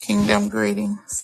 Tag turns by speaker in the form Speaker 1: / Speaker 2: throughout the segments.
Speaker 1: Kingdom greetings.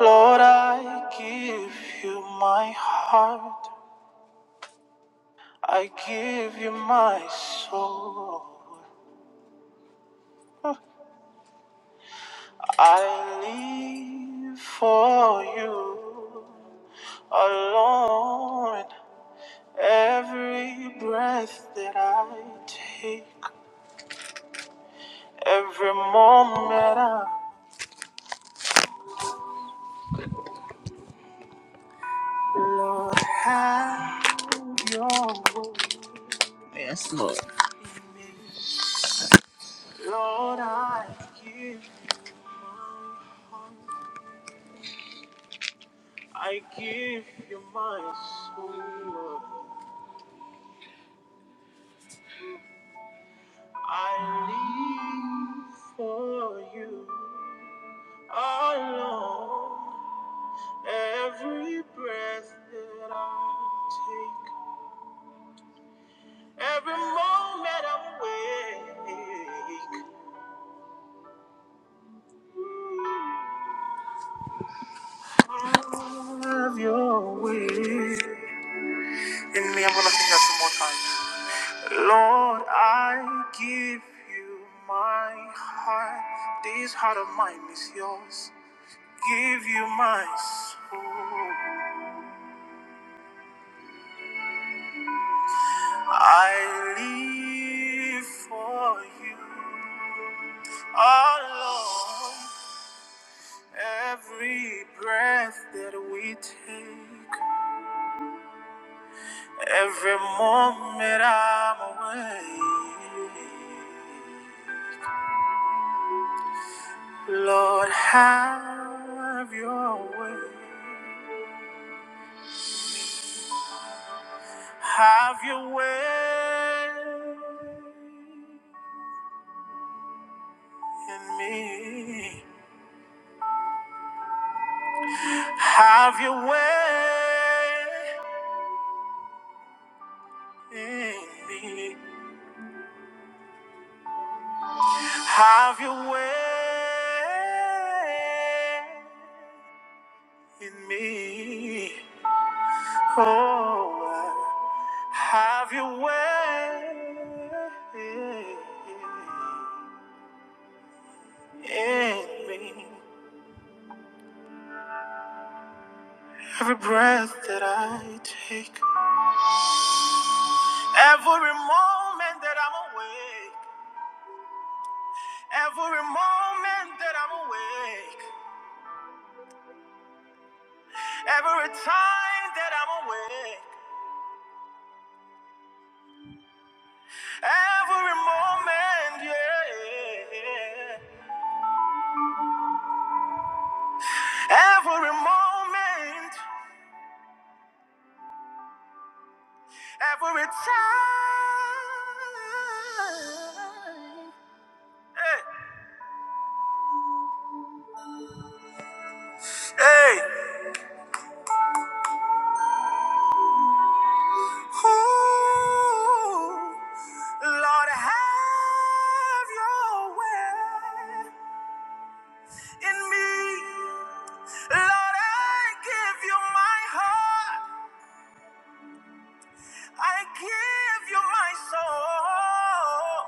Speaker 1: Lord, I give you my heart. I give you my soul. I live for you alone. Every breath that I take, every moment I, Lord, have your way. Yes, Lord. Lord, I give you my heart. I give you my soul. I live for you alone. Every breath that I take, every moment I'm awake. Have your way. In me, I'm gonna sing that some more time. Lord, I give you my heart. This heart of mine is yours. give you my soul. I live for you, oh Lord. Every breath that we take, every moment I'm away. Lord, have your way. Have your way in me. Have your way in me. Have your way in me. Oh, have your way in me. Every breath that I take, every moment that I'm awake, every moment that I'm awake. Every time that I'm awake, every moment, yeah. Every moment, every time. Hey, hey. Ooh, Lord, have your way in me. Lord, I give you my heart. I give you my soul.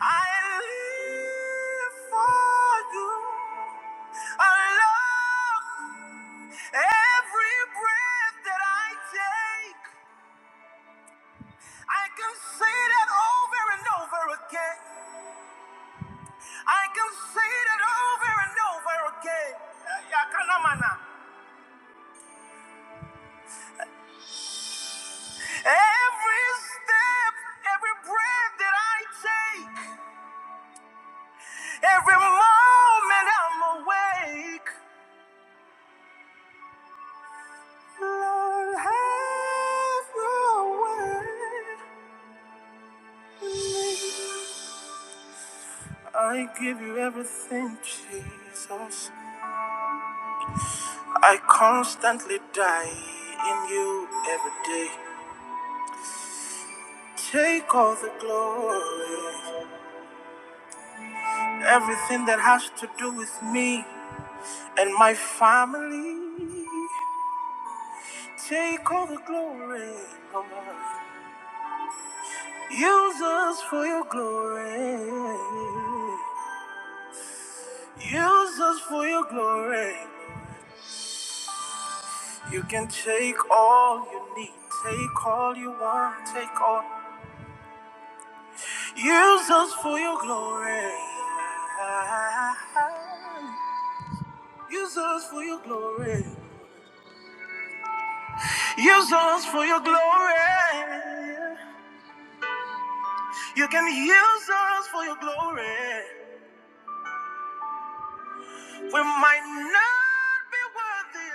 Speaker 1: I live for you. I love you. every breath that I take. I can say that over and over again. I can say that over and over again. Yakanamana. Every step, every breath that I take. Every moment I'm awake, Lord, have your way. I give you everything, Jesus. I constantly die in you every day. Take all the glory, everything that has to do with me and my family. Take all the glory, Lord. Use us for your glory. Use us for your glory. You can take all you need, take all you want, take all. Use us for your glory. Use us for your glory. Use us for your glory. You can use us for your glory. We might not be worthy,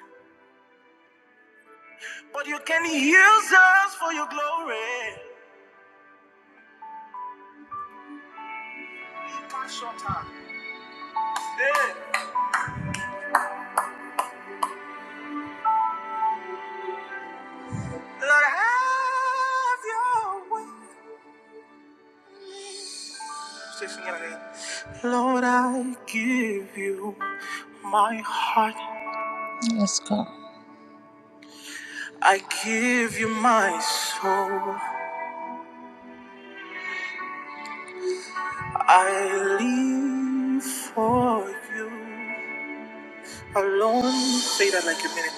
Speaker 1: Lord, but you can use us for your glory. Pass your time. Hey. Lord, have your way. Say, sing it again. Lord, I give you my heart. Let's go. I give you my soul. I live for you alone. Say that like a minute.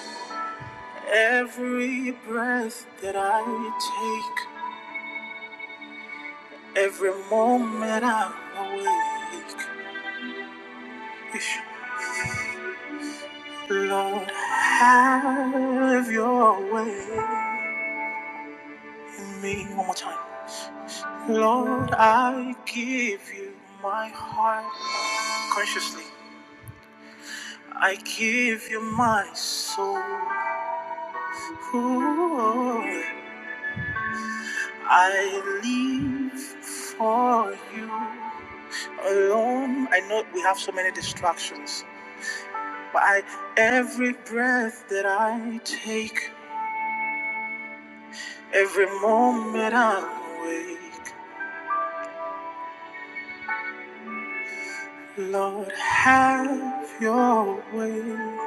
Speaker 1: Every breath that I take, every moment I'm awake, Lord, have your way in me. One more time. Lord, I give you my heart consciously. I give you my soul. Ooh, I live for you. alone. I know we have so many distractions, but I every breath that I take, every moment I'm awake, Lord, have your way.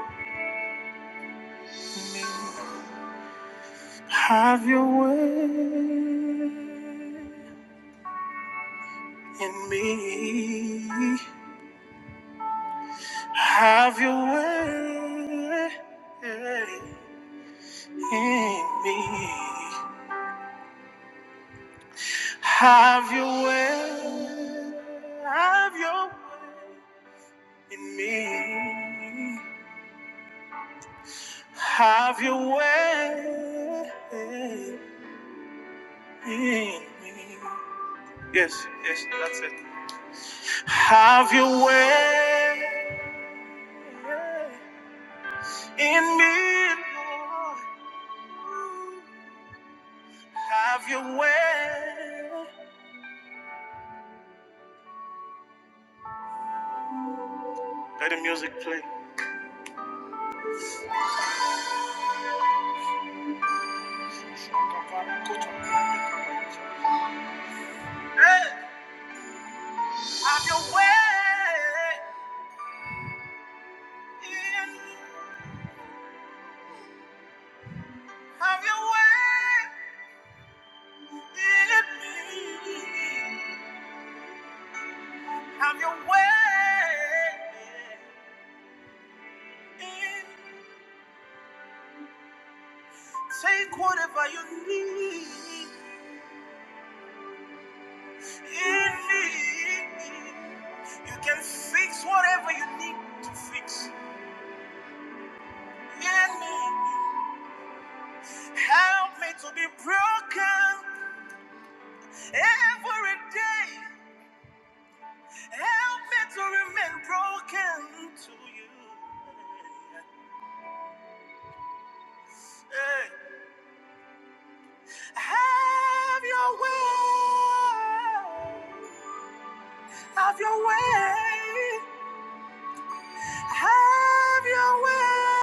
Speaker 1: in me. Have your way in me. Have your way in me. Have your way, have your way in me. Have your way in me. Yes, yes, that's it. Have your way in me, Lord. Have your way. Let the music play. Have your way in, have your way in me. Take whatever you need in me. You can fix whatever you need to fix in me. Help me to be broken every day. Help me to remain broken to you. Hey. Have your way. Have your way. Have your way.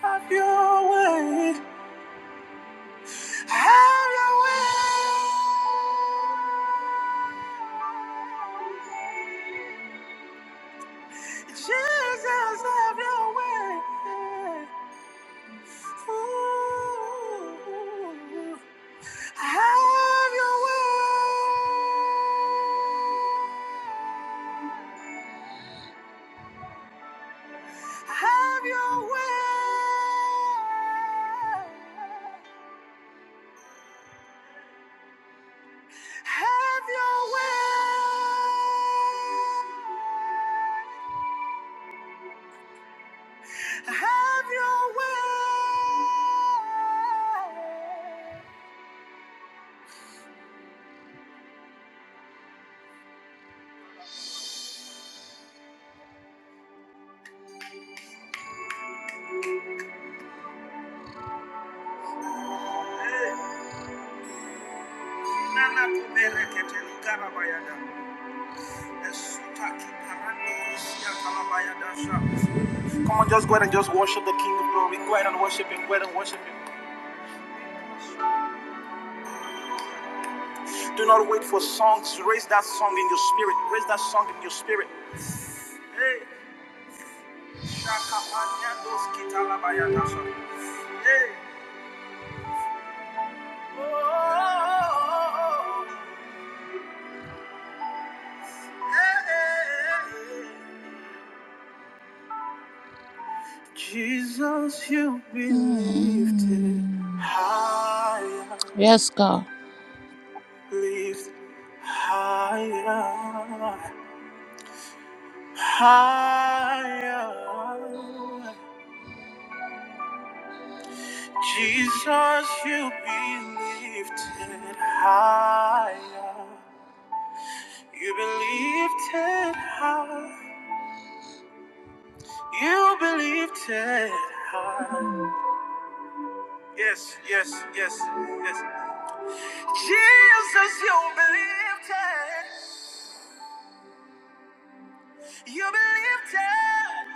Speaker 1: Have your way. Have your way. Jesus, have your way. Ooh, have your way. Have your way. Have your way. Have your way. Hey. Nana kubere keteli karabayada. Esuta kiparando kusia kalabayada sha. Come on, just go ahead and just worship the King of Glory. Go ahead and worship Him. Go ahead and worship Him. Do not wait for songs. Raise that song in your spirit. Raise that song in your spirit. Hey, shaka panyandos kitalabayada sha. Hey. Oh, oh, oh, oh. oh. Hey, hey, hey. hey. Jesus, you be lifted Mm. higher, Yes, God. lift higher, higher. Jesus, you be lifted higher. You be lifted high. You be lifted high. Yes, yes, yes, yes. Jesus, you be lifted. You believed it,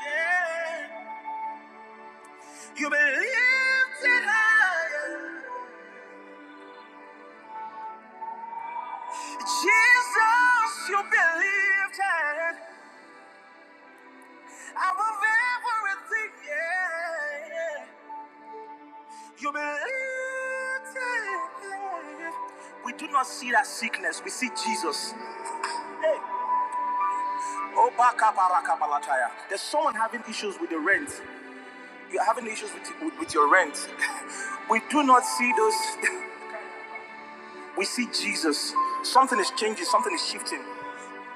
Speaker 1: yeah. You believed it higher. Jesus, you believed it. I'm of everything, yeah. You believed it. We do not see that sickness, we see Jesus. Hey. Oh, baka baraka balataya. There's someone having issues with the rent. You're having issues with, with, with your rent. we do not see those. We see Jesus. Something is changing. Something is shifting.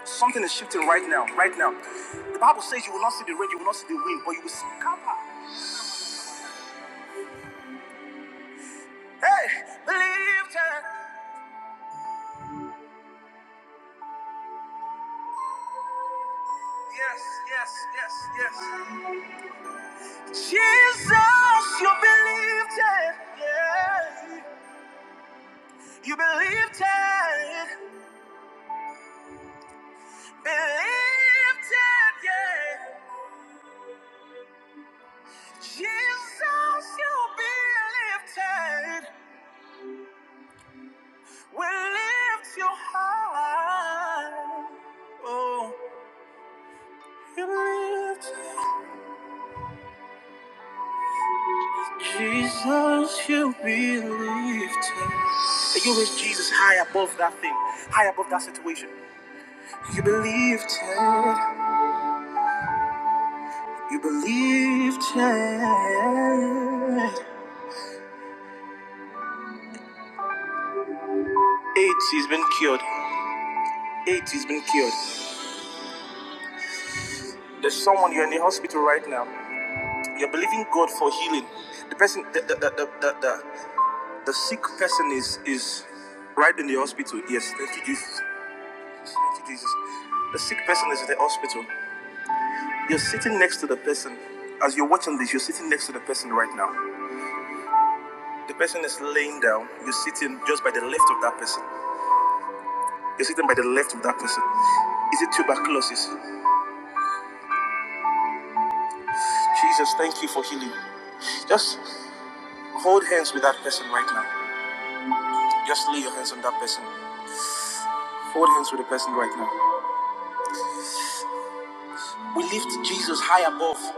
Speaker 1: Something is shifting right now. Right now. The Bible says you will not see the rain, you will not see the wind, but you will see Kappa. Hey, believe that. Yes, yes, yes, yes. Jesus, you believed it. Yeah. You believed it. Believed it, yeah. Jesus, you believed it. We lift you high. Oh, you lift. Jesus, you be lifted. You lift Jesus high above that thing, high above that situation. You be lifted. You be lifted. AIDS has been cured. AIDS has been cured. There's someone you're in the hospital right now. You're believing God for healing. The person, the the the the, the, the The sick person is is right in the hospital. Yes, thank you, Jesus. Thank you, Jesus. The sick person is in the hospital. You're sitting next to the person. As you're watching this, you're sitting next to the person right now. The person is laying down. You're sitting just by the left of that person. You're sitting by the left of that person. Is it tuberculosis? Jesus, thank you for healing. Just hold hands with that person right now. Just lay your hands on that person. Hold hands with the person right now. We lift Jesus high above.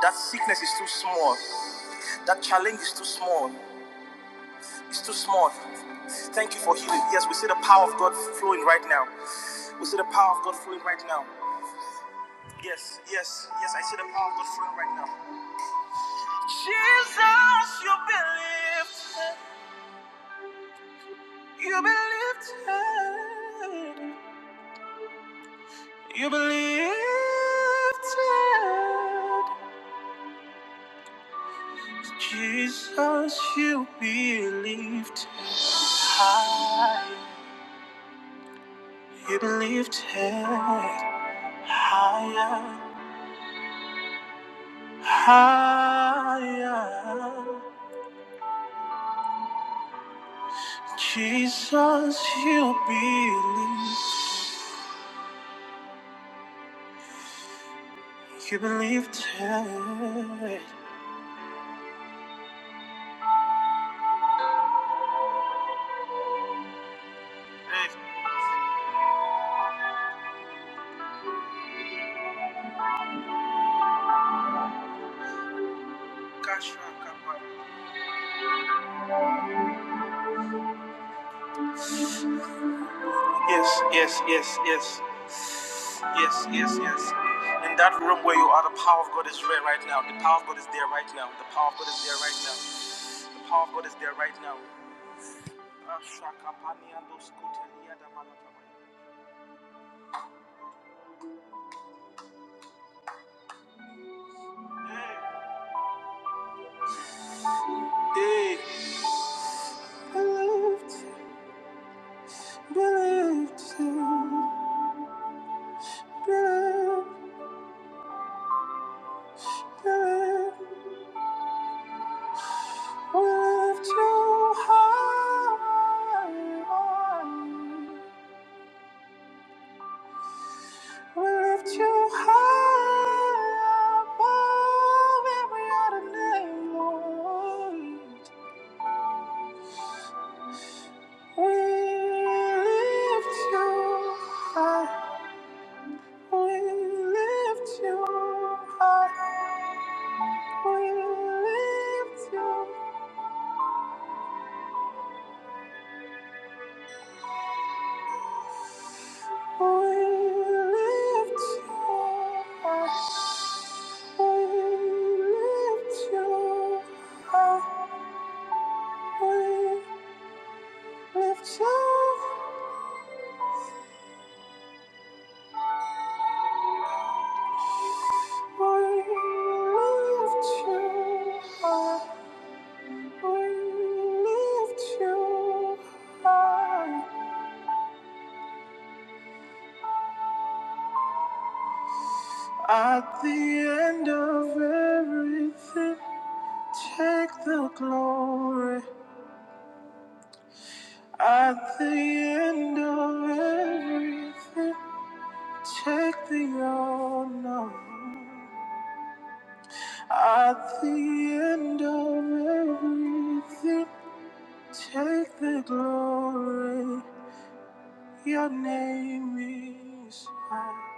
Speaker 1: That sickness is too small. That challenge is too small. It's too small. Thank you for healing. Yes, we see the power of God flowing right now. We see the power of God flowing right now. Yes, yes, yes, I see the power of God flowing right now. Jesus, you've been lifted. You've been lifted. You've been lifted. Jesus, you be lifted high. You believed it higher, higher. Jesus, you believe. You believed it. Hey, Yes, yes, yes, yes, yes, yes, yes. In that room where you are, the power of God is there right now. The power of God is there right now. The power of God is there right now. The power of God is there right now. Hey. Hey. believed, believed you, believed, believed, we lift you high, we lift you high above every other name, We lift you high, we lift you high, we lift you At the end of everything, take the glory. At the end of everything, check the unknown. At the end of everything, take the glory. Your name is high.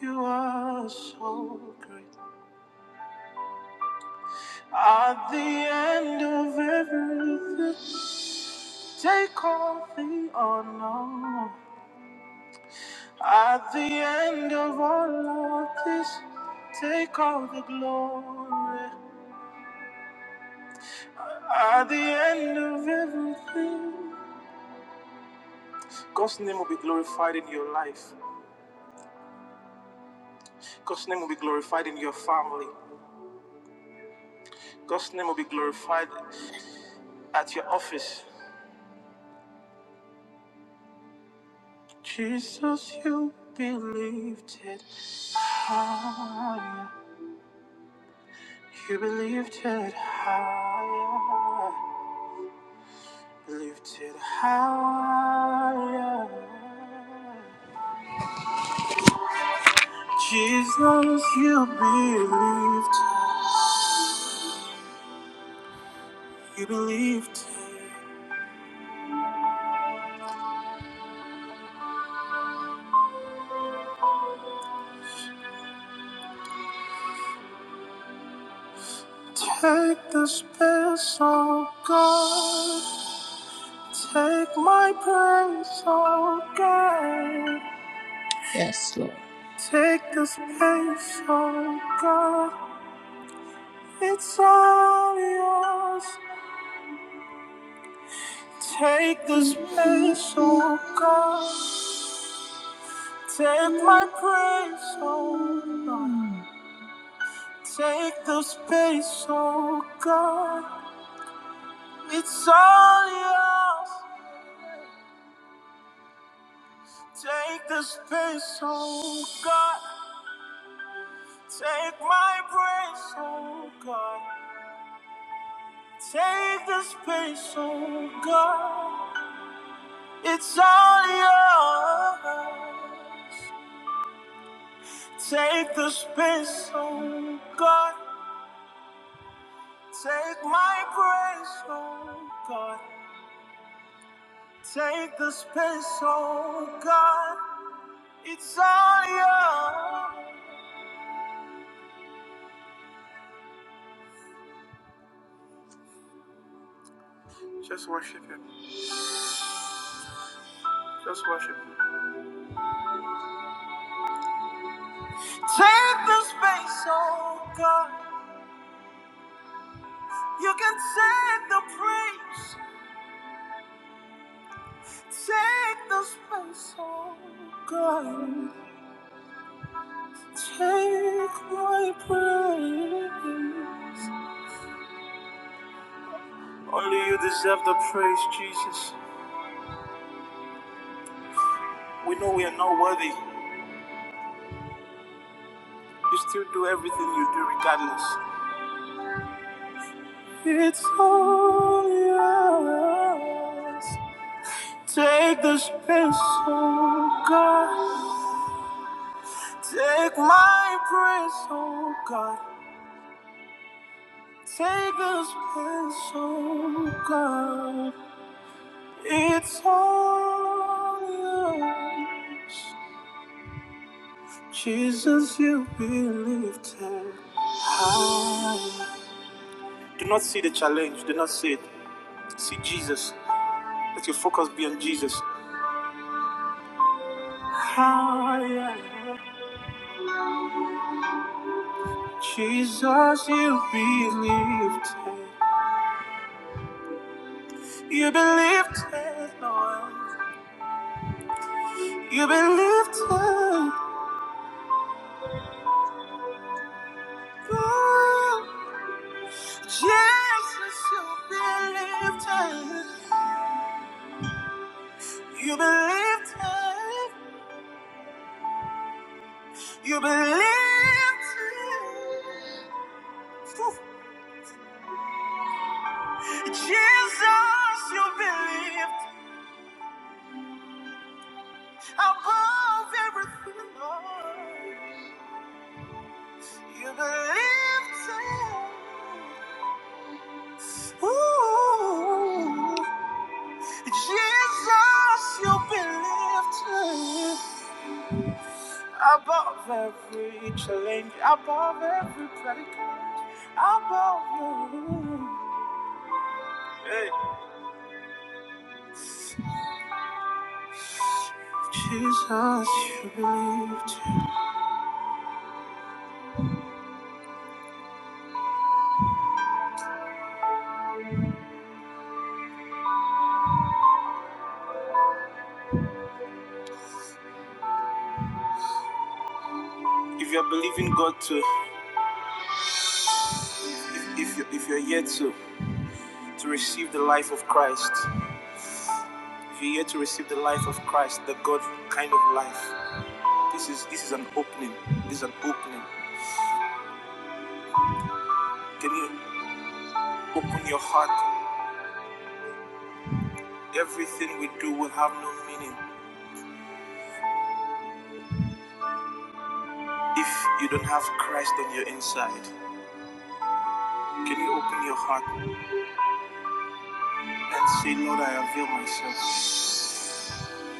Speaker 1: You are so great. At the end of everything, take all the honor. At the end of all of this, take all the glory. At the end of everything, God's name will be glorified in your life. God's name will be glorified in your family. God's name will be glorified at your office. Jesus, you be lifted higher. You be lifted higher. Lifted higher. Jesus, you believed, you believed. Take the space, oh God. Take my praise, oh God. Yes, Lord. Take the space, oh God. It's all yours. Take the space, oh God. Take my praise, oh God. Take the space, oh God. It's all yours. Take the space, oh God. Take my praise, oh God. Take the space, oh God. It's all yours. Take the space, oh God. Take my praise, oh God. Take the space, oh God. It's all yours. Just worship Him. Just worship Him. Take the space, oh God. You can take the praise. Take the space, oh God. Take my praise. Only you deserve the praise, Jesus. We know we are not worthy. You still do everything you do regardless. It's all yours. Take the space, oh God. Take my praise, oh God. Take us past, oh God. It's all yours. Jesus, you be lifted high. Do not see the challenge. Do not see it. See Jesus. Let your focus be on Jesus. Higher. Jesus, you be lifted. You be lifted, Lord. You be lifted. Lord. Jesus, you've been lifted. You've been lifted. You've been lifted. Whew. Jesus, you've been lifted above everything, Lord. You've been lifted. Ooh. Jesus, you've been lifted. Above every challenge, above every predicament, above you. Hey. Jesus, you believed. If you're believing God to, if, if, you- if you're yet to, to receive the life of Christ, if you're yet to receive the life of Christ, the God kind of life, this is this is an opening. This is an opening. Can you open your heart? Everything we do will have no meaning if you don't have Christ on your inside. Can you open your heart? and say, Lord, I avail myself.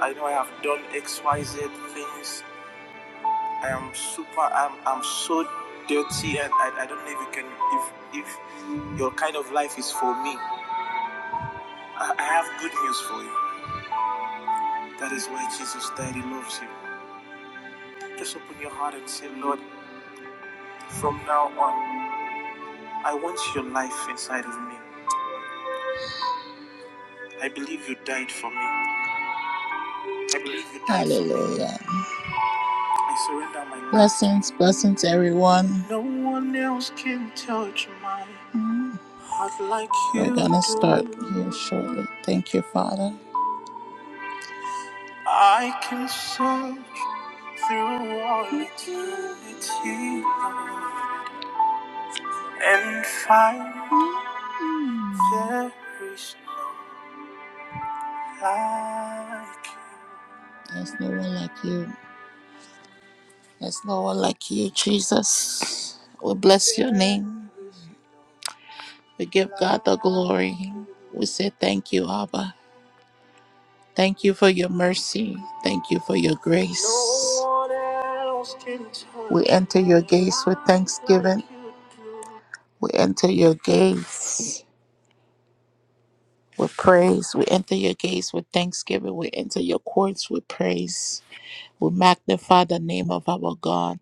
Speaker 1: I know I have done XYZ things. I am super, I'm, I'm so dirty, and I, I don't know if you can, if, if your kind of life is for me. I, I have good news for you. That is why Jesus died. He loves you. Just open your heart and say, Lord, from now on, I want your life inside of me. I believe you died for me. I believe you died Hallelujah. for me. Hallelujah. I surrender my will. Blessings, blessings, everyone. No one else can touch my heart like you do. We're going to start here shortly. Thank you, Father. I can search through all eternity Lord, and find there is no like you. There's no one like you. There's no one like you, Jesus. We bless your name. We give God the glory. We say thank you, Abba. Thank you for your mercy. Thank you for your grace. We enter your gates with thanksgiving. We enter your gates with praise. We enter your gates with thanksgiving. We enter your courts with praise. We magnify the name of our God.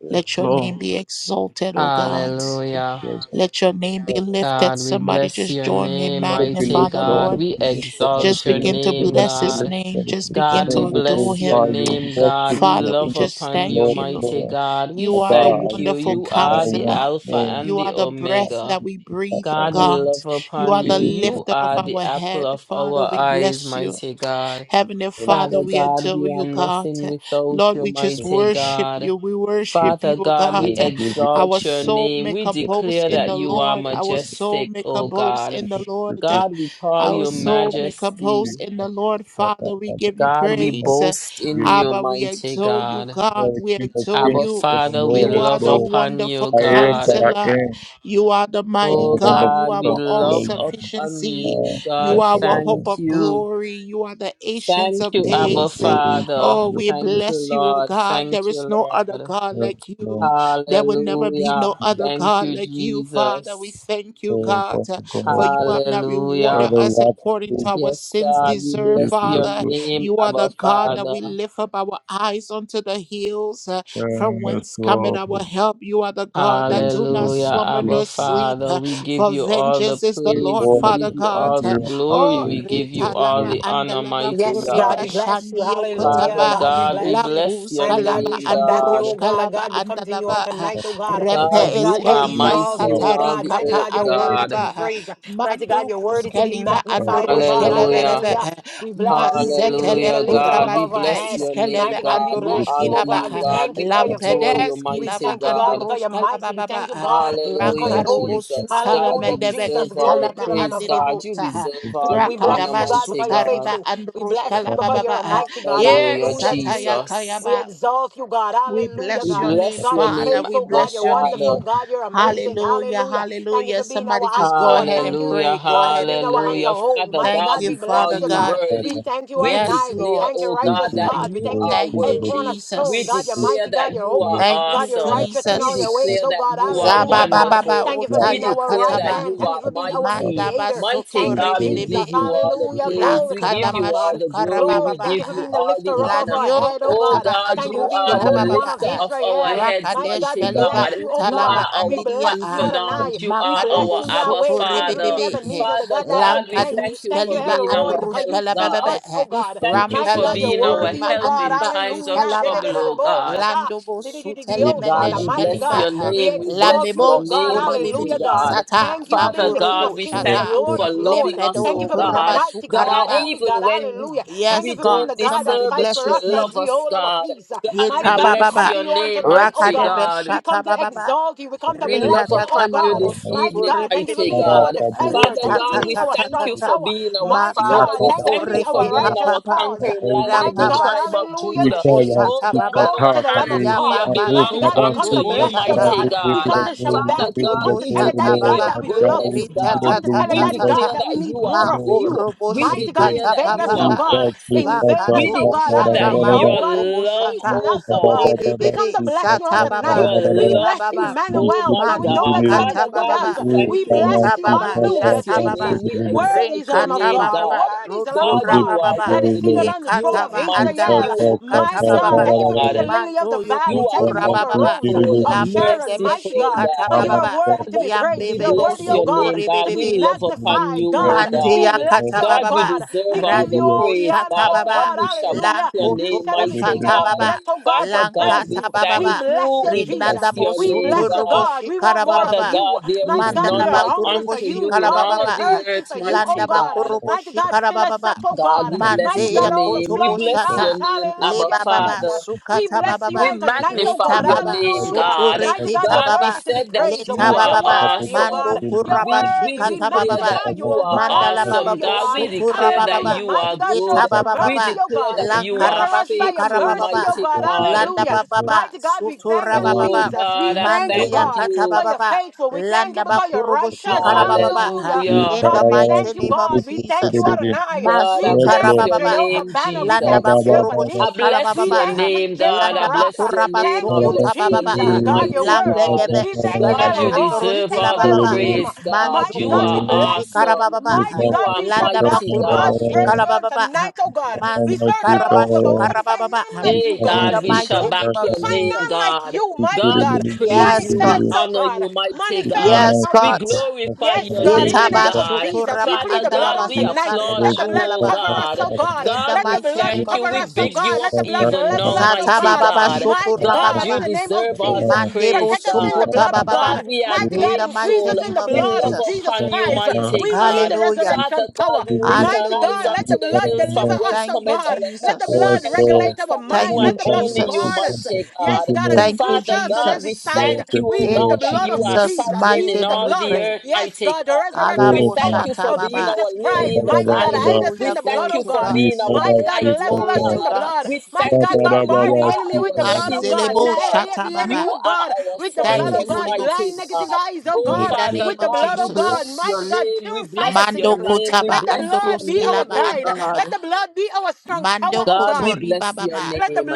Speaker 2: Yes.
Speaker 1: Let your
Speaker 2: Slow.
Speaker 1: name be exalted, O God.
Speaker 3: Hallelujah.
Speaker 2: Yes.
Speaker 1: Let your name be
Speaker 2: Let
Speaker 1: lifted.
Speaker 3: God, we
Speaker 1: Somebody
Speaker 3: bless
Speaker 1: just
Speaker 3: your
Speaker 1: join me.
Speaker 3: name,
Speaker 2: it be
Speaker 3: mighty
Speaker 1: Magnify
Speaker 2: lifted.
Speaker 1: the
Speaker 2: Let
Speaker 3: God.
Speaker 2: it
Speaker 1: Lord.
Speaker 2: be
Speaker 3: We
Speaker 2: lifted. Let it
Speaker 3: exalt
Speaker 1: Just
Speaker 3: your
Speaker 2: be
Speaker 1: begin to
Speaker 3: name,
Speaker 1: bless his
Speaker 3: God.
Speaker 1: name. Just begin
Speaker 3: God, we
Speaker 1: to
Speaker 2: Lord, We
Speaker 1: adore
Speaker 3: bless your
Speaker 2: glorify
Speaker 1: him.
Speaker 2: you. We
Speaker 3: name, God.
Speaker 2: worship
Speaker 3: We
Speaker 1: Father,
Speaker 2: you.
Speaker 1: we
Speaker 2: King
Speaker 3: love
Speaker 2: of
Speaker 1: just
Speaker 2: kings,
Speaker 3: upon you,
Speaker 1: thank
Speaker 2: Lord of
Speaker 1: you.
Speaker 3: mighty
Speaker 2: lords.
Speaker 3: God. We
Speaker 1: You
Speaker 2: Our
Speaker 1: are the
Speaker 2: God,
Speaker 3: thank
Speaker 2: our
Speaker 3: you.
Speaker 1: wonderful
Speaker 2: King
Speaker 3: You
Speaker 2: of
Speaker 3: are the
Speaker 2: one.
Speaker 1: counselor.
Speaker 3: Alpha
Speaker 2: Lord,
Speaker 3: and
Speaker 1: You
Speaker 3: the
Speaker 1: are the
Speaker 2: our
Speaker 1: breath
Speaker 3: Omega.
Speaker 1: that we
Speaker 2: God,
Speaker 1: breathe, oh
Speaker 2: our
Speaker 3: God,
Speaker 2: God.
Speaker 3: we
Speaker 1: God.
Speaker 3: love
Speaker 1: You are
Speaker 3: upon
Speaker 2: we
Speaker 1: the
Speaker 3: you.
Speaker 2: give you
Speaker 3: You
Speaker 1: lifter of
Speaker 3: are
Speaker 1: our
Speaker 3: the apple
Speaker 1: head.
Speaker 3: of
Speaker 1: Father,
Speaker 3: our
Speaker 1: we
Speaker 3: eyes,
Speaker 1: bless you.
Speaker 3: mighty God.
Speaker 1: Heavenly
Speaker 2: the glory, we
Speaker 1: Father,
Speaker 3: Father
Speaker 2: give
Speaker 1: we
Speaker 2: you
Speaker 3: God,
Speaker 1: adore
Speaker 3: we are
Speaker 1: you, God.
Speaker 3: nothing without
Speaker 1: Lord,
Speaker 3: you,
Speaker 1: we
Speaker 2: the
Speaker 1: just
Speaker 2: praise.
Speaker 3: mighty
Speaker 1: worship
Speaker 3: God.
Speaker 1: you. We
Speaker 2: We give
Speaker 1: worship you,
Speaker 3: Father
Speaker 1: O
Speaker 3: God, we
Speaker 1: God.
Speaker 2: you the praise. We give you the praise. We give you
Speaker 1: Our
Speaker 3: exalt your
Speaker 1: soul
Speaker 3: name.
Speaker 1: make
Speaker 3: We
Speaker 1: a
Speaker 2: the
Speaker 1: boast
Speaker 3: declare
Speaker 1: in
Speaker 3: that
Speaker 1: the
Speaker 2: praise.
Speaker 3: you are
Speaker 1: Lord. Our soul
Speaker 3: majestic,
Speaker 1: make a
Speaker 3: O
Speaker 1: boast
Speaker 2: We
Speaker 3: God.
Speaker 1: in the
Speaker 2: worship
Speaker 1: Lord.
Speaker 2: you.
Speaker 3: God, we call
Speaker 1: Our
Speaker 3: you
Speaker 2: We
Speaker 1: soul
Speaker 2: come to
Speaker 1: make a
Speaker 2: you.
Speaker 1: boast
Speaker 3: majesty.
Speaker 1: in
Speaker 2: our
Speaker 1: the Lord.
Speaker 2: God, our
Speaker 1: Father, we
Speaker 2: God,
Speaker 1: give
Speaker 2: our God.
Speaker 1: you
Speaker 3: God,
Speaker 2: We
Speaker 3: we
Speaker 2: give
Speaker 1: praise.
Speaker 3: boast in
Speaker 2: you the
Speaker 3: you,
Speaker 1: Abba, we
Speaker 3: mighty
Speaker 1: adore you,
Speaker 3: God.
Speaker 1: God.
Speaker 2: glory,
Speaker 1: We
Speaker 2: King of
Speaker 1: adore
Speaker 3: Abba,
Speaker 2: kings
Speaker 1: you.
Speaker 2: and the
Speaker 3: Father, we
Speaker 2: Lord
Speaker 1: You
Speaker 2: of
Speaker 1: are
Speaker 3: love
Speaker 1: the
Speaker 2: lords.
Speaker 3: upon you,
Speaker 1: wonderful
Speaker 2: I am that
Speaker 3: God.
Speaker 2: I
Speaker 1: counselor.
Speaker 2: am
Speaker 1: You are the
Speaker 2: a
Speaker 1: mighty
Speaker 3: Oh
Speaker 1: God.
Speaker 2: wonderful
Speaker 1: You
Speaker 3: God,
Speaker 1: are
Speaker 3: we
Speaker 1: our
Speaker 2: son,
Speaker 1: all
Speaker 2: lady,
Speaker 3: love upon
Speaker 1: sufficiency.
Speaker 2: uh,
Speaker 3: you,
Speaker 1: You
Speaker 2: but
Speaker 3: God.
Speaker 2: my
Speaker 1: are our hope
Speaker 2: problems
Speaker 3: Thank
Speaker 1: of
Speaker 3: you.
Speaker 1: glory. You are the ancients
Speaker 3: Thank
Speaker 1: of
Speaker 2: give
Speaker 3: you,
Speaker 2: you
Speaker 3: Abba
Speaker 2: a
Speaker 1: days.
Speaker 2: glory, give
Speaker 3: Father.
Speaker 1: Oh,
Speaker 2: you a
Speaker 1: we
Speaker 2: praise,
Speaker 3: Thank you,
Speaker 1: bless you, O
Speaker 3: Lord.
Speaker 1: God. There
Speaker 3: Thank you,
Speaker 1: is no other
Speaker 3: Lord.
Speaker 1: God
Speaker 2: and
Speaker 1: like you. There will never be no
Speaker 3: Hallelujah.
Speaker 1: other
Speaker 3: Thank
Speaker 1: God
Speaker 3: you,
Speaker 1: like you, Father. We
Speaker 3: Jesus.
Speaker 1: thank you,
Speaker 2: praise
Speaker 1: God,
Speaker 2: of the
Speaker 1: for
Speaker 2: God.
Speaker 1: you
Speaker 2: uh,
Speaker 1: have not
Speaker 2: You are the last fruit, uh,
Speaker 1: rewarded
Speaker 3: Hallelujah.
Speaker 2: rather
Speaker 1: us
Speaker 2: lot of
Speaker 1: according to
Speaker 2: food
Speaker 1: our
Speaker 3: Yes,
Speaker 1: sins
Speaker 2: uh,
Speaker 3: God, we
Speaker 2: to
Speaker 1: deserve,
Speaker 2: give
Speaker 3: bless
Speaker 2: you the
Speaker 3: your
Speaker 1: Father.
Speaker 2: glory.
Speaker 3: name,
Speaker 1: You are the
Speaker 3: Abba
Speaker 1: God
Speaker 2: uh,
Speaker 1: that
Speaker 3: Father.
Speaker 1: we lift up our eyes unto the hills uh, from
Speaker 2: Yes,
Speaker 1: whence cometh
Speaker 2: Lord, we
Speaker 1: our help. You are the God that do
Speaker 2: give
Speaker 1: not
Speaker 2: you
Speaker 3: Hallelujah,
Speaker 2: the
Speaker 1: slumber
Speaker 2: praise.
Speaker 3: Abba
Speaker 1: nor sleep.
Speaker 3: Father.
Speaker 1: uh,
Speaker 3: We give
Speaker 1: For
Speaker 3: you all the
Speaker 1: vengeance is the
Speaker 2: We
Speaker 3: praise.
Speaker 1: Lord,
Speaker 3: We
Speaker 2: pour out
Speaker 3: give
Speaker 1: Father
Speaker 2: the
Speaker 3: you
Speaker 1: God.
Speaker 2: sun,
Speaker 3: all
Speaker 2: we
Speaker 3: the
Speaker 2: the
Speaker 3: glory.
Speaker 1: Oh,
Speaker 2: glory,
Speaker 3: We
Speaker 2: give
Speaker 3: give
Speaker 2: you
Speaker 3: you
Speaker 2: the
Speaker 3: all
Speaker 1: retalaba
Speaker 3: the
Speaker 2: glory,
Speaker 3: honor,
Speaker 1: andalaba
Speaker 3: mighty God.
Speaker 1: koreba shandio
Speaker 3: Father
Speaker 1: kotaba
Speaker 3: God, we bless
Speaker 1: lakus
Speaker 3: your
Speaker 1: kalaba
Speaker 3: name, God.
Speaker 1: andorosh kalaba andalaba repe
Speaker 3: God, you are
Speaker 1: eskeliva
Speaker 3: mighty in all
Speaker 1: satari
Speaker 3: the
Speaker 1: kapa
Speaker 3: earth, God.
Speaker 1: andalaba mandu kuskeliva andorosh
Speaker 3: Hallelujah.
Speaker 1: kelebelebe
Speaker 2: eat a of
Speaker 1: mazetele
Speaker 2: of
Speaker 3: Hallelujah,
Speaker 2: food from
Speaker 3: God. We
Speaker 1: kurabadove
Speaker 3: bless your
Speaker 1: iskeleve
Speaker 3: name, God. We
Speaker 2: good
Speaker 1: andorosh
Speaker 2: health
Speaker 3: honor
Speaker 1: kilaba
Speaker 3: you,
Speaker 2: and
Speaker 3: God. We adore you,
Speaker 1: lampedes kilaba
Speaker 3: mighty God.
Speaker 1: andorosh kalaba baba
Speaker 3: Hallelujah,
Speaker 2: normal
Speaker 1: rankarobo
Speaker 2: food from
Speaker 3: Jesus.
Speaker 1: sutala
Speaker 3: God, you
Speaker 1: medeve
Speaker 3: deserve all the
Speaker 1: italaba
Speaker 2: good
Speaker 3: praise, God. You
Speaker 1: andiribota
Speaker 2: food
Speaker 3: deserve
Speaker 2: to
Speaker 3: all
Speaker 2: cheat
Speaker 3: the
Speaker 2: with
Speaker 3: honor,
Speaker 1: Rakadaba
Speaker 2: the
Speaker 3: mighty God.
Speaker 1: sutariba androshkala
Speaker 2: government
Speaker 1: bababa.
Speaker 2: of
Speaker 3: Hallelujah,
Speaker 2: the
Speaker 1: Yes,
Speaker 2: government
Speaker 1: sataya
Speaker 3: Jesus.
Speaker 1: kayaba. We
Speaker 2: is
Speaker 3: We
Speaker 1: bless your
Speaker 2: not
Speaker 1: name,
Speaker 2: that
Speaker 3: bless your
Speaker 2: kind of
Speaker 1: Father.
Speaker 3: name,
Speaker 1: We
Speaker 3: our
Speaker 1: bless your
Speaker 3: Father.
Speaker 1: name.
Speaker 2: thing. But it
Speaker 1: Hallelujah, hallelujah. Somebody just go ahead and
Speaker 3: Hallelujah,
Speaker 1: pray. Go ahead and pray.
Speaker 3: hallelujah. Father
Speaker 1: Thank
Speaker 3: God,
Speaker 1: you,
Speaker 3: we call
Speaker 1: Father
Speaker 3: you
Speaker 2: is
Speaker 1: God.
Speaker 2: for
Speaker 3: worthy.
Speaker 2: the
Speaker 3: We
Speaker 1: Yes,
Speaker 3: declare,
Speaker 1: Lord.
Speaker 3: oh God,
Speaker 2: people
Speaker 3: that you
Speaker 2: who
Speaker 3: are
Speaker 1: Thank you,
Speaker 2: do
Speaker 3: worthy. We
Speaker 1: Jesus.
Speaker 3: declare that you
Speaker 2: the
Speaker 3: are
Speaker 1: Thank you,
Speaker 3: awesome. We
Speaker 1: Jesus.
Speaker 3: declare that you are
Speaker 1: Zababa
Speaker 3: wonderful.
Speaker 1: baba
Speaker 3: We
Speaker 1: otaya
Speaker 3: declare that
Speaker 1: kataba.
Speaker 3: you are mighty.
Speaker 1: Mandaba
Speaker 3: Mighty
Speaker 1: sotori
Speaker 3: God, we give
Speaker 1: bebebe.
Speaker 3: you all the praise. We give you
Speaker 1: Lankadaba
Speaker 3: all the glory. We
Speaker 1: shukarababa.
Speaker 3: give you all the honor.
Speaker 1: Landio
Speaker 3: Oh
Speaker 1: kataba
Speaker 3: God, you
Speaker 1: androshke
Speaker 3: are the
Speaker 1: lababa.
Speaker 3: lifter of our heads,
Speaker 1: Rakadesh
Speaker 3: mighty
Speaker 1: kaliba
Speaker 3: God. You
Speaker 2: Thank
Speaker 1: utalaba
Speaker 2: you.
Speaker 3: are
Speaker 2: know,
Speaker 3: our
Speaker 1: andiria.
Speaker 2: We thank
Speaker 3: confidant. You are
Speaker 2: you
Speaker 3: our
Speaker 1: Makadobo
Speaker 2: for the
Speaker 3: Abba
Speaker 1: sotori
Speaker 3: Father.
Speaker 1: bebebe.
Speaker 2: good
Speaker 3: Father God, we thank
Speaker 1: Lankadus
Speaker 3: you for
Speaker 1: kaliba
Speaker 3: being our help,
Speaker 1: androshka lababa.
Speaker 3: God. We
Speaker 2: you
Speaker 3: thank
Speaker 2: have
Speaker 3: you
Speaker 2: done
Speaker 3: for
Speaker 1: Rampeles
Speaker 3: being
Speaker 2: with
Speaker 3: our
Speaker 2: us.
Speaker 1: kurima
Speaker 3: help in
Speaker 1: andiba
Speaker 3: times of
Speaker 1: uskalaba.
Speaker 3: trouble, oh God.
Speaker 1: Landobo
Speaker 2: We are
Speaker 3: God, we
Speaker 1: sutelemenesh
Speaker 2: thankful
Speaker 3: bless
Speaker 1: kaliba.
Speaker 3: your
Speaker 2: for
Speaker 3: name.
Speaker 2: that.
Speaker 3: We bless your
Speaker 1: Lambebo
Speaker 3: name, mighty
Speaker 1: skuribibibi
Speaker 2: We
Speaker 3: God.
Speaker 2: thank
Speaker 1: sata
Speaker 2: you
Speaker 3: Father God,
Speaker 1: makurubu
Speaker 3: we thank
Speaker 1: shata
Speaker 3: you
Speaker 2: for
Speaker 3: for
Speaker 2: the
Speaker 3: loving us,
Speaker 2: good
Speaker 1: lembedo
Speaker 2: you
Speaker 3: oh
Speaker 1: kuruba
Speaker 3: God. God,
Speaker 1: sukariba.
Speaker 3: even when we
Speaker 1: Yes,
Speaker 3: we
Speaker 1: God.
Speaker 3: don't
Speaker 1: Somebody
Speaker 3: deserve it,
Speaker 1: bless
Speaker 3: you
Speaker 1: his name.
Speaker 3: love us, God. God, we
Speaker 1: Yeta
Speaker 3: bless
Speaker 1: bababa.
Speaker 3: your name, mighty
Speaker 1: Rakadeve
Speaker 3: God.
Speaker 1: shata bababa.
Speaker 3: We
Speaker 1: Rita
Speaker 3: love
Speaker 1: tata
Speaker 3: upon you
Speaker 2: have
Speaker 1: bababu
Speaker 2: done
Speaker 3: this
Speaker 2: for us.
Speaker 1: sutu
Speaker 3: evening,
Speaker 1: ribibibi.
Speaker 3: mighty
Speaker 2: Mara
Speaker 3: God.
Speaker 2: kabu
Speaker 3: Father
Speaker 1: Rita
Speaker 2: siku
Speaker 3: God, we
Speaker 1: tata tata
Speaker 3: thank you
Speaker 1: tata.
Speaker 3: for being our
Speaker 2: ya
Speaker 1: Mato
Speaker 3: Father. We
Speaker 2: kaba
Speaker 1: tutu
Speaker 3: thank
Speaker 2: kaba
Speaker 3: you for
Speaker 1: riki
Speaker 3: being
Speaker 2: kaba
Speaker 3: our
Speaker 1: papapa.
Speaker 3: conquering
Speaker 2: mara
Speaker 3: lion in the
Speaker 2: kabu
Speaker 1: Rababa
Speaker 3: tribe of
Speaker 1: sukutu
Speaker 3: Judah.
Speaker 2: ikala
Speaker 3: Oh
Speaker 1: bushata
Speaker 3: God,
Speaker 1: baba.
Speaker 3: our
Speaker 2: sikata kabu
Speaker 3: hallelujah
Speaker 1: Yababa
Speaker 2: abu
Speaker 3: belongs
Speaker 1: Shoko
Speaker 2: kaba
Speaker 3: unto
Speaker 1: Tobo
Speaker 3: you,
Speaker 2: sikata mara
Speaker 1: Shata
Speaker 3: mighty
Speaker 2: uji
Speaker 3: God.
Speaker 2: bura buru
Speaker 1: Manto
Speaker 3: Father
Speaker 2: uji bura
Speaker 3: God,
Speaker 1: Kotobo
Speaker 3: we
Speaker 2: buru
Speaker 1: Shata
Speaker 3: declare
Speaker 2: lo
Speaker 3: your
Speaker 1: Baba
Speaker 2: marga
Speaker 3: goodness,
Speaker 2: uji
Speaker 1: Rita
Speaker 2: bura
Speaker 1: Ta
Speaker 3: God.
Speaker 1: Ta
Speaker 3: We
Speaker 1: Ta
Speaker 2: buru
Speaker 1: ta
Speaker 2: washi
Speaker 3: declare
Speaker 1: ta.
Speaker 3: that you
Speaker 2: sikata
Speaker 3: are
Speaker 1: Mako
Speaker 3: good.
Speaker 1: Robo
Speaker 3: We
Speaker 2: lo
Speaker 3: declare
Speaker 1: Shikata
Speaker 3: that you
Speaker 1: Papa
Speaker 3: are
Speaker 2: Thank
Speaker 1: pa.
Speaker 2: you.
Speaker 3: awesome. We
Speaker 1: Vakato
Speaker 3: declare
Speaker 1: Boshata
Speaker 3: that your
Speaker 1: Mako Dobo
Speaker 3: love,
Speaker 1: Shata
Speaker 3: oh God.
Speaker 1: Rebe Bebe Sata Baba
Speaker 3: Your
Speaker 1: Reba
Speaker 3: love
Speaker 1: Baba
Speaker 3: is, oh my
Speaker 1: Mandu
Speaker 3: God. Father
Speaker 1: Kata Baba
Speaker 3: God, we
Speaker 1: ba.
Speaker 3: thank you, oh
Speaker 1: Rita
Speaker 3: God. We
Speaker 1: Baba
Speaker 3: bless
Speaker 1: Shata
Speaker 3: your
Speaker 1: Baba
Speaker 3: name. We exalt your
Speaker 1: Renkata
Speaker 3: name,
Speaker 1: Baba ba.
Speaker 3: God.
Speaker 1: Roto
Speaker 3: God, you are
Speaker 1: Rababa
Speaker 3: worthy. You
Speaker 1: Yekata
Speaker 3: are
Speaker 1: Ba
Speaker 3: mighty. You
Speaker 1: Andaba Sukata
Speaker 3: are awesome,
Speaker 1: Baba
Speaker 3: God.
Speaker 1: Mando
Speaker 3: You are
Speaker 1: yokoto rababa
Speaker 3: wonderful,
Speaker 1: lampe de
Speaker 3: merciful
Speaker 1: beshikata
Speaker 3: God.
Speaker 1: bababa
Speaker 3: Father God, we
Speaker 1: yambebe bo
Speaker 3: bless your name,
Speaker 1: sokore
Speaker 3: God. We
Speaker 1: bebebe
Speaker 3: love upon you, oh
Speaker 1: Mandeya
Speaker 3: God.
Speaker 1: kata
Speaker 3: God, you
Speaker 1: baba
Speaker 3: deserve all the
Speaker 1: randi bo
Speaker 3: praise,
Speaker 1: shata
Speaker 3: God.
Speaker 1: baba
Speaker 3: God, we shall back your
Speaker 1: lankoto
Speaker 3: name,
Speaker 1: bo
Speaker 3: mighty
Speaker 1: shata
Speaker 3: God.
Speaker 1: baba
Speaker 3: Father God, we
Speaker 1: lankata baba
Speaker 3: thank you. We bless
Speaker 1: rindanda bo
Speaker 3: your
Speaker 1: soto
Speaker 3: name,
Speaker 1: robo
Speaker 3: God. Father God, there
Speaker 2: I did not have to go back to the beginning to get
Speaker 3: is
Speaker 1: mandala
Speaker 3: none
Speaker 1: ba
Speaker 3: like
Speaker 1: kurobo
Speaker 3: unto you
Speaker 1: shikara
Speaker 3: in all the earth,
Speaker 1: landa
Speaker 3: mighty
Speaker 1: ba
Speaker 3: God.
Speaker 1: kurobo shikara baba
Speaker 3: God, we bless your
Speaker 1: mandeya
Speaker 2: that from
Speaker 3: name.
Speaker 1: koto
Speaker 3: We
Speaker 1: bo
Speaker 2: Canada because I
Speaker 3: bless
Speaker 2: then
Speaker 3: your
Speaker 1: shata
Speaker 3: name,
Speaker 1: le
Speaker 3: Abba
Speaker 1: baba
Speaker 2: didn't
Speaker 3: Father.
Speaker 1: sukata
Speaker 2: take it
Speaker 1: baba
Speaker 3: We magnify
Speaker 2: to
Speaker 1: rita
Speaker 2: the
Speaker 3: your
Speaker 1: baba
Speaker 3: name,
Speaker 2: basics
Speaker 1: soto
Speaker 2: of
Speaker 3: God.
Speaker 2: what I was
Speaker 1: rekita
Speaker 2: doing.
Speaker 3: God, we
Speaker 1: baba
Speaker 3: said that
Speaker 1: leta
Speaker 3: you are
Speaker 2: I could have
Speaker 1: baba
Speaker 2: much better than
Speaker 1: mando
Speaker 3: awesome.
Speaker 2: it was doing the
Speaker 1: kuraba
Speaker 2: same
Speaker 3: We we
Speaker 1: shikata
Speaker 3: declare
Speaker 2: thing
Speaker 1: baba
Speaker 2: that
Speaker 3: that
Speaker 2: I could
Speaker 3: you
Speaker 2: have much better
Speaker 3: are
Speaker 2: than
Speaker 1: Mandala baba
Speaker 3: awesome,
Speaker 1: bo
Speaker 3: God. We
Speaker 1: sutura
Speaker 3: declare
Speaker 1: baba
Speaker 3: that
Speaker 2: it was
Speaker 1: ba
Speaker 2: doing
Speaker 3: you
Speaker 2: for
Speaker 3: are
Speaker 2: the
Speaker 1: yeta
Speaker 3: good.
Speaker 2: past
Speaker 1: baba
Speaker 3: We
Speaker 1: baba
Speaker 3: declare that
Speaker 2: 2000
Speaker 3: you
Speaker 1: lankara
Speaker 3: are
Speaker 1: ba shukara
Speaker 3: faithful,
Speaker 1: baba ba
Speaker 2: and
Speaker 3: mighty
Speaker 2: for
Speaker 3: God.
Speaker 1: landa
Speaker 2: the
Speaker 1: baba
Speaker 2: world.
Speaker 1: ba sutura
Speaker 2: I'm
Speaker 1: baba
Speaker 2: not
Speaker 3: Oh
Speaker 1: ba
Speaker 2: going
Speaker 3: God, I thank
Speaker 1: mandeya
Speaker 2: to
Speaker 1: kata
Speaker 3: you.
Speaker 1: baba ba landa ba kurubu shikala baba ba
Speaker 3: Hallelujah.
Speaker 1: in the mighty name of Jesus ha.
Speaker 3: God, I
Speaker 2: Yes,
Speaker 1: masutara
Speaker 3: bless
Speaker 2: Lord.
Speaker 1: baba
Speaker 3: your
Speaker 1: ba ha.
Speaker 3: name,
Speaker 2: Ba,
Speaker 1: landa
Speaker 2: ba,
Speaker 1: ba
Speaker 3: Jesus.
Speaker 2: ba,
Speaker 1: kurubu
Speaker 2: ba, ba.
Speaker 3: I
Speaker 1: shikala
Speaker 3: bless
Speaker 1: baba ba
Speaker 3: your name, God. I
Speaker 1: landa ba
Speaker 3: bless your
Speaker 1: kuraba
Speaker 3: name. I
Speaker 1: sukuta
Speaker 3: bless
Speaker 2: Thank
Speaker 1: baba
Speaker 3: your
Speaker 1: ba
Speaker 3: name, mighty
Speaker 1: lambe
Speaker 3: God.
Speaker 1: deve
Speaker 3: God,
Speaker 1: iskaleve
Speaker 3: you deserve
Speaker 1: andoroshkila
Speaker 3: all the
Speaker 1: baba ba
Speaker 3: praise, God.
Speaker 1: Manzo
Speaker 3: You are
Speaker 1: kotobo
Speaker 3: awesome.
Speaker 1: shikarababa.
Speaker 3: You are
Speaker 1: Landa
Speaker 3: mighty, God.
Speaker 1: bakorobo shikarababa. Manzo karaba shukarababa.
Speaker 3: Hey,
Speaker 1: In the
Speaker 3: God, we shall
Speaker 1: mighty name
Speaker 3: back
Speaker 1: of
Speaker 3: your name,
Speaker 1: Jesus.
Speaker 3: God. God, we praise
Speaker 1: Yes,
Speaker 3: you,
Speaker 1: God.
Speaker 3: we honor you, mighty God.
Speaker 1: Yes,
Speaker 3: We
Speaker 1: God.
Speaker 3: glorify your name,
Speaker 1: Itaba
Speaker 3: God.
Speaker 1: shotoraba
Speaker 3: Father God,
Speaker 1: andalaba
Speaker 3: we
Speaker 1: sutariba
Speaker 3: applaud you, oh
Speaker 1: andalaba.
Speaker 3: God.
Speaker 1: In
Speaker 3: God,
Speaker 1: the
Speaker 3: we
Speaker 1: mighty name
Speaker 3: thank
Speaker 1: of
Speaker 3: you. We big you up
Speaker 1: Jesus.
Speaker 3: even now,
Speaker 1: Zata
Speaker 3: mighty
Speaker 1: bababa
Speaker 3: God. God, you
Speaker 1: shotorababa.
Speaker 3: deserve all the
Speaker 1: Mandebo
Speaker 3: praise, God.
Speaker 1: sokota bababa.
Speaker 3: God, we are
Speaker 2: you.
Speaker 1: In the mighty
Speaker 3: grateful.
Speaker 2: Yes,
Speaker 1: name of
Speaker 3: We love
Speaker 1: Jesus.
Speaker 3: upon you,
Speaker 2: Lord.
Speaker 3: mighty God.
Speaker 1: Hallelujah.
Speaker 3: Father God, we lift our eyes
Speaker 1: Hallelujah.
Speaker 3: unto the hills from whence
Speaker 1: Thank you,
Speaker 3: cometh our help. Our help
Speaker 1: Jesus.
Speaker 3: cometh from you
Speaker 1: Thank
Speaker 2: You
Speaker 1: you,
Speaker 3: and only
Speaker 2: promise
Speaker 3: you,
Speaker 2: to come
Speaker 1: Jesus.
Speaker 3: mighty
Speaker 2: Thank
Speaker 3: God.
Speaker 2: you, Lord.
Speaker 1: Thank you,
Speaker 3: Father God, we
Speaker 1: Jesus.
Speaker 2: Lord,
Speaker 3: thank you,
Speaker 2: thank you,
Speaker 3: O
Speaker 1: In
Speaker 3: God,
Speaker 2: Lord.
Speaker 3: that
Speaker 2: Thank
Speaker 3: you are
Speaker 2: you, Lord.
Speaker 1: Jesus'
Speaker 3: sovereign
Speaker 1: mighty
Speaker 3: in
Speaker 1: name
Speaker 3: all
Speaker 1: we
Speaker 3: the
Speaker 1: pray.
Speaker 3: earth, mighty God. We
Speaker 1: Alabo
Speaker 3: thank
Speaker 2: Amen.
Speaker 3: you
Speaker 1: shata
Speaker 3: for being
Speaker 1: baba.
Speaker 3: our lily
Speaker 2: Baba,
Speaker 3: in the
Speaker 2: baba,
Speaker 3: valley.
Speaker 2: baba.
Speaker 3: We
Speaker 1: Hallelujah. Glory
Speaker 3: thank you
Speaker 1: to
Speaker 3: for
Speaker 1: God.
Speaker 2: You
Speaker 3: being our
Speaker 2: promise to
Speaker 3: light,
Speaker 2: come
Speaker 3: O
Speaker 1: Glory
Speaker 2: back.
Speaker 1: to
Speaker 3: God.
Speaker 1: God.
Speaker 3: We
Speaker 2: Baba,
Speaker 3: thank you
Speaker 2: baba,
Speaker 3: that you
Speaker 2: baba.
Speaker 3: are
Speaker 2: Speak
Speaker 3: our
Speaker 2: out. Yes,
Speaker 3: shield, O
Speaker 1: Manzelebo
Speaker 3: God.
Speaker 1: shata baba.
Speaker 3: You are our
Speaker 1: Thank you,
Speaker 3: fortress,
Speaker 2: Lord.
Speaker 1: Holy
Speaker 3: mighty God.
Speaker 1: Ghost.
Speaker 3: Oh,
Speaker 1: In
Speaker 2: You
Speaker 1: the
Speaker 2: Lord.
Speaker 3: Father
Speaker 1: name of
Speaker 3: God, we
Speaker 2: Lord,
Speaker 3: bless your
Speaker 1: Jesus.
Speaker 3: name. We bless your
Speaker 1: Mando
Speaker 3: name. We
Speaker 1: kotaba
Speaker 3: bless your name,
Speaker 1: andoroskilaba
Speaker 3: oh
Speaker 1: andalava.
Speaker 3: God.
Speaker 1: Mando
Speaker 3: God, we
Speaker 1: kotori
Speaker 3: bless your
Speaker 1: bababa.
Speaker 3: name.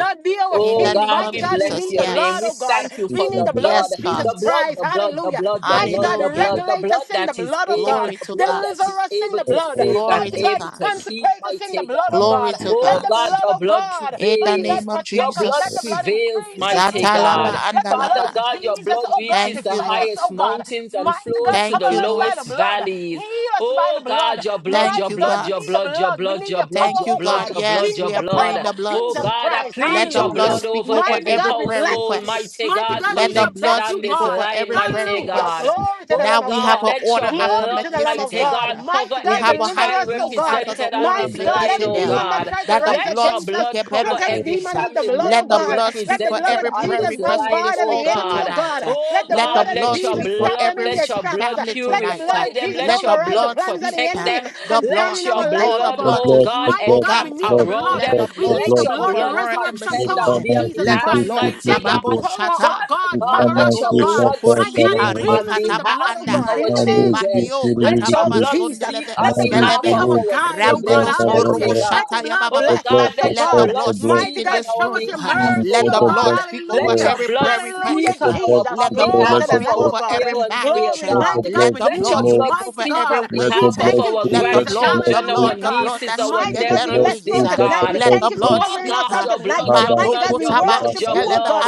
Speaker 2: come
Speaker 1: In
Speaker 3: Oh
Speaker 2: back.
Speaker 1: the name
Speaker 3: God,
Speaker 1: of
Speaker 3: we
Speaker 2: Come
Speaker 3: bless
Speaker 1: Jesus,
Speaker 2: back.
Speaker 3: your name. We
Speaker 1: yes.
Speaker 3: thank you
Speaker 2: Speak
Speaker 3: for
Speaker 2: my
Speaker 3: the
Speaker 2: goodness.
Speaker 3: blood,
Speaker 1: Yes, God.
Speaker 2: goodness.
Speaker 3: the blood, the blood, the blood, the
Speaker 2: God
Speaker 3: blood,
Speaker 2: bless
Speaker 3: the
Speaker 2: you.
Speaker 1: Hallelujah.
Speaker 3: blood,
Speaker 2: Lord.
Speaker 3: the blood that is able,
Speaker 1: Glory
Speaker 3: the
Speaker 1: to
Speaker 3: blood
Speaker 1: God.
Speaker 3: that is able
Speaker 2: to
Speaker 3: to
Speaker 2: you,
Speaker 3: save and
Speaker 1: Glory
Speaker 2: Lord.
Speaker 1: to
Speaker 3: able
Speaker 1: God.
Speaker 3: to keep, mighty
Speaker 2: Come
Speaker 3: God.
Speaker 2: on,
Speaker 1: Glory
Speaker 2: speak
Speaker 1: to
Speaker 2: out.
Speaker 3: Oh
Speaker 1: God.
Speaker 3: God, your blood
Speaker 1: In the
Speaker 3: prevails.
Speaker 1: name of
Speaker 3: Your blood
Speaker 2: to us.
Speaker 1: Jesus.
Speaker 3: prevails,
Speaker 2: Yes,
Speaker 3: mighty
Speaker 1: Zatalaba
Speaker 2: Lord.
Speaker 3: God. Father
Speaker 1: andalaba.
Speaker 3: God, your blood reaches
Speaker 1: Thank
Speaker 3: the
Speaker 1: you, Lord.
Speaker 3: highest mountains and flows to the
Speaker 1: Thank you, Lord.
Speaker 3: lowest valleys. Oh God, your blood,
Speaker 1: Thank
Speaker 3: your
Speaker 1: you,
Speaker 3: blood,
Speaker 1: God.
Speaker 3: your blood, your blood, your blood,
Speaker 1: Thank you,
Speaker 3: your
Speaker 1: God.
Speaker 3: blood, your
Speaker 1: Yes,
Speaker 3: blood, your
Speaker 1: we are praying
Speaker 3: blood.
Speaker 1: the blood.
Speaker 3: Oh
Speaker 2: Yes,
Speaker 3: God, I
Speaker 1: Let
Speaker 3: plead
Speaker 1: the
Speaker 3: your
Speaker 1: blood
Speaker 2: Lord.
Speaker 3: blood
Speaker 1: speak
Speaker 3: over
Speaker 1: over
Speaker 3: every
Speaker 1: every prayer
Speaker 3: household,
Speaker 1: request.
Speaker 3: mighty
Speaker 2: Bless
Speaker 3: God,
Speaker 1: Let the
Speaker 2: your
Speaker 3: connected
Speaker 1: blood
Speaker 3: on
Speaker 1: speak
Speaker 3: this
Speaker 1: over
Speaker 3: line,
Speaker 1: every
Speaker 2: beauty,
Speaker 1: prayer
Speaker 3: mighty
Speaker 2: bless
Speaker 3: God.
Speaker 1: request.
Speaker 2: you,
Speaker 1: Now
Speaker 3: Oh
Speaker 1: we
Speaker 3: God,
Speaker 1: have an
Speaker 3: let
Speaker 2: bless
Speaker 1: order
Speaker 3: your
Speaker 1: after
Speaker 3: blood,
Speaker 1: Melchizedek.
Speaker 3: mighty God, cover
Speaker 1: We have
Speaker 3: every
Speaker 1: a high
Speaker 3: child
Speaker 1: priest after the
Speaker 3: represented on
Speaker 1: order of
Speaker 3: this
Speaker 2: you, bless
Speaker 3: line,
Speaker 2: you, bless you, bless you,
Speaker 3: oh
Speaker 1: Melchizedek.
Speaker 2: bless you,
Speaker 3: God.
Speaker 1: That the
Speaker 3: Let
Speaker 1: blood
Speaker 3: your
Speaker 1: speak a
Speaker 3: blood
Speaker 1: better
Speaker 3: cover
Speaker 2: bless
Speaker 3: every
Speaker 1: things.
Speaker 3: family
Speaker 1: Let
Speaker 3: member
Speaker 1: the blood speak for
Speaker 3: represented
Speaker 1: every
Speaker 3: on
Speaker 1: prayer
Speaker 3: this
Speaker 1: request on
Speaker 3: line,
Speaker 1: this
Speaker 3: oh
Speaker 1: altar
Speaker 3: God.
Speaker 1: tonight.
Speaker 3: Oh
Speaker 1: Let the
Speaker 3: God,
Speaker 2: you,
Speaker 1: blood
Speaker 3: let your
Speaker 1: speak for
Speaker 2: bless
Speaker 3: blood,
Speaker 1: every
Speaker 2: you,
Speaker 3: let
Speaker 2: bless
Speaker 1: s-
Speaker 3: your blood
Speaker 1: family tonight.
Speaker 3: purify them.
Speaker 2: you.
Speaker 3: Let
Speaker 1: Let the
Speaker 3: your blood
Speaker 1: blood speak.
Speaker 3: protect them.
Speaker 1: The blood,
Speaker 3: Let
Speaker 1: we
Speaker 3: your
Speaker 1: call the
Speaker 3: blood,
Speaker 2: The
Speaker 1: blood to
Speaker 3: oh
Speaker 2: blood, the
Speaker 3: God,
Speaker 1: speak, oh
Speaker 2: blood,
Speaker 1: God.
Speaker 2: the
Speaker 3: encamp
Speaker 2: blood, the
Speaker 3: around
Speaker 1: Let
Speaker 3: them.
Speaker 2: blood,
Speaker 1: the
Speaker 2: the
Speaker 1: blood
Speaker 3: Let
Speaker 2: blood.
Speaker 1: speak
Speaker 3: your
Speaker 1: over over
Speaker 3: blood
Speaker 1: Royal
Speaker 2: We
Speaker 3: contend
Speaker 1: Embassy.
Speaker 3: on
Speaker 2: come
Speaker 3: their
Speaker 2: and see,
Speaker 1: Let the
Speaker 2: keep
Speaker 3: behalf,
Speaker 2: see,
Speaker 1: blood
Speaker 2: keep
Speaker 3: mighty
Speaker 2: see, see.
Speaker 1: Sabago
Speaker 3: God.
Speaker 1: Shata
Speaker 3: Father
Speaker 2: We
Speaker 3: God,
Speaker 2: come
Speaker 3: let
Speaker 2: and
Speaker 3: your
Speaker 2: see,
Speaker 1: Makadovo
Speaker 2: ta,
Speaker 3: blood
Speaker 2: ta, ta,
Speaker 1: Sokori
Speaker 2: ra, ra,
Speaker 3: speak
Speaker 2: ra, ra.
Speaker 1: Pari
Speaker 3: on
Speaker 1: Kataba
Speaker 3: behalf
Speaker 1: Anda
Speaker 3: of
Speaker 2: We
Speaker 3: our
Speaker 2: come and see, keep
Speaker 3: children.
Speaker 1: Mandio
Speaker 3: Let
Speaker 2: see, keep
Speaker 3: your
Speaker 2: see,
Speaker 1: Katababa
Speaker 2: see.
Speaker 3: blood speak
Speaker 1: Sondeleve
Speaker 3: on
Speaker 2: Mary,
Speaker 3: behalf
Speaker 1: Iskeleve
Speaker 2: come
Speaker 3: of
Speaker 2: and
Speaker 3: our
Speaker 2: see, ta, ta,
Speaker 3: siblings,
Speaker 2: ta,
Speaker 1: Rambelos
Speaker 2: ra, ra, ra,
Speaker 3: mighty
Speaker 1: Kurubu
Speaker 2: ra.
Speaker 1: Shata
Speaker 3: God. Oh
Speaker 1: Yababa.
Speaker 2: The
Speaker 3: God,
Speaker 2: blood, the
Speaker 3: let
Speaker 1: Let
Speaker 3: your
Speaker 1: the
Speaker 2: blood,
Speaker 3: blood
Speaker 2: the
Speaker 1: blood
Speaker 2: blood.
Speaker 1: speak
Speaker 3: speak
Speaker 1: in
Speaker 3: on
Speaker 1: this
Speaker 3: our
Speaker 1: room.
Speaker 3: behalf,
Speaker 2: Mm,
Speaker 1: Let
Speaker 3: oh
Speaker 2: Let
Speaker 1: the
Speaker 2: the
Speaker 1: blood
Speaker 2: blood
Speaker 3: God.
Speaker 1: speak over
Speaker 3: Let
Speaker 2: flow.
Speaker 3: your
Speaker 1: every
Speaker 3: blood
Speaker 1: prayer
Speaker 3: speak
Speaker 2: Let
Speaker 1: request.
Speaker 3: on
Speaker 2: the
Speaker 3: our
Speaker 2: blood
Speaker 1: Let
Speaker 3: on
Speaker 1: the
Speaker 2: flow. Let
Speaker 1: blood
Speaker 3: behalf of
Speaker 2: the
Speaker 1: speak
Speaker 2: blood,
Speaker 3: our
Speaker 1: over every
Speaker 3: parents, dear
Speaker 1: marriage.
Speaker 2: let the
Speaker 3: God.
Speaker 2: blood
Speaker 1: Let the
Speaker 3: Let
Speaker 1: blood
Speaker 3: your
Speaker 2: flow.
Speaker 1: speak
Speaker 3: blood
Speaker 1: over
Speaker 3: speak
Speaker 1: every
Speaker 3: on
Speaker 2: Let
Speaker 1: weight.
Speaker 2: your
Speaker 3: behalf of
Speaker 2: blood
Speaker 3: our
Speaker 2: speak.
Speaker 1: Let the
Speaker 2: Let your
Speaker 1: blood, the
Speaker 2: blood
Speaker 1: the
Speaker 3: grandchildren, our
Speaker 1: blood,
Speaker 2: speak.
Speaker 1: the blood
Speaker 3: nieces,
Speaker 1: that
Speaker 3: our
Speaker 2: Let
Speaker 1: speaketh
Speaker 2: your
Speaker 1: better
Speaker 2: blood
Speaker 3: nephews,
Speaker 1: things.
Speaker 3: dear
Speaker 2: speak.
Speaker 1: uh,
Speaker 2: Let your
Speaker 3: God.
Speaker 1: let
Speaker 2: blood
Speaker 1: the blood
Speaker 2: speak.
Speaker 3: Oh
Speaker 1: speak.
Speaker 3: God,
Speaker 1: uh,
Speaker 3: your blood, your
Speaker 2: Father,
Speaker 1: Mando
Speaker 3: blood,
Speaker 2: speak.
Speaker 3: your
Speaker 1: kutaba
Speaker 2: Father,
Speaker 3: blood, your
Speaker 2: Father,
Speaker 1: iskeleve
Speaker 3: blood.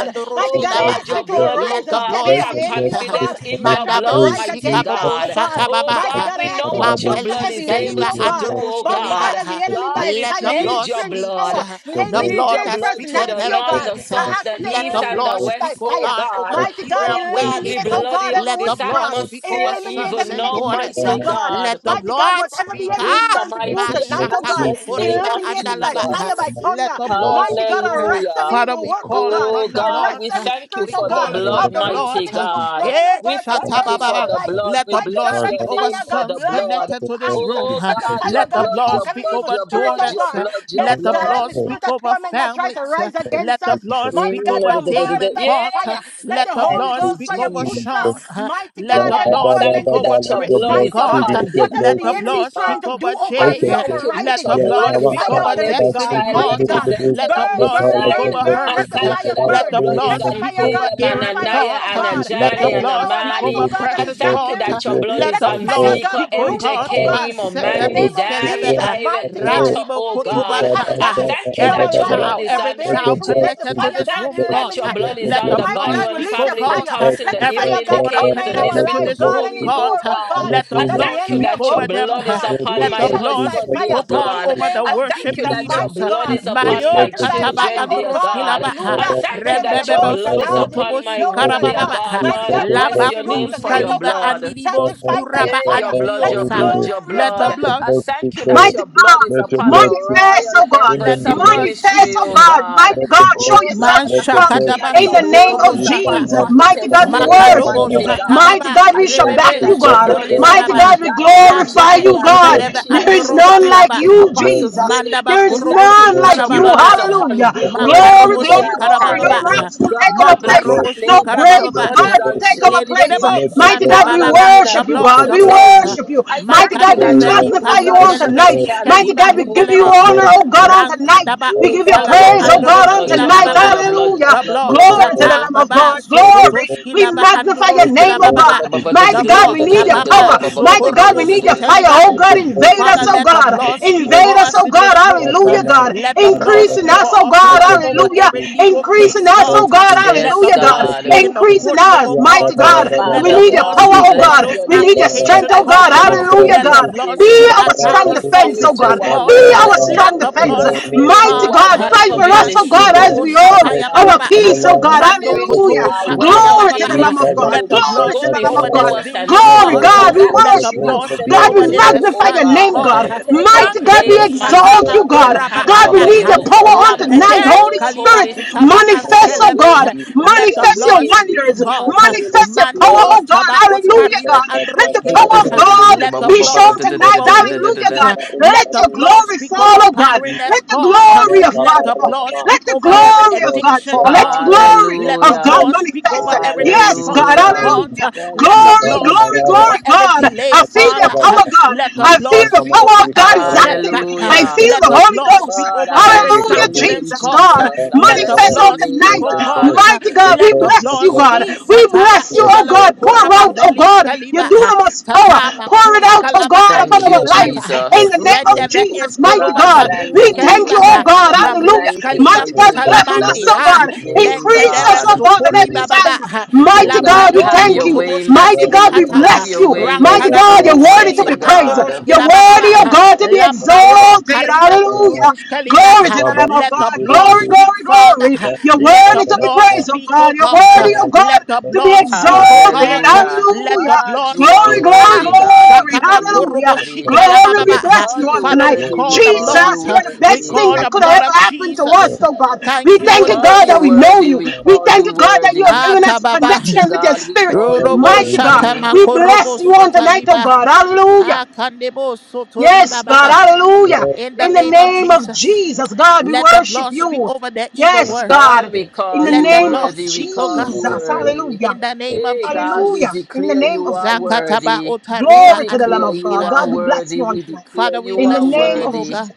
Speaker 2: Let
Speaker 3: Oh
Speaker 2: your
Speaker 3: God,
Speaker 1: uh,
Speaker 2: blood
Speaker 3: your
Speaker 2: speak.
Speaker 3: blood,
Speaker 1: Let
Speaker 3: oh
Speaker 1: the
Speaker 3: God.
Speaker 1: blood
Speaker 3: We
Speaker 2: Let
Speaker 3: are
Speaker 2: your
Speaker 1: speak.
Speaker 2: blood
Speaker 1: uh,
Speaker 2: speak.
Speaker 3: confident
Speaker 2: Let
Speaker 3: in
Speaker 2: your blood
Speaker 3: your blood,
Speaker 1: Mandabo
Speaker 2: speak.
Speaker 3: mighty
Speaker 1: sikabobo
Speaker 3: God.
Speaker 2: Let your blood
Speaker 3: Oh.
Speaker 2: speak.
Speaker 3: Oh
Speaker 1: shatababa.
Speaker 2: Father,
Speaker 1: uh,
Speaker 3: God, we know
Speaker 2: Father,
Speaker 3: what your
Speaker 2: Father, speak.
Speaker 3: blood
Speaker 1: Mampelis
Speaker 3: is
Speaker 2: Let your
Speaker 3: able
Speaker 1: keliva
Speaker 3: to do,
Speaker 2: blood speak.
Speaker 3: oh
Speaker 2: Let
Speaker 1: andoroshkeliva.
Speaker 3: God.
Speaker 1: uh,
Speaker 2: your blood speak.
Speaker 3: God, we
Speaker 1: Let the
Speaker 2: Let
Speaker 3: plead
Speaker 1: blood
Speaker 3: your
Speaker 1: speak.
Speaker 3: blood.
Speaker 1: uh,
Speaker 2: your blood speak. Let
Speaker 3: We
Speaker 2: your
Speaker 1: The
Speaker 2: blood
Speaker 3: plead
Speaker 1: blood
Speaker 3: your
Speaker 1: that
Speaker 3: blood to
Speaker 1: speaketh
Speaker 3: the
Speaker 1: better
Speaker 3: north, the
Speaker 1: things. uh,
Speaker 3: south, the
Speaker 1: Let
Speaker 3: east,
Speaker 1: the
Speaker 2: speak.
Speaker 3: and the
Speaker 1: blood speak,
Speaker 3: west,
Speaker 1: oh
Speaker 3: oh
Speaker 1: God, over
Speaker 3: God.
Speaker 1: the period of
Speaker 3: Oh God,
Speaker 1: waiting.
Speaker 3: we
Speaker 2: Let your blood
Speaker 1: uh,
Speaker 3: bloody up
Speaker 1: Let the
Speaker 3: this
Speaker 2: speak.
Speaker 1: blood speak, O over
Speaker 3: atmosphere
Speaker 1: sons
Speaker 3: even
Speaker 1: and
Speaker 3: now,
Speaker 1: daughters. Uh,
Speaker 3: mighty
Speaker 2: Father,
Speaker 3: God.
Speaker 1: Let the
Speaker 2: Father,
Speaker 1: Lord speak.
Speaker 2: Father,
Speaker 3: In
Speaker 1: Ah,
Speaker 3: the
Speaker 2: Let
Speaker 3: mighty
Speaker 2: your
Speaker 3: and
Speaker 2: blood
Speaker 1: Mashatabo
Speaker 2: speak.
Speaker 3: matchless name
Speaker 1: Koriba
Speaker 2: Lord.
Speaker 3: of
Speaker 1: Andalaba.
Speaker 2: Speak.
Speaker 1: Uh,
Speaker 3: Jesus.
Speaker 2: Father,
Speaker 1: Let the
Speaker 2: Father,
Speaker 1: Lord speak. Uh,
Speaker 2: Father.
Speaker 3: Hallelujah.
Speaker 1: Father, we
Speaker 2: Thank
Speaker 1: call
Speaker 3: Oh
Speaker 1: upon the
Speaker 3: God,
Speaker 1: Lord.
Speaker 3: we
Speaker 1: Uh,
Speaker 3: thank you
Speaker 1: We
Speaker 3: for the
Speaker 1: call
Speaker 3: blood,
Speaker 1: upon the Lord.
Speaker 3: mighty
Speaker 1: Uh,
Speaker 3: God.
Speaker 1: Eh,
Speaker 3: We thank you for
Speaker 1: Shatababa.
Speaker 3: the blood.
Speaker 1: Let
Speaker 3: We
Speaker 1: the
Speaker 3: bless
Speaker 1: blood speak
Speaker 3: your
Speaker 1: over
Speaker 3: name for the
Speaker 1: sons
Speaker 3: blood.
Speaker 1: connected to this room.
Speaker 3: Oh
Speaker 1: Uh,
Speaker 3: God, your
Speaker 1: Let the
Speaker 3: blood,
Speaker 1: blood
Speaker 3: your
Speaker 1: speak
Speaker 3: blood,
Speaker 1: over
Speaker 3: your blood, your
Speaker 1: daughters. Uh,
Speaker 3: blood, your
Speaker 1: Let the blood
Speaker 3: blood.
Speaker 1: speak over families. Uh, Let the blood speak
Speaker 3: Mm,
Speaker 1: over
Speaker 3: da, da, da, da, da.
Speaker 1: Dalen God. Uh,
Speaker 3: Yes, I
Speaker 1: Let the
Speaker 3: thank
Speaker 1: blood
Speaker 3: you,
Speaker 1: speak over Sean.
Speaker 3: Jesus.
Speaker 2: you.
Speaker 1: Uh, Let
Speaker 3: God,
Speaker 1: the
Speaker 3: I
Speaker 1: blood
Speaker 3: thank
Speaker 1: speak
Speaker 3: you
Speaker 1: over
Speaker 3: that your blood
Speaker 1: Christine,
Speaker 3: is
Speaker 1: God. Uh,
Speaker 3: upon Dylan,
Speaker 1: Let the
Speaker 3: mighty
Speaker 1: blood
Speaker 3: God.
Speaker 1: speak over
Speaker 3: I
Speaker 1: Jay. Uh,
Speaker 3: thank you that
Speaker 1: Let the
Speaker 3: your
Speaker 1: blood
Speaker 3: blood is
Speaker 1: speak over
Speaker 3: upon every
Speaker 1: Destiny,
Speaker 3: child
Speaker 1: God. Uh,
Speaker 3: represented
Speaker 1: Let the
Speaker 3: on this
Speaker 1: blood speak
Speaker 3: line.
Speaker 1: over
Speaker 3: I
Speaker 1: Herbert. Uh,
Speaker 3: thank you that
Speaker 1: Let
Speaker 3: your
Speaker 1: the
Speaker 3: blood is
Speaker 1: blood
Speaker 3: on
Speaker 1: speak over
Speaker 3: Caleb and
Speaker 1: Aaron,
Speaker 3: Anaya
Speaker 1: God. Uh,
Speaker 3: and
Speaker 2: We
Speaker 1: Let the
Speaker 3: Ajani
Speaker 2: cover
Speaker 3: and
Speaker 1: blood
Speaker 2: six
Speaker 1: speak
Speaker 3: Amani.
Speaker 1: over
Speaker 2: minutes
Speaker 3: I
Speaker 2: of
Speaker 1: Precious,
Speaker 2: blood
Speaker 3: thank you
Speaker 1: God.
Speaker 2: to
Speaker 1: Uh,
Speaker 3: that your
Speaker 2: your
Speaker 3: blood
Speaker 1: Let
Speaker 3: is
Speaker 1: the
Speaker 3: on
Speaker 2: purpose,
Speaker 1: blood
Speaker 2: Lord.
Speaker 3: Zico,
Speaker 1: speak, oh
Speaker 2: We
Speaker 3: MJ,
Speaker 1: God.
Speaker 2: cover
Speaker 1: Man
Speaker 3: Kedim,
Speaker 2: six
Speaker 1: setable
Speaker 2: hours
Speaker 3: Omandi,
Speaker 2: to
Speaker 1: skelebe.
Speaker 3: Dari,
Speaker 2: one
Speaker 3: Ivet,
Speaker 2: of the Lord.
Speaker 3: Nicho,
Speaker 1: Randibo
Speaker 3: oh
Speaker 2: We
Speaker 1: kotoba
Speaker 3: God.
Speaker 2: cover
Speaker 3: I
Speaker 1: shata
Speaker 3: thank you
Speaker 1: Every Every
Speaker 3: that your
Speaker 2: Sakarababa.
Speaker 3: blood
Speaker 1: child,
Speaker 3: is
Speaker 1: every
Speaker 3: on
Speaker 2: Let the
Speaker 1: child
Speaker 3: MJ.
Speaker 2: blood
Speaker 1: connected
Speaker 2: to
Speaker 1: to
Speaker 3: I
Speaker 2: let
Speaker 1: this
Speaker 2: the
Speaker 3: thank
Speaker 1: room,
Speaker 3: you
Speaker 2: blood
Speaker 1: God,
Speaker 3: that your
Speaker 2: to
Speaker 1: uh,
Speaker 2: let
Speaker 3: blood
Speaker 2: the
Speaker 3: is
Speaker 1: let
Speaker 3: on
Speaker 1: the
Speaker 2: blood
Speaker 3: the
Speaker 1: blood
Speaker 2: to.
Speaker 3: Byron
Speaker 1: speak, oh
Speaker 3: family, the
Speaker 2: We
Speaker 1: God. uh,
Speaker 2: cover
Speaker 3: Thompson, the
Speaker 1: Every
Speaker 3: Evelyn, the
Speaker 1: daughter
Speaker 3: Keynes, the
Speaker 2: Sakarababa.
Speaker 1: connected
Speaker 2: Let
Speaker 1: to
Speaker 3: Nisbet,
Speaker 2: the
Speaker 3: the
Speaker 1: this
Speaker 2: blood
Speaker 1: room,
Speaker 2: to.
Speaker 3: Bories,
Speaker 1: God,
Speaker 3: oh
Speaker 1: uh,
Speaker 2: In
Speaker 3: God.
Speaker 2: the
Speaker 1: let the
Speaker 3: I
Speaker 2: name of
Speaker 1: blood
Speaker 3: thank you
Speaker 1: speak
Speaker 3: that your
Speaker 1: over
Speaker 2: Jesus.
Speaker 1: them.
Speaker 3: blood
Speaker 1: uh,
Speaker 3: is
Speaker 2: Let the
Speaker 3: upon
Speaker 1: Let the
Speaker 3: my
Speaker 2: blood
Speaker 1: blood
Speaker 2: to.
Speaker 3: husband,
Speaker 2: Let
Speaker 1: speak,
Speaker 2: the
Speaker 1: oh
Speaker 3: dear
Speaker 2: blood
Speaker 1: God,
Speaker 3: God.
Speaker 2: to.
Speaker 1: over the
Speaker 3: I
Speaker 1: worship
Speaker 3: thank
Speaker 2: In
Speaker 3: you
Speaker 2: the
Speaker 3: that
Speaker 2: name
Speaker 3: your
Speaker 2: of
Speaker 1: leaders. uh,
Speaker 3: blood is
Speaker 2: Jesus.
Speaker 3: upon
Speaker 1: Manio
Speaker 2: Let
Speaker 3: my
Speaker 2: the blood
Speaker 1: kataba
Speaker 3: children, dear God.
Speaker 2: let
Speaker 1: androshkilaba, uh,
Speaker 2: your
Speaker 3: I
Speaker 2: blood
Speaker 3: thank
Speaker 2: speak
Speaker 3: you
Speaker 2: there.
Speaker 3: that your
Speaker 1: rembebebe
Speaker 3: blood is
Speaker 1: sokotobo
Speaker 3: upon my
Speaker 2: Let
Speaker 3: womb,
Speaker 2: your
Speaker 3: dear
Speaker 1: shikarababa,
Speaker 2: blood
Speaker 3: God.
Speaker 1: uh,
Speaker 3: Lord, I bless
Speaker 1: lamba
Speaker 3: your name for your
Speaker 1: kuskaliba
Speaker 3: blood.
Speaker 1: andiribos kuraba
Speaker 3: Eh, Your blood, your
Speaker 1: andiriosa. uh,
Speaker 3: blood, your
Speaker 1: Let the
Speaker 3: blood.
Speaker 1: blood,
Speaker 3: I thank you that
Speaker 4: Mighty
Speaker 3: your blood
Speaker 4: God,
Speaker 3: is upon the
Speaker 2: speak
Speaker 4: manifest,
Speaker 3: royal
Speaker 4: oh
Speaker 2: in
Speaker 4: God.
Speaker 2: the
Speaker 1: let
Speaker 3: embassy
Speaker 1: the
Speaker 2: name of
Speaker 1: blood speak.
Speaker 4: Manifest,
Speaker 3: ministry,
Speaker 4: oh
Speaker 3: oh
Speaker 2: Jesus.
Speaker 4: God.
Speaker 3: God.
Speaker 4: Mighty
Speaker 2: Let your
Speaker 4: God,
Speaker 2: blood
Speaker 4: show
Speaker 3: Oh
Speaker 2: speak.
Speaker 1: Man
Speaker 4: yourself
Speaker 3: God,
Speaker 2: Let
Speaker 3: I
Speaker 2: your
Speaker 4: strong
Speaker 3: thank
Speaker 2: blood
Speaker 3: you
Speaker 1: shakadaba
Speaker 3: that
Speaker 2: speak.
Speaker 4: in
Speaker 3: your
Speaker 4: the name
Speaker 3: blood
Speaker 1: sokotobo
Speaker 4: of
Speaker 3: is
Speaker 2: You
Speaker 3: upon
Speaker 4: Jesus.
Speaker 2: cannot
Speaker 1: shata.
Speaker 2: speak.
Speaker 4: Mighty
Speaker 2: Let
Speaker 3: prophetess
Speaker 4: God, we
Speaker 2: the
Speaker 3: favor,
Speaker 4: worship
Speaker 1: Makadobo
Speaker 4: you.
Speaker 3: mighty
Speaker 2: blood
Speaker 1: shata
Speaker 3: God.
Speaker 4: Mighty
Speaker 1: baba.
Speaker 4: God,
Speaker 3: I
Speaker 4: we shall
Speaker 3: thank
Speaker 4: back
Speaker 3: you
Speaker 1: Rebebe
Speaker 2: speak.
Speaker 4: you,
Speaker 3: that your
Speaker 2: Let the
Speaker 4: God.
Speaker 3: blood
Speaker 1: sotori
Speaker 2: blood
Speaker 3: is
Speaker 4: Mighty
Speaker 3: upon
Speaker 1: baba.
Speaker 2: speak
Speaker 4: God, we
Speaker 3: Diane and
Speaker 4: glorify
Speaker 2: in
Speaker 1: Yandeve
Speaker 3: Jackie
Speaker 2: the
Speaker 4: you,
Speaker 3: and
Speaker 2: name of
Speaker 4: God.
Speaker 1: iskeleve
Speaker 4: There
Speaker 3: Bunchy
Speaker 4: is
Speaker 2: Jesus.
Speaker 4: none
Speaker 1: andoroshki
Speaker 3: Prophet
Speaker 4: like
Speaker 1: laba.
Speaker 2: Let your blood, speak. let the
Speaker 4: you,
Speaker 2: blood
Speaker 3: Apostle
Speaker 4: Jesus.
Speaker 3: Philip.
Speaker 1: Mandaba
Speaker 4: There
Speaker 3: I
Speaker 4: is
Speaker 1: korobo
Speaker 3: thank you
Speaker 4: none
Speaker 3: that
Speaker 4: like
Speaker 3: your
Speaker 1: shikaraba
Speaker 4: you.
Speaker 2: speak.
Speaker 3: blood
Speaker 1: baba.
Speaker 3: is upon
Speaker 4: Hallelujah.
Speaker 2: Let
Speaker 3: Gugu and
Speaker 4: Glory,
Speaker 1: Makarobo
Speaker 3: Keisha
Speaker 4: glory,
Speaker 2: the
Speaker 3: and
Speaker 1: shikaraba
Speaker 4: glory.
Speaker 2: blood
Speaker 4: No
Speaker 1: baba.
Speaker 3: Karen.
Speaker 2: speak.
Speaker 4: rocks will take
Speaker 3: God,
Speaker 4: our
Speaker 2: Let
Speaker 3: I
Speaker 2: the
Speaker 4: place.
Speaker 3: bless
Speaker 2: blood
Speaker 1: Makarobo
Speaker 3: your
Speaker 2: speak.
Speaker 4: No
Speaker 3: name that
Speaker 1: shikaraba
Speaker 3: your
Speaker 4: grave,
Speaker 2: Let
Speaker 1: baba.
Speaker 3: blood
Speaker 2: the
Speaker 3: is
Speaker 4: God, will
Speaker 3: on
Speaker 2: blood
Speaker 4: take
Speaker 2: speak.
Speaker 4: our
Speaker 3: Shirley,
Speaker 4: place.
Speaker 3: Didi,
Speaker 1: Lendebo
Speaker 2: Let the
Speaker 4: Mighty
Speaker 3: Didi
Speaker 2: blood
Speaker 1: sata
Speaker 4: God, we
Speaker 2: speak.
Speaker 1: baba.
Speaker 3: Honorine,
Speaker 1: The
Speaker 3: and
Speaker 4: worship you,
Speaker 2: Let
Speaker 1: blood,
Speaker 2: the
Speaker 4: God.
Speaker 3: Apostle
Speaker 1: the
Speaker 4: We
Speaker 2: blood
Speaker 4: worship
Speaker 1: blood.
Speaker 3: Terry.
Speaker 2: speak.
Speaker 4: worship you.
Speaker 3: I
Speaker 2: As
Speaker 4: Mighty
Speaker 3: thank you
Speaker 4: God, we
Speaker 3: that your
Speaker 2: warrior,
Speaker 1: Makaduveli
Speaker 3: blood
Speaker 4: magnify
Speaker 3: is
Speaker 4: you
Speaker 3: on
Speaker 2: let
Speaker 4: on
Speaker 2: the
Speaker 1: pahundelebe
Speaker 3: Shante
Speaker 4: tonight.
Speaker 2: blood
Speaker 3: and
Speaker 2: speak.
Speaker 4: Mighty
Speaker 1: iskeliba
Speaker 4: God,
Speaker 3: Gwent,
Speaker 4: we
Speaker 3: oh
Speaker 2: Let
Speaker 4: give you
Speaker 1: hundelebe
Speaker 2: the
Speaker 3: God.
Speaker 1: eh,
Speaker 4: honor,
Speaker 2: blood
Speaker 4: oh
Speaker 2: speak.
Speaker 4: God, on tonight.
Speaker 1: rankataba
Speaker 4: We
Speaker 2: As
Speaker 3: Oh
Speaker 4: give
Speaker 2: a
Speaker 4: you
Speaker 3: God,
Speaker 1: usalaba
Speaker 3: your
Speaker 4: praise,
Speaker 2: father,
Speaker 4: oh
Speaker 3: blood, your
Speaker 4: God, on
Speaker 3: blood,
Speaker 2: let
Speaker 1: androshkila
Speaker 3: your
Speaker 2: the
Speaker 4: tonight.
Speaker 1: bababa
Speaker 3: blood,
Speaker 2: blood,
Speaker 3: your
Speaker 1: eh,
Speaker 3: blood,
Speaker 4: Hallelujah.
Speaker 3: your blood,
Speaker 2: let
Speaker 1: doblo
Speaker 3: your
Speaker 2: the
Speaker 4: Glory to
Speaker 2: blood,
Speaker 4: the
Speaker 1: zata
Speaker 3: blood.
Speaker 4: Lamb of
Speaker 1: baba
Speaker 4: God.
Speaker 2: let the
Speaker 4: Glory.
Speaker 2: blood
Speaker 4: We
Speaker 2: speak.
Speaker 1: sokotoshkila ba
Speaker 4: magnify your
Speaker 2: Let the
Speaker 1: androshkila
Speaker 4: name, oh
Speaker 2: blood
Speaker 4: God.
Speaker 1: bababa
Speaker 2: speak.
Speaker 4: Mighty
Speaker 2: Speak
Speaker 4: God,
Speaker 1: doblo
Speaker 4: we
Speaker 2: for my
Speaker 4: need your
Speaker 1: tapaba
Speaker 4: power.
Speaker 2: people. Speak
Speaker 4: Mighty
Speaker 2: to the
Speaker 4: God, we
Speaker 1: sokorobo
Speaker 4: need your
Speaker 2: people.
Speaker 4: fire.
Speaker 1: suteliba
Speaker 4: Oh
Speaker 2: Let
Speaker 4: God,
Speaker 2: the blood
Speaker 4: invade us,
Speaker 1: Father,
Speaker 2: speak.
Speaker 3: Mm.
Speaker 4: oh
Speaker 1: let the
Speaker 4: God.
Speaker 2: Let
Speaker 1: blood
Speaker 2: the
Speaker 1: speak
Speaker 2: blood
Speaker 4: Invade
Speaker 1: for
Speaker 4: us,
Speaker 1: us
Speaker 4: oh
Speaker 2: speak.
Speaker 1: in
Speaker 4: God.
Speaker 1: this
Speaker 2: Let
Speaker 1: room.
Speaker 2: our
Speaker 1: Uh,
Speaker 4: Hallelujah,
Speaker 2: mouth
Speaker 4: God.
Speaker 2: speak.
Speaker 1: Let the
Speaker 2: Da, da, da,
Speaker 1: blood
Speaker 4: Increase
Speaker 2: da,
Speaker 4: in
Speaker 2: da.
Speaker 1: speak
Speaker 4: us,
Speaker 1: o-
Speaker 4: oh
Speaker 1: o- for
Speaker 4: God.
Speaker 2: Let the
Speaker 1: us over
Speaker 2: blood
Speaker 4: Hallelujah.
Speaker 1: every
Speaker 2: speak.
Speaker 1: legal
Speaker 4: Increase
Speaker 2: Let
Speaker 4: in
Speaker 1: case,
Speaker 2: the
Speaker 4: us,
Speaker 1: God.
Speaker 4: oh
Speaker 2: blood
Speaker 1: Uh,
Speaker 4: God.
Speaker 2: speak.
Speaker 1: Let
Speaker 3: Yes,
Speaker 1: the
Speaker 4: Hallelujah,
Speaker 2: Let
Speaker 1: blood
Speaker 4: God.
Speaker 2: the
Speaker 3: God.
Speaker 1: speak
Speaker 2: blood
Speaker 1: in the
Speaker 2: speak.
Speaker 4: Increase in
Speaker 1: courtroom,
Speaker 4: us,
Speaker 1: oh
Speaker 2: Ya, da,
Speaker 4: mighty
Speaker 1: God.
Speaker 2: da,
Speaker 1: Uh,
Speaker 2: da,
Speaker 4: God. God.
Speaker 2: da, da,
Speaker 1: Let
Speaker 4: We
Speaker 2: da.
Speaker 1: the
Speaker 3: Father
Speaker 4: need your
Speaker 1: blood
Speaker 3: God,
Speaker 4: power,
Speaker 3: we
Speaker 2: Speak
Speaker 1: speak
Speaker 4: oh
Speaker 2: for
Speaker 1: over
Speaker 3: bless
Speaker 4: God.
Speaker 2: my
Speaker 1: those
Speaker 3: your
Speaker 4: We
Speaker 2: people.
Speaker 4: need
Speaker 2: Da,
Speaker 4: your
Speaker 3: name.
Speaker 2: da, da.
Speaker 3: We
Speaker 4: strength,
Speaker 1: application,
Speaker 4: oh
Speaker 3: thank you
Speaker 4: God.
Speaker 1: God.
Speaker 2: Let
Speaker 3: for
Speaker 2: the
Speaker 1: Uh,
Speaker 3: your
Speaker 2: blood
Speaker 4: Hallelujah,
Speaker 1: Let
Speaker 3: Holy
Speaker 1: the
Speaker 4: God.
Speaker 2: speak.
Speaker 1: blood
Speaker 3: Spirit.
Speaker 2: Na,
Speaker 4: Be
Speaker 1: speak
Speaker 2: na,
Speaker 4: our
Speaker 1: at
Speaker 2: na, da,
Speaker 4: strong
Speaker 3: Holy
Speaker 1: doctor's
Speaker 2: da,
Speaker 4: defense,
Speaker 2: speak.
Speaker 4: oh
Speaker 3: Spirit,
Speaker 2: Da,
Speaker 1: offices,
Speaker 4: God.
Speaker 3: you
Speaker 2: da,
Speaker 3: are
Speaker 2: da,
Speaker 1: God.
Speaker 2: da,
Speaker 4: Be
Speaker 1: Uh,
Speaker 2: da,
Speaker 4: our
Speaker 2: da.
Speaker 3: welcome.
Speaker 1: Let
Speaker 4: strong
Speaker 1: the
Speaker 2: You
Speaker 4: defense.
Speaker 1: blood
Speaker 3: Holy
Speaker 2: are a Lord,
Speaker 1: speak,
Speaker 3: Spirit,
Speaker 4: Mighty
Speaker 3: you
Speaker 2: so
Speaker 1: Father.
Speaker 3: are
Speaker 4: God,
Speaker 1: Uh,
Speaker 2: let
Speaker 4: fight
Speaker 2: the
Speaker 3: welcome
Speaker 4: for
Speaker 3: in
Speaker 2: blood
Speaker 4: us,
Speaker 1: Man
Speaker 4: oh
Speaker 3: this
Speaker 2: speak.
Speaker 4: God, as
Speaker 2: Lord.
Speaker 1: shokobo
Speaker 3: room,
Speaker 4: we
Speaker 2: I'm
Speaker 4: all
Speaker 3: mighty
Speaker 2: not
Speaker 1: shataya
Speaker 2: sure
Speaker 4: our
Speaker 3: God.
Speaker 1: bababa.
Speaker 2: of
Speaker 1: Uh,
Speaker 2: my
Speaker 4: peace, oh
Speaker 2: life.
Speaker 3: Holy
Speaker 4: God.
Speaker 1: Mando
Speaker 2: Let
Speaker 3: Spirit,
Speaker 2: the
Speaker 3: you
Speaker 4: Hallelujah.
Speaker 2: blood
Speaker 1: kotobo
Speaker 3: are
Speaker 1: shataya
Speaker 2: speak.
Speaker 3: welcome
Speaker 4: Glory to
Speaker 3: in
Speaker 4: the
Speaker 1: bababa.
Speaker 2: Yes,
Speaker 1: Uh,
Speaker 4: Lamb
Speaker 3: this
Speaker 4: of God.
Speaker 2: Lord,
Speaker 1: Let
Speaker 3: room.
Speaker 1: the
Speaker 2: yes, Lord,
Speaker 4: Glory
Speaker 1: blood
Speaker 4: to
Speaker 3: Go
Speaker 2: yes,
Speaker 4: the
Speaker 1: speak
Speaker 4: Lamb
Speaker 1: over
Speaker 4: of God.
Speaker 3: before
Speaker 1: this
Speaker 2: Lord,
Speaker 3: us and
Speaker 1: vision,
Speaker 2: yes,
Speaker 3: set
Speaker 4: Glory,
Speaker 1: God.
Speaker 2: Lord, yes, Lord,
Speaker 1: Uh,
Speaker 3: forth
Speaker 4: God. We
Speaker 3: that
Speaker 1: Let let
Speaker 3: which
Speaker 1: the
Speaker 4: worship
Speaker 3: you
Speaker 4: you.
Speaker 3: have
Speaker 1: blood
Speaker 2: yes,
Speaker 3: set
Speaker 1: speak
Speaker 2: Lord,
Speaker 4: God, we
Speaker 3: out
Speaker 1: over
Speaker 3: to
Speaker 1: this
Speaker 3: do,
Speaker 4: magnify
Speaker 3: O
Speaker 4: your
Speaker 2: yes,
Speaker 1: assignment,
Speaker 3: God.
Speaker 4: name,
Speaker 1: God.
Speaker 4: God.
Speaker 2: Lord, yes, Lord. Yes, Abba, yes,
Speaker 3: Take
Speaker 2: Abba,
Speaker 3: your
Speaker 4: Mighty
Speaker 2: we
Speaker 4: God,
Speaker 1: Rankebo
Speaker 4: we
Speaker 3: place,
Speaker 2: worship you,
Speaker 1: shata
Speaker 3: mighty
Speaker 4: exalt
Speaker 2: Lord.
Speaker 4: you,
Speaker 3: God,
Speaker 4: God.
Speaker 3: and
Speaker 2: Yes,
Speaker 1: makoraba
Speaker 3: have
Speaker 4: God,
Speaker 3: your
Speaker 4: we
Speaker 1: anda.
Speaker 2: Abba,
Speaker 3: way,
Speaker 4: need your
Speaker 3: O
Speaker 2: yes,
Speaker 4: power
Speaker 2: Abba, yes,
Speaker 4: on
Speaker 3: God.
Speaker 4: tonight.
Speaker 2: Abba,
Speaker 1: Lampedesh
Speaker 4: Holy
Speaker 3: Oh,
Speaker 2: we
Speaker 1: kaliva
Speaker 2: worship
Speaker 4: Spirit,
Speaker 3: Holy
Speaker 2: you
Speaker 1: kutava
Speaker 2: this
Speaker 3: Spirit, have
Speaker 2: morning.
Speaker 4: manifest,
Speaker 3: your
Speaker 4: oh
Speaker 1: anskeleve.
Speaker 3: way.
Speaker 4: God.
Speaker 2: Yes,
Speaker 3: Have
Speaker 1: Let
Speaker 2: Abba,
Speaker 1: the
Speaker 3: your
Speaker 4: Manifest
Speaker 3: way
Speaker 4: your
Speaker 1: blood
Speaker 3: in this
Speaker 1: speak,
Speaker 4: wonders.
Speaker 1: God.
Speaker 2: let
Speaker 3: room,
Speaker 2: the
Speaker 3: Holy
Speaker 2: blood,
Speaker 4: Manifest your
Speaker 2: the
Speaker 1: Mando
Speaker 4: power,
Speaker 3: Spirit.
Speaker 2: blood,
Speaker 4: oh God.
Speaker 1: otaba
Speaker 2: the blood,
Speaker 4: Hallelujah,
Speaker 1: oskariva
Speaker 2: the blood,
Speaker 4: God. Let
Speaker 2: the
Speaker 4: the power of
Speaker 1: androshkilaba.
Speaker 2: blood.
Speaker 4: God
Speaker 1: Let the
Speaker 4: be
Speaker 1: blood
Speaker 4: shown
Speaker 1: speak
Speaker 4: tonight.
Speaker 1: over
Speaker 4: Hallelujah,
Speaker 1: wounds.
Speaker 4: God.
Speaker 1: Let
Speaker 4: Let
Speaker 1: the
Speaker 4: your
Speaker 1: blood
Speaker 4: glory
Speaker 1: speak
Speaker 4: fall,
Speaker 1: over
Speaker 4: oh God.
Speaker 1: barrenness,
Speaker 4: Let the
Speaker 1: God.
Speaker 4: glory of
Speaker 1: Let
Speaker 4: God
Speaker 1: the
Speaker 4: fall.
Speaker 1: blood speak
Speaker 4: Let the
Speaker 1: over every
Speaker 4: glory of God fall.
Speaker 1: addiction,
Speaker 4: Let the
Speaker 1: God.
Speaker 4: glory
Speaker 1: Let the
Speaker 4: of God
Speaker 3: Hallelujah.
Speaker 1: blood speak
Speaker 2: Let
Speaker 1: over
Speaker 4: manifest.
Speaker 2: the
Speaker 1: every
Speaker 2: blood speak
Speaker 4: Yes,
Speaker 2: this
Speaker 4: God.
Speaker 1: dysfunction,
Speaker 3: Hallelujah.
Speaker 1: God.
Speaker 2: morning.
Speaker 4: Hallelujah.
Speaker 3: Thank
Speaker 1: Let
Speaker 2: You
Speaker 1: the
Speaker 3: you,
Speaker 4: Glory,
Speaker 1: blood
Speaker 4: glory,
Speaker 1: speak
Speaker 2: Karababa,
Speaker 1: over
Speaker 4: glory,
Speaker 3: Jesus.
Speaker 1: every
Speaker 4: God.
Speaker 2: you
Speaker 1: delay,
Speaker 4: I feel the
Speaker 1: Father.
Speaker 4: power,
Speaker 2: Katababa,
Speaker 4: God.
Speaker 1: Let the
Speaker 4: I
Speaker 2: you
Speaker 1: blood
Speaker 4: feel the
Speaker 1: speak
Speaker 2: Kamama
Speaker 4: power
Speaker 1: over
Speaker 4: of
Speaker 2: speak
Speaker 4: God
Speaker 1: every
Speaker 4: is
Speaker 2: Karababa.
Speaker 4: active.
Speaker 1: setback.
Speaker 4: I
Speaker 2: Let the
Speaker 3: Hallelujah.
Speaker 4: feel
Speaker 1: Let
Speaker 4: the
Speaker 1: the
Speaker 2: blood
Speaker 4: Holy
Speaker 1: blood
Speaker 4: Ghost.
Speaker 1: speak
Speaker 3: God,
Speaker 1: over
Speaker 3: I
Speaker 1: every
Speaker 3: bless
Speaker 2: speak
Speaker 3: your
Speaker 4: Hallelujah,
Speaker 2: Kabu,
Speaker 1: document,
Speaker 3: name,
Speaker 4: Jesus. Jesus,
Speaker 2: you
Speaker 1: God.
Speaker 4: God.
Speaker 3: Jesus. I
Speaker 1: Let the
Speaker 3: bless
Speaker 2: Katababa.
Speaker 4: Manifest
Speaker 3: your
Speaker 4: on
Speaker 1: blood speak,
Speaker 3: name,
Speaker 2: Let
Speaker 4: tonight.
Speaker 1: oh
Speaker 2: the
Speaker 1: God.
Speaker 2: blood,
Speaker 3: God.
Speaker 4: Mighty
Speaker 2: the
Speaker 4: God,
Speaker 1: Let
Speaker 4: we
Speaker 2: blood,
Speaker 1: the
Speaker 2: the
Speaker 4: bless
Speaker 1: blood
Speaker 4: you,
Speaker 2: blood,
Speaker 4: God.
Speaker 1: speak.
Speaker 4: We
Speaker 1: Sataba
Speaker 4: bless you,
Speaker 1: in the
Speaker 4: oh
Speaker 2: yes,
Speaker 1: lebe
Speaker 4: God. Pour
Speaker 1: kuraba
Speaker 4: out, oh
Speaker 1: velis
Speaker 4: God, you
Speaker 1: kaliba.
Speaker 4: do the most power.
Speaker 1: Tata
Speaker 4: Pour it
Speaker 1: makus
Speaker 4: out, oh
Speaker 1: kalaba
Speaker 4: God,
Speaker 2: Thank you,
Speaker 4: upon
Speaker 3: Thank you,
Speaker 4: our
Speaker 1: andio
Speaker 4: life.
Speaker 1: kata.
Speaker 2: Lord.
Speaker 4: In the
Speaker 3: Jesus.
Speaker 2: Thank
Speaker 4: name of
Speaker 1: Rendeve
Speaker 4: Jesus,
Speaker 3: Oh,
Speaker 4: mighty
Speaker 1: eskolova
Speaker 3: God,
Speaker 4: God.
Speaker 3: thank
Speaker 1: vanus
Speaker 4: We thank
Speaker 3: you.
Speaker 1: kaliba.
Speaker 4: you, oh
Speaker 3: Thank
Speaker 4: God.
Speaker 3: you.
Speaker 4: Hallelujah.
Speaker 1: Mamrush
Speaker 3: Thank you,
Speaker 1: kaliba
Speaker 2: you,
Speaker 4: Mighty God,
Speaker 2: Lord.
Speaker 3: mighty
Speaker 2: Thank
Speaker 3: God.
Speaker 4: level
Speaker 3: I
Speaker 1: kutalabandi.
Speaker 4: us,
Speaker 2: you,
Speaker 4: oh
Speaker 3: bless
Speaker 1: Ah,
Speaker 4: God.
Speaker 3: your
Speaker 2: Lord.
Speaker 3: name,
Speaker 2: We
Speaker 4: Increase
Speaker 1: lenkedebe
Speaker 4: us, oh
Speaker 3: God.
Speaker 2: give
Speaker 4: God,
Speaker 2: you
Speaker 4: on
Speaker 1: sokori
Speaker 4: every
Speaker 2: glory,
Speaker 1: baba
Speaker 2: Lord.
Speaker 4: side.
Speaker 2: We give
Speaker 3: Oh
Speaker 4: Mighty
Speaker 2: you the
Speaker 4: God,
Speaker 3: God,
Speaker 4: we
Speaker 1: lambado
Speaker 3: have
Speaker 2: glory,
Speaker 4: thank
Speaker 2: Lord.
Speaker 3: your
Speaker 4: you.
Speaker 1: kotobo
Speaker 3: way in this
Speaker 1: shande
Speaker 4: Mighty
Speaker 2: God,
Speaker 4: God,
Speaker 3: room.
Speaker 2: God,
Speaker 4: we
Speaker 2: God.
Speaker 3: Have
Speaker 1: bekata
Speaker 4: bless
Speaker 3: your
Speaker 4: you.
Speaker 2: God,
Speaker 3: way in
Speaker 2: God,
Speaker 4: Mighty
Speaker 3: this
Speaker 2: God, God.
Speaker 1: rankadaba
Speaker 4: God, you're
Speaker 2: God.
Speaker 3: room,
Speaker 4: worthy to
Speaker 1: uskaliva
Speaker 4: be
Speaker 3: mighty
Speaker 4: praised.
Speaker 3: God.
Speaker 2: Thank you,
Speaker 4: You're
Speaker 1: andoroshkilaba
Speaker 2: thank
Speaker 1: baba
Speaker 4: worthy, oh
Speaker 2: you,
Speaker 4: God, to be
Speaker 2: God,
Speaker 1: lamparo
Speaker 2: God,
Speaker 4: exalted mountain.
Speaker 1: kariba
Speaker 2: God, God, God.
Speaker 4: Hallelujah.
Speaker 1: undurushkaliva
Speaker 2: You
Speaker 4: Glory to the
Speaker 2: God, God,
Speaker 4: Lamb of
Speaker 1: let
Speaker 2: you
Speaker 1: the
Speaker 4: God.
Speaker 2: did it,
Speaker 1: blood
Speaker 2: did it.
Speaker 4: Glory,
Speaker 2: is.
Speaker 1: speak
Speaker 4: glory,
Speaker 1: father
Speaker 4: glory.
Speaker 2: God,
Speaker 4: You're
Speaker 2: you
Speaker 1: let
Speaker 2: God,
Speaker 1: the
Speaker 4: worthy to be
Speaker 2: God,
Speaker 1: blood
Speaker 2: God.
Speaker 4: praised, oh
Speaker 1: speak O
Speaker 4: God. You're
Speaker 2: You
Speaker 1: god
Speaker 2: God,
Speaker 4: worthy, oh
Speaker 2: God,
Speaker 1: let
Speaker 4: God,
Speaker 1: the
Speaker 2: God, thank
Speaker 4: to be
Speaker 1: blood
Speaker 2: you
Speaker 1: speak
Speaker 2: Lord.
Speaker 1: O
Speaker 4: exalted.
Speaker 1: god
Speaker 3: Hallelujah.
Speaker 1: let the
Speaker 4: Hallelujah.
Speaker 3: God,
Speaker 1: blood
Speaker 3: you are
Speaker 4: Glory,
Speaker 1: speak
Speaker 2: Thank you,
Speaker 4: glory,
Speaker 1: ah
Speaker 3: worthy.
Speaker 2: Lord.
Speaker 3: God, we
Speaker 4: glory.
Speaker 3: call
Speaker 1: shakama
Speaker 3: you
Speaker 4: Hallelujah.
Speaker 1: korobo
Speaker 2: Thank you,
Speaker 3: worthy.
Speaker 2: Lord.
Speaker 1: shita la
Speaker 2: Thank you,
Speaker 4: Glory, we
Speaker 3: We
Speaker 2: Lord.
Speaker 1: baba
Speaker 4: bless
Speaker 3: call
Speaker 4: you on
Speaker 3: you
Speaker 2: Thank
Speaker 1: father
Speaker 4: tonight.
Speaker 1: we
Speaker 2: you, Lord.
Speaker 3: worthy.
Speaker 1: call
Speaker 3: We
Speaker 2: Thank you, Lord. Thank
Speaker 1: the
Speaker 3: call
Speaker 1: blood
Speaker 4: Jesus,
Speaker 3: you
Speaker 4: you're the
Speaker 1: we
Speaker 4: best thing
Speaker 3: worthy.
Speaker 1: call
Speaker 4: that
Speaker 1: the
Speaker 4: could have
Speaker 1: blood
Speaker 4: ever
Speaker 1: of
Speaker 4: happened to us,
Speaker 1: jesus
Speaker 4: oh God. We
Speaker 2: you,
Speaker 1: thank you
Speaker 3: We
Speaker 4: thank you,
Speaker 1: holy
Speaker 2: Lord. Thank
Speaker 3: call
Speaker 4: God,
Speaker 3: you
Speaker 4: that we
Speaker 2: you,
Speaker 1: ghost
Speaker 4: know
Speaker 3: worthy.
Speaker 4: you.
Speaker 3: We
Speaker 2: Lord.
Speaker 4: We
Speaker 3: call
Speaker 4: thank
Speaker 3: you
Speaker 4: you, God, that you have
Speaker 3: worthy.
Speaker 1: ah
Speaker 4: given us a
Speaker 3: Mighty
Speaker 1: tababa
Speaker 4: connection with your
Speaker 3: God, we
Speaker 4: spirit.
Speaker 2: Yes,
Speaker 3: call you
Speaker 1: Robo
Speaker 4: Mighty
Speaker 2: we
Speaker 4: God,
Speaker 1: shata
Speaker 3: worthy.
Speaker 2: yes,
Speaker 4: we
Speaker 1: makorobo
Speaker 4: bless you on tonight, oh
Speaker 1: sutaliba.
Speaker 4: God.
Speaker 2: yes,
Speaker 4: Hallelujah.
Speaker 1: Ah, kandebo
Speaker 4: Yes,
Speaker 1: sotoriba
Speaker 4: God,
Speaker 1: baba.
Speaker 4: hallelujah.
Speaker 1: In the
Speaker 4: In the
Speaker 1: name of
Speaker 4: name of
Speaker 1: Jesus,
Speaker 4: Jesus, God, we
Speaker 1: let the
Speaker 4: worship
Speaker 1: blood speak
Speaker 4: you.
Speaker 1: over their evil
Speaker 2: yes,
Speaker 4: Yes,
Speaker 1: words.
Speaker 3: God,
Speaker 4: God,
Speaker 3: we
Speaker 4: in
Speaker 3: call
Speaker 4: the
Speaker 1: Let
Speaker 3: you
Speaker 1: the
Speaker 4: name of
Speaker 1: blood
Speaker 3: worthy. We
Speaker 1: speak, O
Speaker 3: call
Speaker 1: God,
Speaker 3: you
Speaker 2: yes,
Speaker 4: Jesus,
Speaker 2: yes,
Speaker 3: worthy.
Speaker 1: in
Speaker 4: hallelujah.
Speaker 1: the
Speaker 2: yes.
Speaker 1: name of
Speaker 3: Hey, God, we
Speaker 4: Hallelujah,
Speaker 1: Jesus.
Speaker 4: in the
Speaker 3: declare
Speaker 4: name
Speaker 3: you
Speaker 4: of
Speaker 3: are
Speaker 4: Jesus.
Speaker 1: Zakataba
Speaker 3: worthy. We
Speaker 1: otariba
Speaker 4: Glory to
Speaker 1: and
Speaker 4: the Lamb
Speaker 3: declare
Speaker 4: of
Speaker 3: you
Speaker 4: God.
Speaker 3: are
Speaker 1: roshkilaba.
Speaker 4: God, we bless
Speaker 3: worthy.
Speaker 4: you on
Speaker 3: We
Speaker 4: tonight.
Speaker 3: declare
Speaker 1: Father, we
Speaker 3: you
Speaker 4: In the
Speaker 3: are
Speaker 1: bless your
Speaker 4: name
Speaker 1: name,
Speaker 4: of
Speaker 1: O
Speaker 3: worthy.
Speaker 1: God.
Speaker 4: Jesus.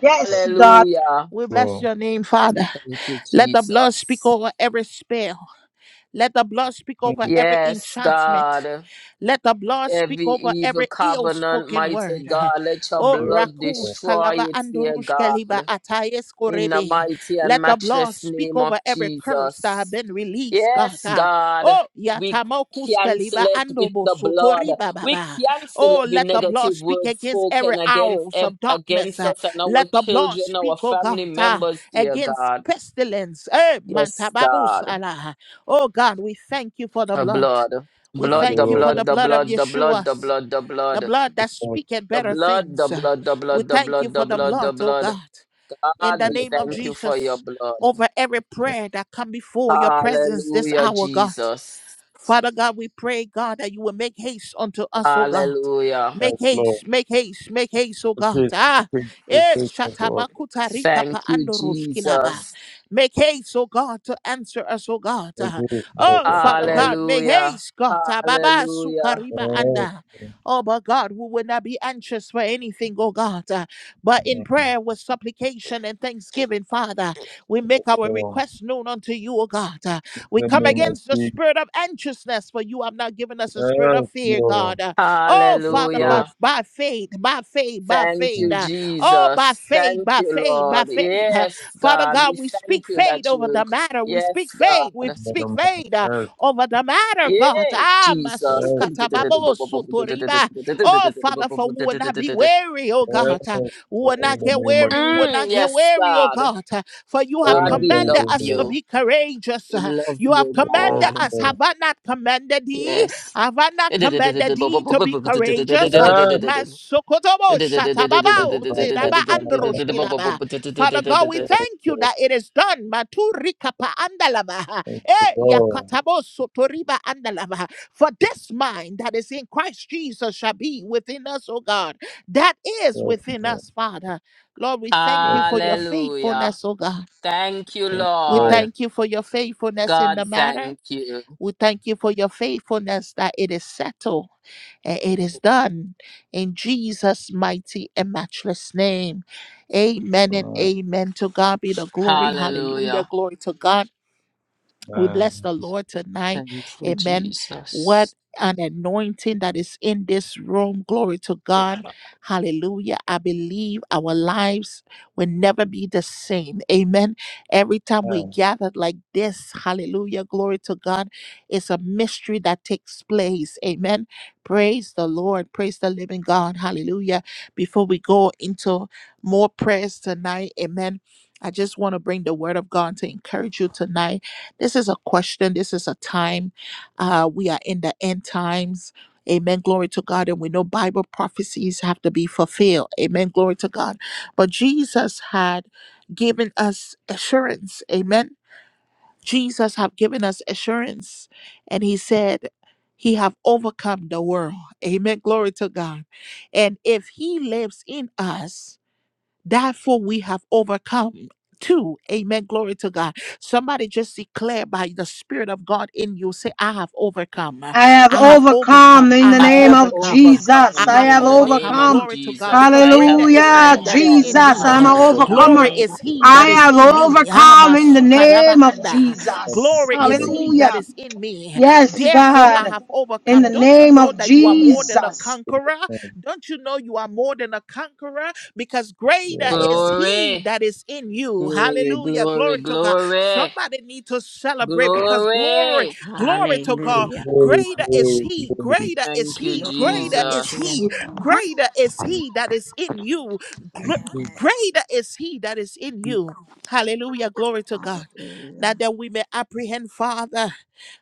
Speaker 4: Yes, God.
Speaker 3: Hallelujah.
Speaker 1: We bless
Speaker 2: Slow.
Speaker 1: your name, Father.
Speaker 3: Thank you,
Speaker 1: Let the blood speak
Speaker 3: Jesus.
Speaker 1: over every spell. Let the blood speak over
Speaker 2: Mm,
Speaker 1: every
Speaker 3: Yes,
Speaker 1: enchantment.
Speaker 3: God.
Speaker 1: Let the blood speak
Speaker 3: Every
Speaker 1: over
Speaker 3: evil
Speaker 1: every ill
Speaker 3: covenant,
Speaker 1: spoken word.
Speaker 3: mighty God, let your
Speaker 1: Oh,
Speaker 2: yes,
Speaker 3: blood
Speaker 2: Lord.
Speaker 1: rakus
Speaker 3: destroy
Speaker 1: kalaba
Speaker 3: it, dear
Speaker 1: andurush kaliba
Speaker 3: God.
Speaker 1: atayes
Speaker 3: In the
Speaker 1: korebe.
Speaker 3: mighty
Speaker 1: Let
Speaker 3: and
Speaker 1: the blood
Speaker 3: matchless
Speaker 1: speak
Speaker 3: name of
Speaker 1: over every curse that have
Speaker 3: Jesus.
Speaker 1: been released, God.
Speaker 3: Yes,
Speaker 1: Ah,
Speaker 3: God,
Speaker 1: Oh,
Speaker 3: we
Speaker 1: yatamokus
Speaker 3: cancel
Speaker 1: kaliba
Speaker 3: it with
Speaker 1: andobo
Speaker 3: the
Speaker 1: sotori
Speaker 3: blood. We
Speaker 1: bababa.
Speaker 3: cancel
Speaker 1: Oh,
Speaker 3: every
Speaker 1: let the blood
Speaker 3: negative
Speaker 1: speak
Speaker 3: word
Speaker 1: against every
Speaker 3: spoken against
Speaker 1: arrows
Speaker 3: ev-
Speaker 1: of darkness.
Speaker 3: against
Speaker 1: Ah,
Speaker 3: us and our
Speaker 1: Let the blood
Speaker 3: children, our
Speaker 1: speak, oh God,
Speaker 3: family
Speaker 1: ah,
Speaker 3: members, dear
Speaker 1: against
Speaker 3: God.
Speaker 1: pestilence. Eh,
Speaker 3: Yes,
Speaker 1: mantababus
Speaker 3: God,
Speaker 1: Allah. Oh God, we thank you for the
Speaker 3: the
Speaker 1: blood.
Speaker 3: blood,
Speaker 1: We
Speaker 2: Thank
Speaker 3: blood,
Speaker 2: you,
Speaker 3: the
Speaker 1: thank you
Speaker 2: Lord,
Speaker 1: for
Speaker 3: blood,
Speaker 2: for
Speaker 1: the
Speaker 3: the
Speaker 1: blood of
Speaker 3: blood, the blood,
Speaker 1: Yeshua,
Speaker 3: the blood, the
Speaker 1: the
Speaker 3: blood.
Speaker 1: blood
Speaker 2: the
Speaker 1: that
Speaker 2: Lord.
Speaker 1: speaketh
Speaker 3: The
Speaker 1: better
Speaker 2: Yes,
Speaker 3: blood, the
Speaker 1: things.
Speaker 3: blood, the
Speaker 1: We
Speaker 3: blood, the
Speaker 1: thank you
Speaker 3: blood, the
Speaker 1: for the
Speaker 2: thank
Speaker 3: blood,
Speaker 2: you,
Speaker 3: the
Speaker 1: blood, oh
Speaker 3: blood.
Speaker 1: God, in
Speaker 3: God,
Speaker 1: the
Speaker 3: we
Speaker 1: name of
Speaker 3: thank
Speaker 2: Lord.
Speaker 3: you for your
Speaker 1: Jesus,
Speaker 3: blood.
Speaker 1: over every
Speaker 2: Yes,
Speaker 1: prayer that come before your presence this
Speaker 3: Hallelujah,
Speaker 1: hour, God.
Speaker 3: Jesus.
Speaker 1: Father God, we pray, God, that you will make haste unto us, oh God.
Speaker 3: Hallelujah.
Speaker 2: yes,
Speaker 1: Make
Speaker 2: Lord.
Speaker 1: haste, make haste, make haste, oh
Speaker 2: It
Speaker 1: God.
Speaker 2: is,
Speaker 1: Ah,
Speaker 2: it is,
Speaker 1: eh,
Speaker 2: it is unto us.
Speaker 1: shatamakuta rika
Speaker 3: Thank
Speaker 1: pa
Speaker 3: you,
Speaker 1: ando
Speaker 2: Mm,
Speaker 1: roskilaba.
Speaker 3: Jesus.
Speaker 1: Make haste, oh God, to answer us, oh God.
Speaker 2: It
Speaker 1: Ah,
Speaker 2: is, Lord,
Speaker 1: Oh,
Speaker 2: unto
Speaker 1: Father
Speaker 2: us.
Speaker 1: God, make
Speaker 3: Hallelujah.
Speaker 1: haste, God. Ah, Baba
Speaker 3: Hallelujah.
Speaker 2: Yes,
Speaker 1: sukariba
Speaker 2: mm,
Speaker 1: anda. Oh, but God, we would not be anxious for anything, oh God. uh, But in
Speaker 2: mm,
Speaker 1: prayer with supplication and thanksgiving, Father, we
Speaker 2: yes,
Speaker 1: make our
Speaker 2: Lord.
Speaker 1: request known unto you, oh God. uh, We
Speaker 2: the
Speaker 1: come
Speaker 2: name of
Speaker 1: against the
Speaker 2: Jesus.
Speaker 1: spirit of anxiousness, for you have not given us a spirit
Speaker 2: Yes,
Speaker 1: of fear,
Speaker 2: Lord.
Speaker 1: God. uh, Oh,
Speaker 2: Yes,
Speaker 1: Father,
Speaker 2: Lord.
Speaker 1: but
Speaker 3: Hallelujah.
Speaker 1: by faith, by faith, by
Speaker 3: Thank
Speaker 1: faith.
Speaker 2: Mm,
Speaker 3: you,
Speaker 1: uh, Oh, by
Speaker 3: Jesus.
Speaker 1: faith,
Speaker 3: Thank
Speaker 1: by
Speaker 3: you,
Speaker 1: faith, by
Speaker 3: Lord.
Speaker 1: faith. uh,
Speaker 3: Yes,
Speaker 1: Father
Speaker 3: God.
Speaker 1: God,
Speaker 3: We
Speaker 1: we speak
Speaker 3: thank you
Speaker 1: faith
Speaker 3: that
Speaker 1: over
Speaker 3: you,
Speaker 1: the matter. We speak
Speaker 3: yes,
Speaker 1: faith. We
Speaker 3: God.
Speaker 1: speak
Speaker 2: Madam, Yes,
Speaker 1: faith. uh,
Speaker 2: yes,
Speaker 1: over the matter, God.
Speaker 3: Yay,
Speaker 1: Ah,
Speaker 3: Jesus.
Speaker 2: Lord.
Speaker 1: masukata babo sotoriba. Oh, Father, for we will not be weary, oh God.
Speaker 2: Yes,
Speaker 1: Ah, We
Speaker 2: Lord.
Speaker 1: will
Speaker 2: In
Speaker 1: not
Speaker 2: the
Speaker 1: get
Speaker 2: name of
Speaker 1: weary. We will
Speaker 3: Mm,
Speaker 1: not get
Speaker 3: yes,
Speaker 1: weary, oh
Speaker 3: God.
Speaker 1: God. Ah, For you have
Speaker 2: Doing
Speaker 3: God,
Speaker 2: that
Speaker 3: we
Speaker 2: day,
Speaker 1: commanded
Speaker 3: love
Speaker 2: do the
Speaker 1: us to
Speaker 2: Lord.
Speaker 3: you.
Speaker 1: be courageous.
Speaker 3: We
Speaker 1: Ah,
Speaker 3: love
Speaker 1: You have
Speaker 3: you,
Speaker 1: commanded
Speaker 2: Yes,
Speaker 3: God.
Speaker 1: us. Have
Speaker 2: Lord.
Speaker 1: I not commanded thee?
Speaker 3: Yes.
Speaker 1: I have I not
Speaker 2: Mm.
Speaker 1: commanded thee to be courageous. Uh,
Speaker 2: Yes.
Speaker 1: Masokotobo
Speaker 3: Hallelujah.
Speaker 1: shatababa
Speaker 2: Thank you,
Speaker 1: oteraba
Speaker 2: Lord.
Speaker 1: androshkilaba. Father God, we
Speaker 2: Yes,
Speaker 1: thank you
Speaker 2: Lord.
Speaker 1: that it is done. Maturikapa andalaba.
Speaker 2: Thank you,
Speaker 1: Eh,
Speaker 2: Lord.
Speaker 1: yakatabo sotoriba andalaba. For this mind that is in Christ Jesus shall be within us, O God. That is
Speaker 2: Yes,
Speaker 1: within
Speaker 2: Lord.
Speaker 1: us, Father. Lord, we thank
Speaker 2: Yes,
Speaker 1: you for your
Speaker 2: Lord.
Speaker 1: faithfulness, O God.
Speaker 3: Thank you,
Speaker 1: We
Speaker 2: Lord.
Speaker 3: Lord.
Speaker 1: thank you for your faithfulness in
Speaker 3: God,
Speaker 1: the matter.
Speaker 3: thank you.
Speaker 1: We thank you for your faithfulness that it is settled and it is done in Jesus' mighty and matchless name. Amen and
Speaker 2: All right.
Speaker 1: amen. To God be the glory. Hallelujah.
Speaker 3: Hallelujah.
Speaker 1: Glory to God. We bless
Speaker 2: Man.
Speaker 1: the Lord tonight.
Speaker 3: Thank you,
Speaker 1: Amen. What
Speaker 3: Jesus.
Speaker 1: an anointing that is in this room. Glory to God. Hallelujah. I believe our lives will never be the same. Amen. Every time we
Speaker 2: Man.
Speaker 1: gather like this, hallelujah. Glory to God. It's a mystery that takes place. Amen. Praise the Lord. Praise the living God. Hallelujah. Before we go into more prayers tonight, amen. I just want to bring the word of God to encourage you tonight this is a question. This is a time. Uh, we are in the end times. Amen. Glory to God. And we know Bible prophecies have to be fulfilled. Amen. Glory to God. But Jesus had given us assurance. Amen. Jesus have given us assurance. And he said, he have overcome the world. Amen. Glory to God. And if he lives in us, Therefore, we have overcome. Two, amen. Glory to God. Somebody just declare by the Spirit of God in you say, I have overcome.
Speaker 4: I have
Speaker 1: I have
Speaker 4: overcome
Speaker 1: overcome.
Speaker 4: in
Speaker 1: I
Speaker 4: the
Speaker 1: have
Speaker 3: I
Speaker 4: name
Speaker 3: have
Speaker 4: of
Speaker 1: overcome.
Speaker 4: Jesus.
Speaker 1: I
Speaker 3: overcome
Speaker 4: I
Speaker 1: have
Speaker 4: have
Speaker 3: in the name
Speaker 1: overcome.
Speaker 3: of
Speaker 4: overcome.
Speaker 1: Glory to God.
Speaker 3: Jesus.
Speaker 1: Because
Speaker 3: I
Speaker 1: greater
Speaker 3: have
Speaker 1: is
Speaker 5: I
Speaker 4: Hallelujah.
Speaker 1: He that
Speaker 5: have
Speaker 1: is in
Speaker 3: overcome.
Speaker 4: Jesus,
Speaker 1: me.
Speaker 2: I
Speaker 4: I'm
Speaker 5: overcome
Speaker 4: an
Speaker 2: do the
Speaker 5: in
Speaker 3: Hallelujah.
Speaker 5: the
Speaker 2: thank
Speaker 1: Glory
Speaker 4: overcomer.
Speaker 5: name of
Speaker 1: is
Speaker 2: you.
Speaker 1: He
Speaker 4: I
Speaker 1: that
Speaker 5: Jesus.
Speaker 1: is
Speaker 4: have
Speaker 1: in me. Ah,
Speaker 4: overcome in the
Speaker 1: masukaraba
Speaker 4: name of
Speaker 1: anda.
Speaker 2: Thank you
Speaker 4: Jesus.
Speaker 1: Glory
Speaker 2: in the
Speaker 1: is
Speaker 2: name of
Speaker 1: He that
Speaker 4: Hallelujah.
Speaker 1: is in me.
Speaker 4: Yes,
Speaker 1: Therefore, I
Speaker 4: God.
Speaker 1: have
Speaker 4: In
Speaker 1: overcome.
Speaker 4: the
Speaker 1: Don't you
Speaker 4: name
Speaker 1: know
Speaker 4: of
Speaker 1: that you are more than a
Speaker 4: Jesus.
Speaker 2: Jesus.
Speaker 1: conqueror?
Speaker 2: Amen.
Speaker 1: Don't you know you are more than a conqueror? Because greater
Speaker 2: Yeah.
Speaker 1: is he
Speaker 3: Glory,
Speaker 1: that is in you.
Speaker 3: glory,
Speaker 1: Hallelujah.
Speaker 3: glory,
Speaker 1: Glory to God.
Speaker 3: glory,
Speaker 1: Somebody need to celebrate because glory,
Speaker 3: glory.
Speaker 1: glory to
Speaker 2: Glory,
Speaker 1: God.
Speaker 5: Hallelujah.
Speaker 2: glory,
Speaker 1: Greater is he,
Speaker 2: glory.
Speaker 1: greater is
Speaker 3: Thank you,
Speaker 1: he, greater
Speaker 5: Glory
Speaker 1: is
Speaker 5: to
Speaker 3: Jesus.
Speaker 1: he,
Speaker 5: your
Speaker 1: greater is
Speaker 2: Yes,
Speaker 1: he that is in you. Gr-
Speaker 2: yes,
Speaker 5: name.
Speaker 1: Greater is he that is in
Speaker 2: yes.
Speaker 1: you. Hallelujah. Glory to God.
Speaker 5: Hallelujah.
Speaker 1: Now that we may apprehend, Father.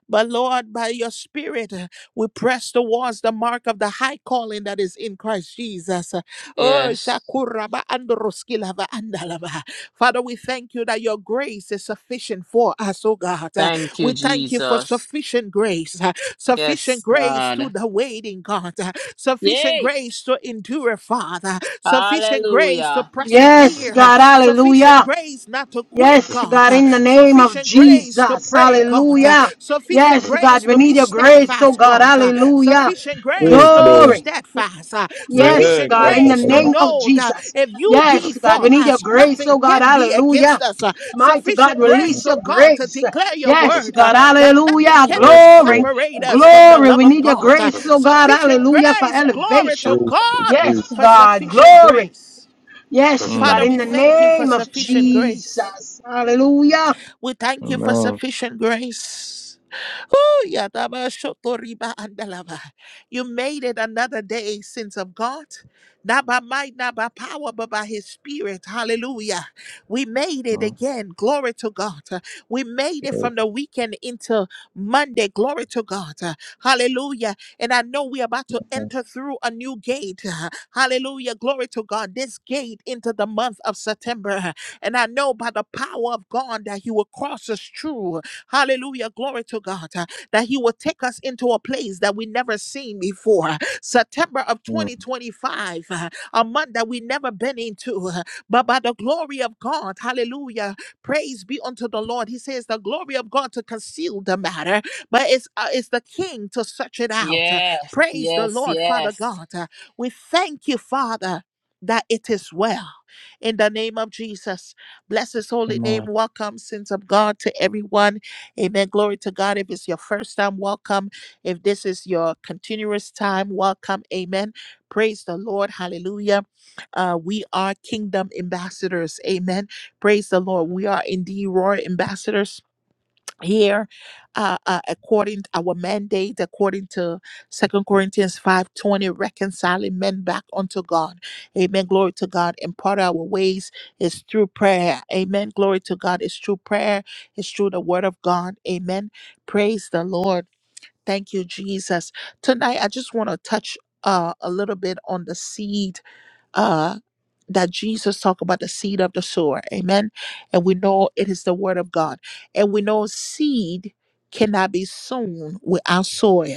Speaker 1: But Lord, by your Spirit, uh, we press towards the mark of the high calling that is in Christ Jesus. Oh,
Speaker 3: Yes.
Speaker 1: shakuraba androskilava andalava. Father, we thank you that your grace is sufficient for us, oh God. Uh,
Speaker 3: Thank you,
Speaker 1: We thank you for
Speaker 3: Jesus.
Speaker 1: sufficient grace, uh, sufficient
Speaker 3: Yes,
Speaker 1: grace to
Speaker 3: God.
Speaker 1: the waiting, God, uh, sufficient
Speaker 3: Yay!
Speaker 1: grace to endure, Father, sufficient grace to
Speaker 3: Hallelujah.
Speaker 4: Yes,
Speaker 1: persevere, uh,
Speaker 4: God.
Speaker 1: sufficient
Speaker 4: Hallelujah.
Speaker 1: grace not to quit
Speaker 4: Yes,
Speaker 1: God,
Speaker 4: God.
Speaker 1: uh,
Speaker 4: In the name of
Speaker 1: sufficient grace to
Speaker 4: Jesus.
Speaker 1: pray, God, uh,
Speaker 4: Hallelujah.
Speaker 1: sufficient
Speaker 4: Yes,
Speaker 1: grace
Speaker 4: God. We
Speaker 1: to be
Speaker 4: need your grace, oh
Speaker 1: steadfast,
Speaker 4: God.
Speaker 1: God, uh,
Speaker 4: Hallelujah.
Speaker 1: sufficient grace
Speaker 2: Praise
Speaker 1: to be
Speaker 2: Lord.
Speaker 4: Glory.
Speaker 1: steadfast, uh,
Speaker 4: Yes,
Speaker 2: Yeah.
Speaker 1: sufficient
Speaker 4: God,
Speaker 2: God,
Speaker 4: in the
Speaker 2: God,
Speaker 1: grace to
Speaker 2: God.
Speaker 4: name of
Speaker 1: know that
Speaker 4: Jesus.
Speaker 1: if you be
Speaker 4: Yes, God,
Speaker 1: for
Speaker 4: we need your
Speaker 1: us,
Speaker 4: grace,
Speaker 1: nothing
Speaker 4: oh God,
Speaker 1: can be against
Speaker 4: hallelujah.
Speaker 1: us. uh,
Speaker 4: Mighty God,
Speaker 1: sufficient grace,
Speaker 4: release your
Speaker 1: oh God, to
Speaker 4: grace.
Speaker 1: declare your
Speaker 4: Yes,
Speaker 1: word uh,
Speaker 4: God,
Speaker 1: that nothing
Speaker 4: hallelujah.
Speaker 2: Yes,
Speaker 1: cannot
Speaker 4: Glory,
Speaker 2: Lord.
Speaker 1: separate us from the
Speaker 4: glory.
Speaker 1: love
Speaker 4: We
Speaker 1: of
Speaker 4: need your
Speaker 1: God. uh,
Speaker 4: grace, oh God,
Speaker 1: sufficient
Speaker 4: hallelujah, for
Speaker 1: grace, glory
Speaker 4: elevation.
Speaker 1: to
Speaker 2: Praise, praise,
Speaker 1: God
Speaker 2: praise.
Speaker 4: Yes,
Speaker 1: for
Speaker 4: God,
Speaker 1: sufficient
Speaker 4: glory.
Speaker 1: grace.
Speaker 4: Yes, God,
Speaker 1: Father,
Speaker 2: Mm.
Speaker 4: in
Speaker 1: we
Speaker 4: the
Speaker 1: thank you for
Speaker 4: name of
Speaker 1: sufficient grace.
Speaker 4: Jesus. Hallelujah.
Speaker 1: We thank you for
Speaker 2: Amen.
Speaker 1: sufficient grace. Ooh, yadaba shotoriba andalaba. You made it another day, sins of God. Not by might, not by power, but by his spirit. Hallelujah. We made it
Speaker 2: Mm.
Speaker 1: again. Glory to God. Uh, We made it from
Speaker 2: Yes,
Speaker 1: the weekend into Monday. Glory to God. Uh, Hallelujah. And I know we're about to enter through a new gate. Uh, Hallelujah. Glory to God. This gate into the month of September. And I know know by the power of God that He will cross us through. Hallelujah. Glory to God. uh, That He will take us into a place that we never seen before. September of
Speaker 2: Lord.
Speaker 1: 2025, uh, a month that we never been into. uh, But by the glory of God, hallelujah. Praise be unto the Lord. He says, The glory of God to conceal the matter, but it's, uh, it's the King to search it out. Uh,
Speaker 3: Yes,
Speaker 1: Praise the
Speaker 3: yes,
Speaker 1: Lord, Father
Speaker 3: yes.
Speaker 1: God. Uh, We thank you, Father, that it is well in the name of Jesus. Bless his holy name.
Speaker 2: Amen.
Speaker 1: Welcome, sins of God, to everyone. Amen. Glory to God. If it's your first time, welcome. If this is your continuous time, welcome. Amen. Praise the Lord. Hallelujah. Uh, we are kingdom ambassadors. Amen. Praise the Lord. We are indeed royal ambassadors here uh, uh according our mandate according to second corinthians 5 20, reconciling men back unto god amen glory to god and part of our ways is through prayer amen glory to god it's through prayer it's through the word of god amen praise the lord thank you jesus tonight i just want to touch uh, a little bit on the seed uh, that Jesus talked about the seed of the sower. Amen. And we know it is the word of God. And we know seed cannot be sown without soil.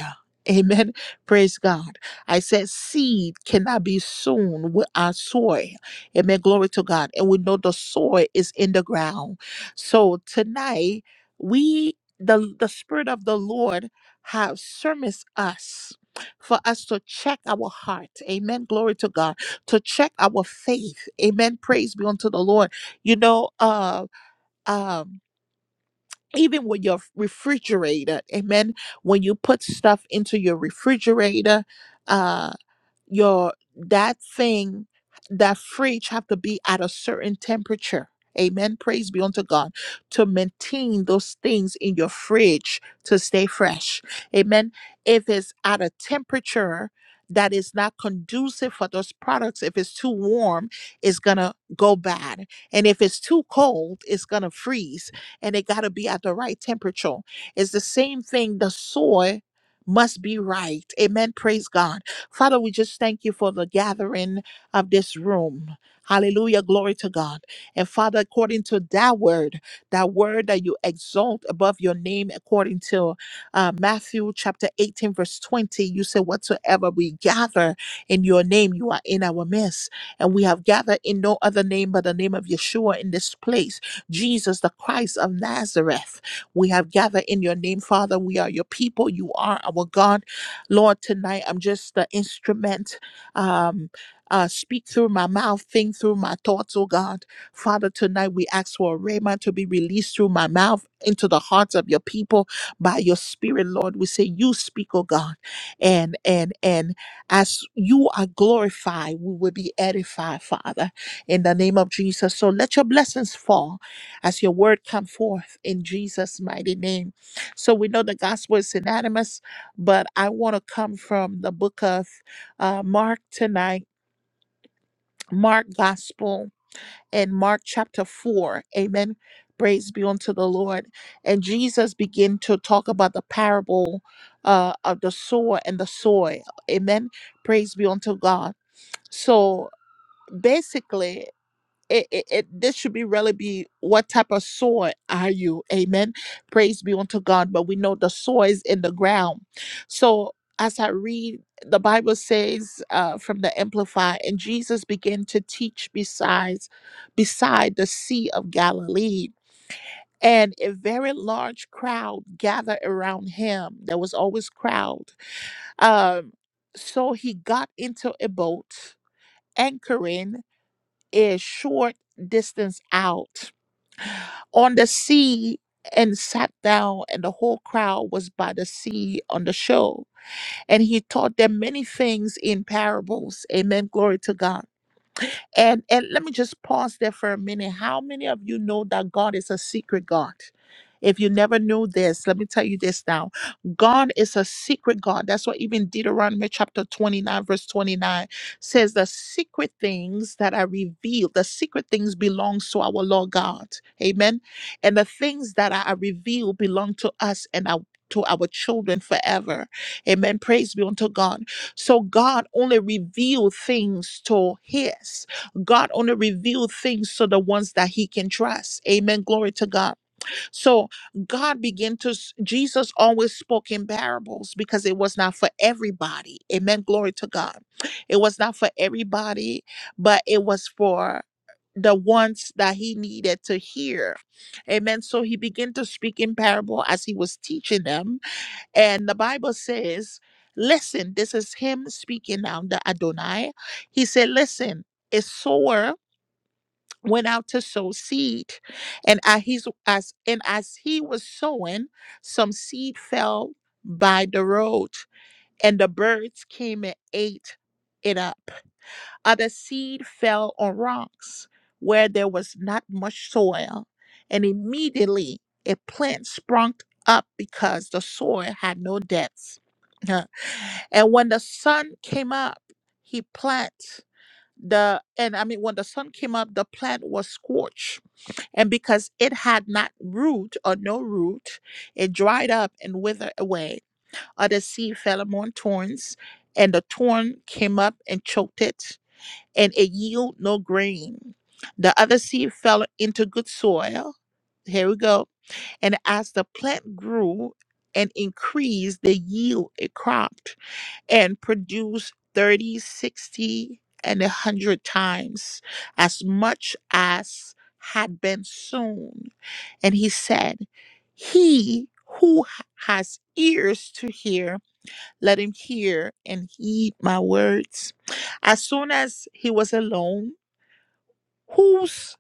Speaker 1: Amen. Praise God. I said seed cannot be sown without soil. Amen. Glory to God. And we know the soil is in the ground. So tonight, we, the, the Spirit of the Lord, have sermons us for us to check our heart. Amen. Glory to God to check our faith. Amen. Praise be unto the Lord. You know, uh, um, even with your refrigerator, amen. When you put stuff into your refrigerator, uh, your that thing that fridge have to be at a certain temperature amen praise be unto god to maintain those things in your fridge to stay fresh amen if it's at a temperature that is not conducive for those products if it's too warm it's gonna go bad and if it's too cold it's gonna freeze and it gotta be at the right temperature it's the same thing the soil must be right amen praise god Father, we just thank you for the gathering of this room. Hallelujah. Glory to God. And Father, according to that word, that word that you exalt above your name, according to uh, Matthew chapter 18, verse 20, you say, Whatsoever we gather in your name, you are in our midst. And we have gathered in no other name but the name of Yeshua in this place, Jesus the Christ of Nazareth. We have gathered in your name, Father. We are your people. You are our God Lord, tonight I'm just the instrument. Um, uh, speak through my mouth, think through my thoughts, oh God. Father, tonight we ask for a rhema to be released through my mouth into the hearts of your people by your spirit, Lord. We say, You speak, oh God. And and and as you are glorified, we will be edified, Father, in the name of Jesus. So let your blessings fall as your word come forth in Jesus' mighty name. So we know the gospel is synonymous but I want to come from the book of uh, Mark tonight, Mark Gospel, and Mark chapter 4. Amen. Praise be unto the Lord. And Jesus began to talk about the parable uh, of the sower and the soil. Amen. Praise be unto God. So basically, it, it, it this should be really be what type of soil are you amen praise be unto god but we know the soil is in the ground so as i read the bible says uh, from the amplify and jesus began to teach besides beside the sea of galilee and a very large crowd gathered around him there was always crowd um, so he got into a boat anchoring a short distance out on the sea and sat down, and the whole crowd was by the sea on the shore. And he taught them many things in parables. Amen. Glory to God. And and let me just pause there for a minute. How many of you know that God is a secret God? If you never knew this, let me tell you this now. God is a secret God. That's what even Deuteronomy chapter 29, verse 29 says the secret things that are revealed, the secret things belongs to our Lord God. Amen. And the things that are revealed belong to us and our to our children forever. Amen. Praise be unto God. So God only revealed things to his. God only reveals things to the ones that he can trust. Amen. Glory to God. So God began to, Jesus always spoke in parables because it was not for everybody. Amen. Glory to God. It was not for everybody, but it was for the ones that he needed to hear. Amen. So he began to speak in parable as he was teaching them. And the Bible says, listen, this is him speaking now, the Adonai. He said, listen, a sower went out to sow seed and as he's as and as he was sowing some seed fell by the road and the birds came and ate it up other seed fell on rocks where there was not much soil and immediately a plant sprung up because the soil had no depth and when the sun came up he planted the and I mean when the sun came up, the plant was scorched. And because it had not root or no root, it dried up and withered away. Other seed fell among thorns, and the thorn came up and choked it, and it yielded no grain. The other seed fell into good soil. Here we go. And as the plant grew and increased, the yield it cropped and produce 30, 60, and a 100 times as much as had been sown. And he said, He who ha- has ears to hear, let him hear and heed my words. As soon as he was alone, whose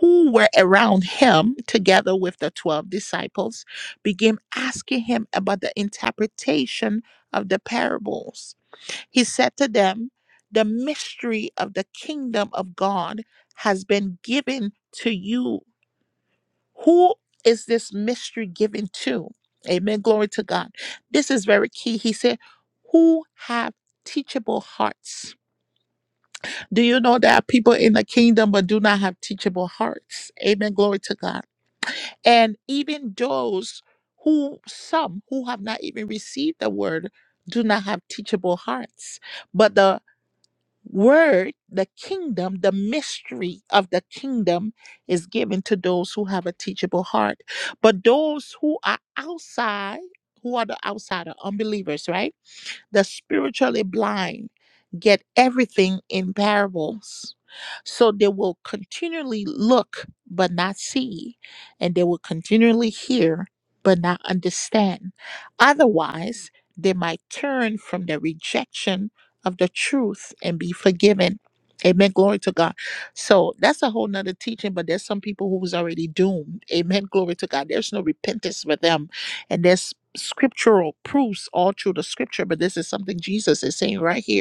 Speaker 1: who were around him together with the 12 disciples began asking him about the interpretation of the parables he said to them, The mystery of the kingdom of God has been given to you. Who is this mystery given to? Amen. Glory to God. This is very key. He said, Who have teachable hearts? Do you know there are people in the kingdom but do not have teachable hearts? Amen. Glory to God. And even those who, some who have not even received the word, do not have teachable hearts. But the Word, the kingdom, the mystery of the kingdom is given to those who have a teachable heart. But those who are outside, who are the outsider, unbelievers, right? The spiritually blind get everything in parables. So they will continually look but not see, and they will continually hear but not understand. Otherwise, they might turn from the rejection of the truth and be forgiven. Amen. Glory to God. So that's a whole nother teaching, but there's some people who's already doomed. Amen. Glory to God. There's no repentance for them. And there's scriptural proofs all through the scripture, but this is something Jesus is saying right here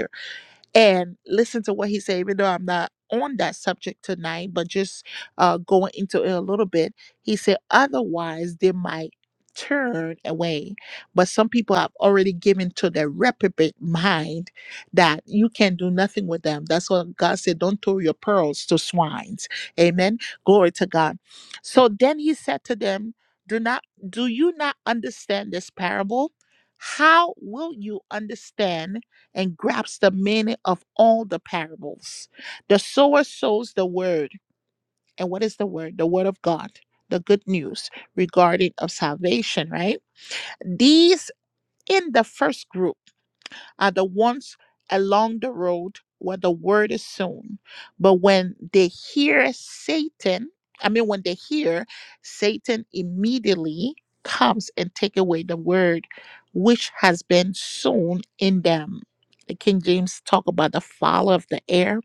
Speaker 1: and listen to what he said, even though I'm not on that subject tonight, but just uh, going into it a little bit. He said, otherwise, they might turn away. But some people have already given to their reprobate mind that you can do nothing with them. That's what God said. Don't throw your pearls to swines. Amen. Glory to God. So then he said to them, Do not do you not understand this parable? How will you understand? and grasps the meaning of all the parables. The sower sows the word. And what is the word? The word of God, the good news regarding of salvation, right? These in the first group are the ones along the road where the word is sown. But when they hear Satan, I mean, when they hear Satan immediately comes and take away the word which has been sown in them. The King James talk about the father of the air,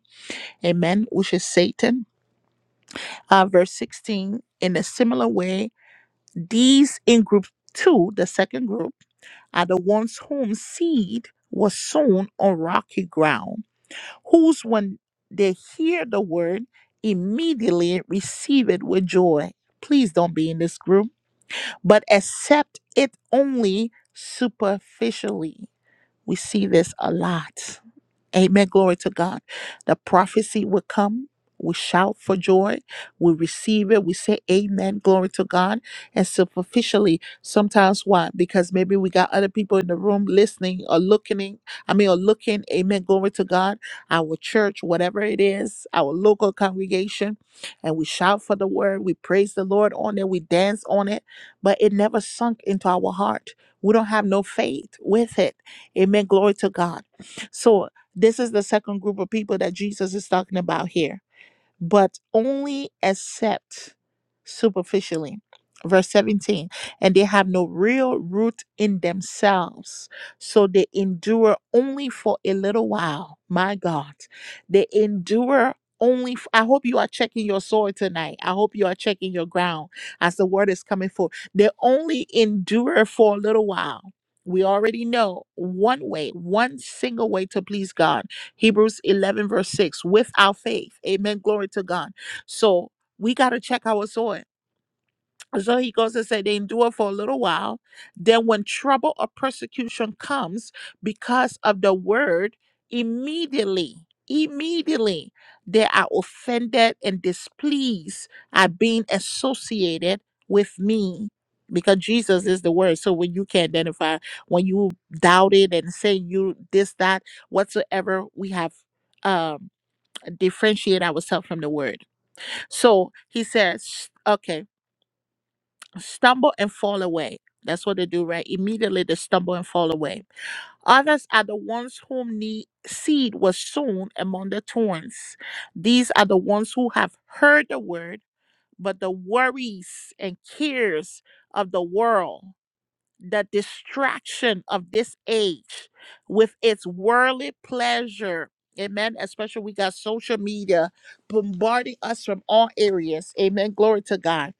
Speaker 1: amen, which is Satan. Uh, verse 16, in a similar way, these in group two, the second group, are the ones whom seed was sown on rocky ground whose when they hear the word immediately receive it with joy. Please don't be in this group, but accept it only superficially. We see this a lot. Amen. Glory to God. The prophecy will come. We shout for joy. We receive it. We say amen. Glory to God. And superficially, sometimes why? Because maybe we got other people in the room listening or looking. in- I mean, or looking. Amen. Glory to God. Our church, whatever it is, our local congregation. And we shout for the word. We praise the Lord on it. We dance on it. But it never sunk into our heart. We don't have no faith with it. Amen. Glory to God. So this is the second group of people that Jesus is talking about here, but only accept superficially. Verse 17, and they have no real root in themselves, so they endure only for a little while. My God, they endure only. f- I hope you are checking your soil tonight. I hope you are checking your ground as the word is coming forth. They only endure for a little while we already know one way, one single way to please God Hebrews 11, verse 6, without faith. Amen. Glory to God. So we got to check our soil. So he goes and say they endure for a little while. Then when trouble or persecution comes because of the word, immediately, immediately they are offended and displeased at being associated with me. Because Jesus is the word. So when you can identify, when you doubt it and say you this, that, whatsoever, we have um differentiate ourselves from the word. So he says, okay stumble and fall away. That's what they do, right? Immediately they stumble and fall away. Others are the ones whom the seed was sown among the thorns. These are the ones who have heard the word, but the worries and cares of the world the distraction of this age with its worldly pleasure. Amen. Especially we got social media bombarding us from all areas. Amen. Glory to God.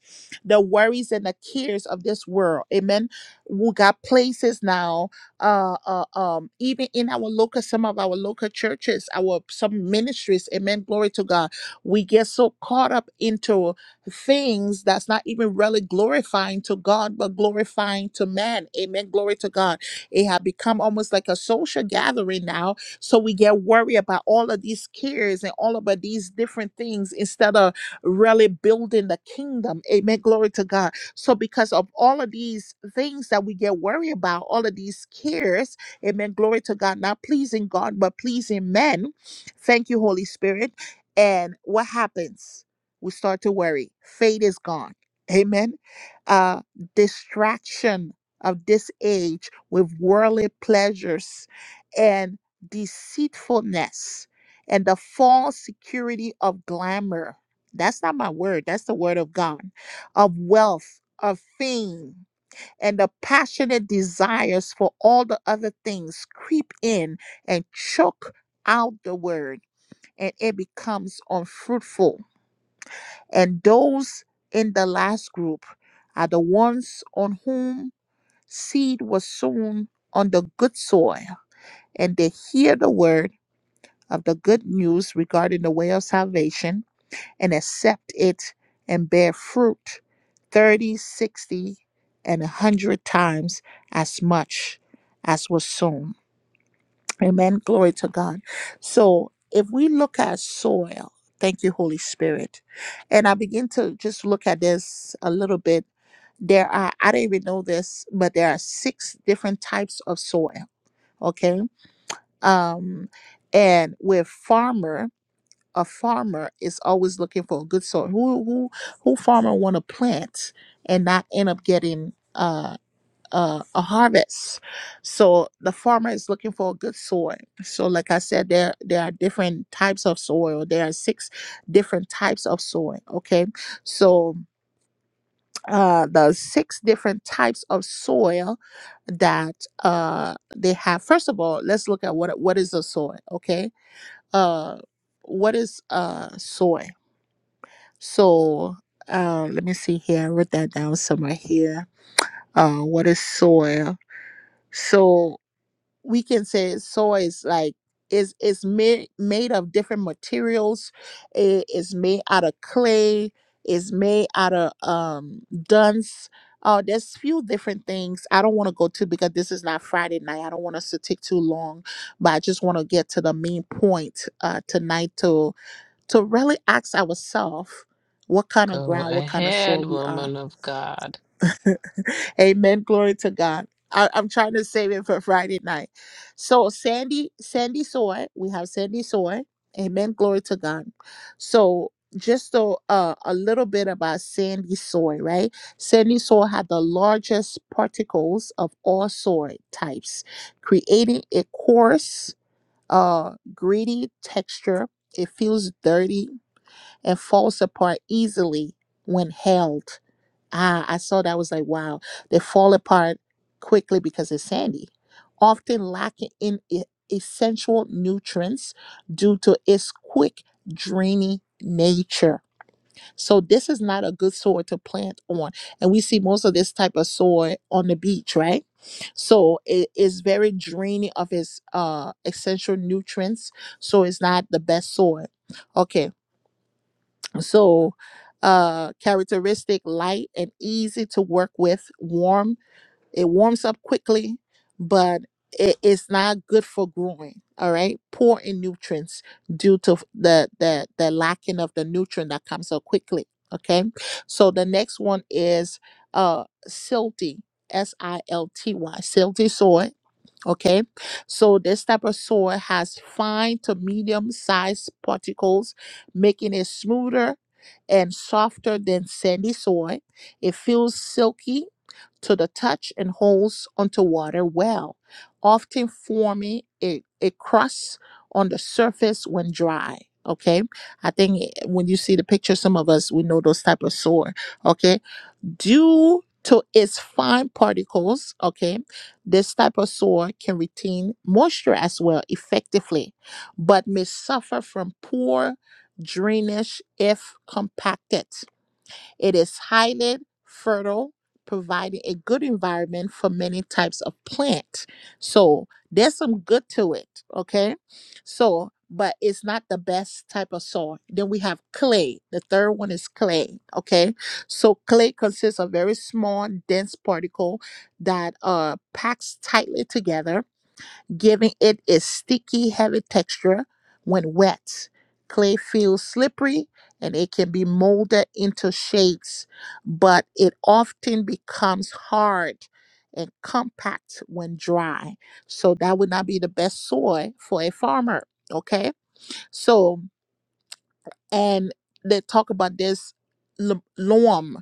Speaker 1: The worries and the cares of this world. Amen. We got places now. Uh, uh um, even in our local, some of our local churches, our some ministries. Amen. Glory to God. We get so caught up into things that's not even really glorifying to God, but glorifying to man. Amen. Glory to God. It had become almost like a social gathering now. So we get worried about all of these cares and all about these different things instead of really building the kingdom. Amen. Glory to God. So because of all of these things that we get worried about, all of these cares, amen. Glory to God. Not pleasing God, but pleasing men. Thank you, Holy Spirit. And what happens? we start to worry. Faith is gone. Amen. Uh, distraction of this age with worldly pleasures and deceitfulness and the false security of glamour. That's not my word, that's the word of God. Of wealth, of fame, and the passionate desires for all the other things creep in and choke out the word, and it becomes unfruitful and those in the last group are the ones on whom seed was sown on the good soil, and they hear the word of the good news regarding the way of salvation and accept it and bear fruit 30, 60, and a 100 times as much as was sown. Amen. Glory to God. So if we look at soil, thank you, Holy Spirit. And I begin to just look at this a little bit. There are, I didn't even know this, but there are six different types of soil. Okay. Um, and with farmer, a farmer is always looking for a good soil. Who who who farmer wanna plant and not end up getting uh uh, a harvest. So the farmer is looking for a good soil. So, like I said, there there are different types of soil. There are six different types of soil. Okay, so uh, the six different types of soil that uh, they have. First of all, let's look at what what is a soil. Okay, uh, what is uh soil? So. Uh, let me see here. I wrote that down somewhere here. Uh, what is soil? So we can say soil is like is is made made of different materials. It is made out of clay. It's made out of um dunce. Uh, there's few different things. I don't want to go too because this is not Friday night. I don't want us to take too long, but I just want to get to the main point uh, tonight to to really ask ourselves what kind of
Speaker 3: Go
Speaker 1: ground, what kind of soil
Speaker 3: ahead,
Speaker 1: we are
Speaker 3: woman of God.
Speaker 1: Amen. Glory to God. I, I'm trying to save it for Friday night. So Sandy, Sandy Soy, we have Sandy Soy. Amen. Glory to God. So just so uh, a little bit about Sandy soy, right? Sandy soy had the largest particles of all soy types, creating a coarse, uh, gritty texture. It feels dirty and falls apart easily when held. Ah, I saw that. I was like, wow. They fall apart quickly because it's sandy, often lacking in e- essential nutrients due to its quick draining nature. So this is not a good soil to plant on. And we see most of this type of soil on the beach, right? So it is very draining of its uh essential nutrients. So it's not the best soil. Okay. So, uh, characteristic light and easy to work with, warm it warms up quickly, but it, it's not good for growing. All right, poor in nutrients due to f- the the the lacking of the nutrient that comes up quickly. Okay, so the next one is uh silty, S I L T Y, silty soil. Okay, so this type of soil has fine to medium sized particles, making it smoother and softer than sandy soil. It feels silky to the touch and holds onto water well, often forming a, a crust on the surface when dry. Okay, I think eh, when you see the picture, some of us we know those type of sore. Okay, due to its fine particles, okay, this type of sore can retain moisture as well effectively, but may suffer from poor drainage if compacted. It is highly fertile, providing a good environment for many types of plants. So there's some good to it, okay? So, but it's not the best type of soil. Then we have clay. The third one is clay, okay? So clay consists of very small, dense particle that uh packs tightly together giving it a sticky, heavy texture when wet. Clay feels slippery and it can be molded into shapes, but it often becomes hard and compact when dry. So that would not be the best soil for a farmer. Okay. So, and they talk about this lo- loam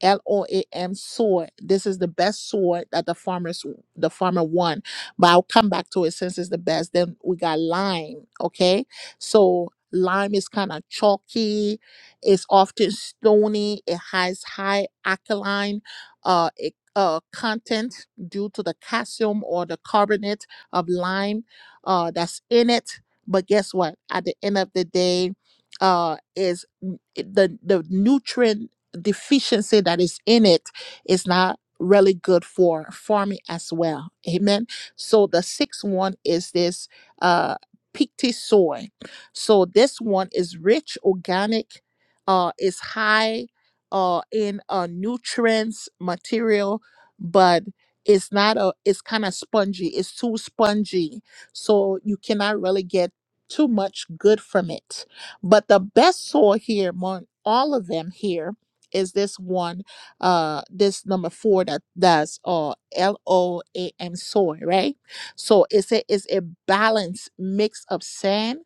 Speaker 1: L O A M sword. This is the best sword that the farmers the farmer won. But I'll come back to it since it's the best. Then we got lime. Okay. So lime is kind of chalky, it's often stony, it has high alkaline uh, it- uh, content due to the calcium or the carbonate of lime uh, that's in it. But guess what? At the end of the day, uh, is n- it- the the nutrient deficiency that is in it is not really good for farming as well. Amen. So the sixth one is this uh peaty soy. So this one is rich organic, uh is high uh in uh nutrients material, but it's not a it's kind of spongy. It's too spongy. So you cannot really get too much good from it. But the best soil here among all of them here is this one uh this number four that that's uh l-o-a-m soy right so it's a it's a balanced mix of sand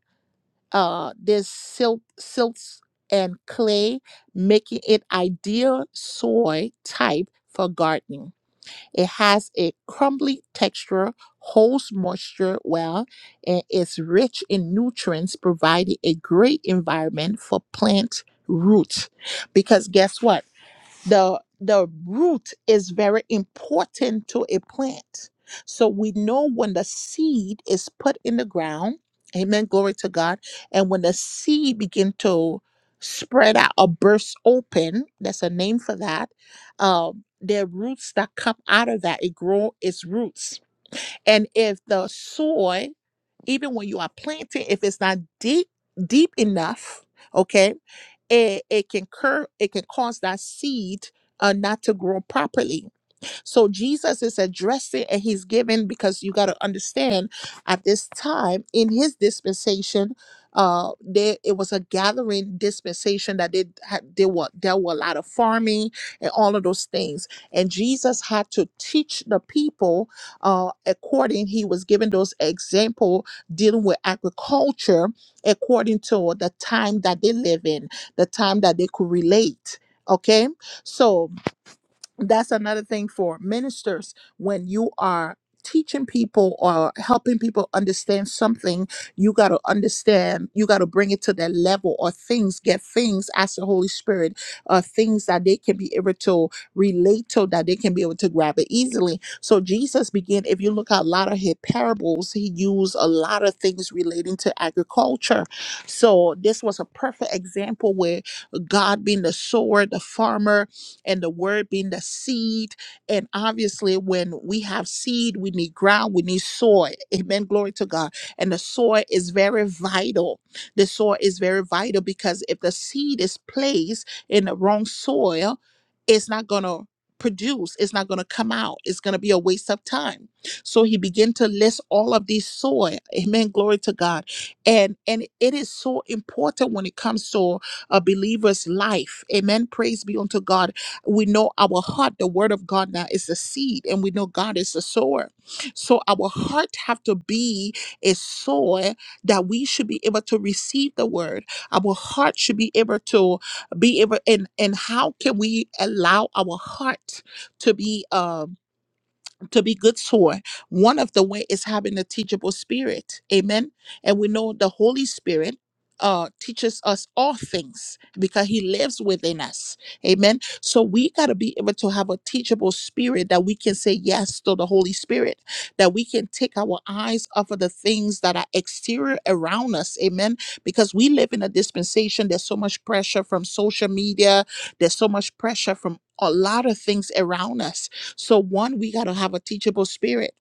Speaker 1: uh this silt silts and clay making it ideal soil type for gardening it has a crumbly texture holds moisture well and is rich in nutrients providing a great environment for plant roots because guess what the the root is very important to a plant so we know when the seed is put in the ground amen glory to god and when the seed begin to spread out or burst open that's a name for that um the roots that come out of that it grow its roots and if the soil even when you are planting if it's not deep deep enough okay it, it can cur it can cause that seed uh, not to grow properly so Jesus is addressing and he's giving because you got to understand at this time in his dispensation, uh, there it was a gathering dispensation that they had there were there were a lot of farming and all of those things. And Jesus had to teach the people uh according he was giving those example dealing with agriculture according to the time that they live in, the time that they could relate. Okay. So that's another thing for ministers when you are teaching people or helping people understand something you got to understand you got to bring it to their level or things get things as the holy spirit uh things that they can be able to relate to that they can be able to grab it easily so jesus began if you look at a lot of his parables he used a lot of things relating to agriculture so this was a perfect example where god being the sower the farmer and the word being the seed. And obviously, when we have seed, we need ground, we need soil. Amen. Glory to God. And the soil is very vital. The soil is very vital because if the seed is placed in the wrong soil, it's not going to produce it's not going to come out it's going to be a waste of time so he began to list all of these soil amen glory to god and and it is so important when it comes to a believer's life amen praise be unto god we know our heart, the word of God now is the seed, and we know God is the sower. So our heart have to be a soil that we should be able to receive the word. Our heart should be able to be able and and how can we allow our heart to be um to be good soil one of the way is having a teachable spirit amen and we know the holy spirit uh teaches us all things because he lives within us amen so we got to be able to have a teachable spirit that we can say yes to the holy spirit that we can take our eyes off of the things that are exterior around us amen because we live in a dispensation there's so much pressure from social media there's so much pressure from a lot of things around us so, one, we got to have a teachable spirit.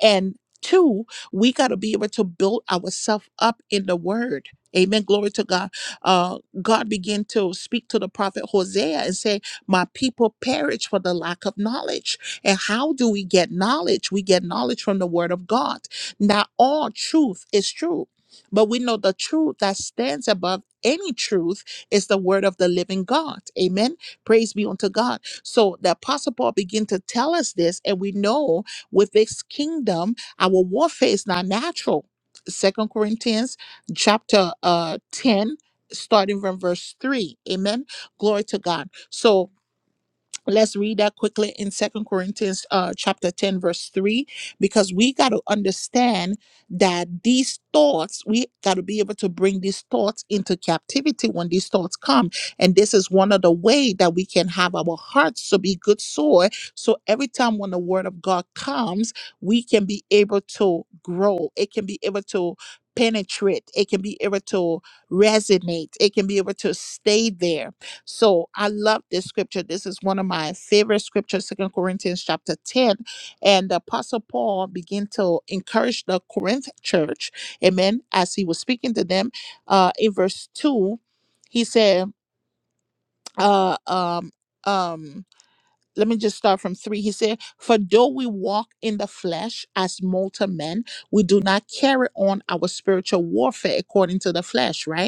Speaker 1: And two, we got to be able to build ourselves up in the word. Amen. Glory to God. Uh, God began to speak to the prophet Hosea and say, My people perish for the lack of knowledge. And how do we get knowledge? We get knowledge from the word of God. Not all truth is true, but we know the truth that stands above any truth is the word of the living God. Amen. Praise be unto God. So the apostle Paul began to tell us this, and we know with this kingdom our warfare is not natural second corinthians chapter uh 10 starting from verse 3 amen glory to god so let's read that quickly in second corinthians uh, chapter 10 verse 3 because we got to understand that these thoughts we got to be able to bring these thoughts into captivity when these thoughts come and this is one of the way that we can have our hearts to be good soil so every time when the word of god comes we can be able to grow it can be able to penetrate it can be able to resonate it can be able to stay there so I love this scripture. This is one of my favorite scriptures, Second Corinthians chapter 10. And the Apostle Paul began to encourage the Corinth church, amen, as he was speaking to them. Uh, in verse 2, he said, uh, um, um, let me just start from three. He said, For though we walk in the flesh as mortal men, we do not carry on our spiritual warfare according to the flesh, right?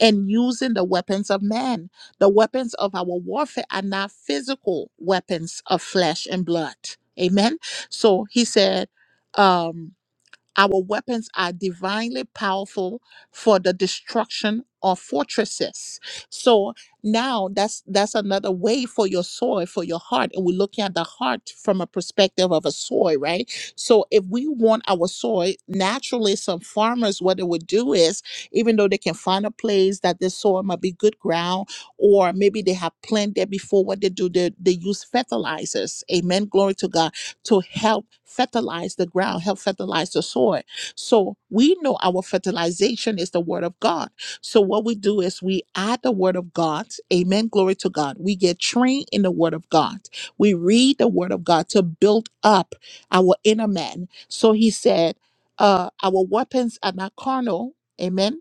Speaker 1: and using the weapons of man. The weapons of our warfare are not physical weapons of flesh and blood. Amen. So he said, um, our weapons are divinely powerful for the destruction of fortresses. So now that's that's another way for your soil, for your heart. And we're looking at the heart from a perspective of a soil, right? So if we want our soil, naturally some farmers, what they would do is, even though they can find a place that this soil might be good ground, or maybe they have planted there before what they do, they, they use fertilizers. Amen. Glory to God to help fertilize the ground, help fertilize the soil. So we know our fertilization is the word of God. So what we do is we add the word of God. Amen. Glory to God. We get trained in the word of God. We read the word of God to build up our inner man. So he said, uh, our weapons are not carnal. Amen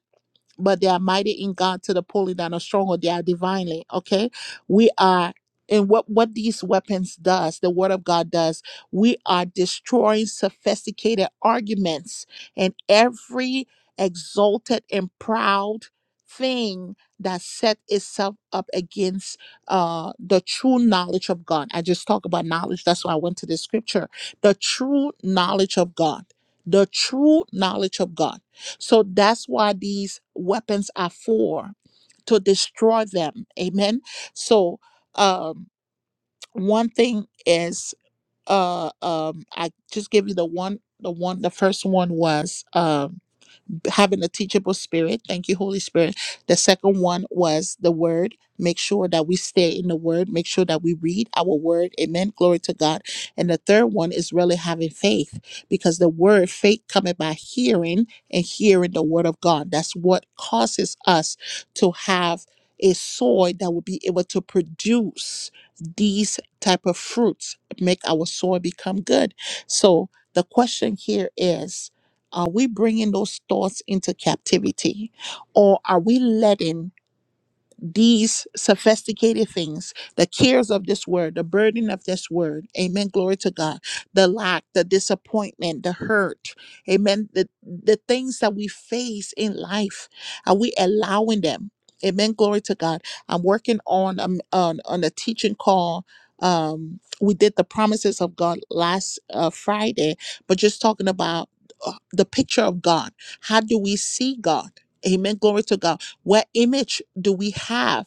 Speaker 1: but they are mighty in God to the pulling down of stronghold. They are divinely. Okay, we are. And what what these weapons does, the Word of God does, we are destroying sophisticated arguments and every exalted and proud thing that set itself up against uh the true knowledge of God. I just talk about knowledge. That's why I went to the scripture. The true knowledge of God. The true knowledge of God. So that's why these weapons are for to destroy them. Amen. So um one thing is uh um I just give you the one the one the first one was um having a teachable spirit. Thank you, Holy Spirit. The second one was the word. Make sure that we stay in the word. Make sure that we read our word. Amen. Glory to God. And the third one is really having faith because the word faith coming by hearing and hearing the word of God. That's what causes us to have a soil that will be able to produce these type of fruits, make our soil become good. So the question here is are we bringing those thoughts into captivity or are we letting these sophisticated things, the cares of this word, the burden of this word. Amen. Glory to God. The lack, the disappointment, the hurt. Amen. The, the things that we face in life, are we allowing them? Amen. Glory to God. I'm working on um, on on a teaching call. Um, we did the promises of God last uh, Friday, but just talking about uh, the picture of God. How do we see God? Amen. Glory to God what image do we have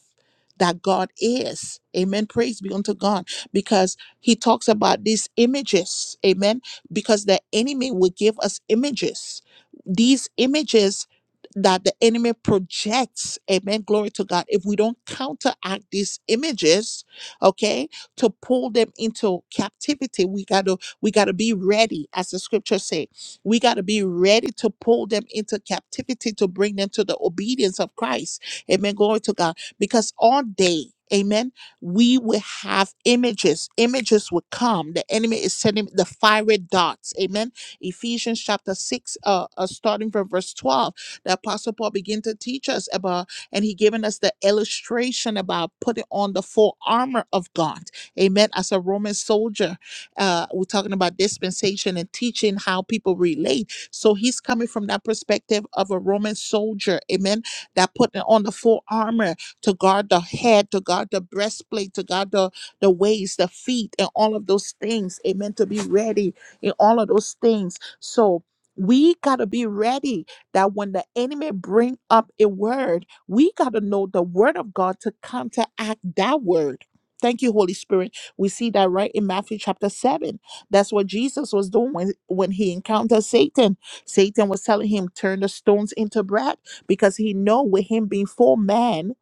Speaker 1: that God is? Amen. Praise be unto God. Because he talks about these images. Amen. Because the enemy will give us images. These images that the enemy projects, amen, glory to God. If we don't counteract these images, okay, to pull them into captivity, we gotta we gotta be ready, as the scripture says. We got to be ready to pull them into captivity to bring them to the obedience of Christ. Amen. Glory to God. Because all day, amen, we will have images. Images will come. The enemy is sending the fiery darts. Amen. Ephesians chapter 6, uh, uh, starting from verse 12, the Apostle Paul began to teach us about, and he given us the illustration about putting on the full armor of God. Amen. As a Roman soldier uh, we're talking about dispensation and teaching how people relate. So he's coming from that perspective of a Roman soldier, amen, that put on the full armor to guard the head, to guard the breastplate, to guard the, the waist, the feet, and all of those things, amen, to be ready in all of those things. So we got to be ready that when the enemy bring up a word, we got to know the word of God to counteract that word. Thank you, Holy Spirit we see that right in Matthew chapter 7. That's what Jesus was doing when, when he encountered Satan. Satan was telling him, Turn the stones into bread because he know with him being full man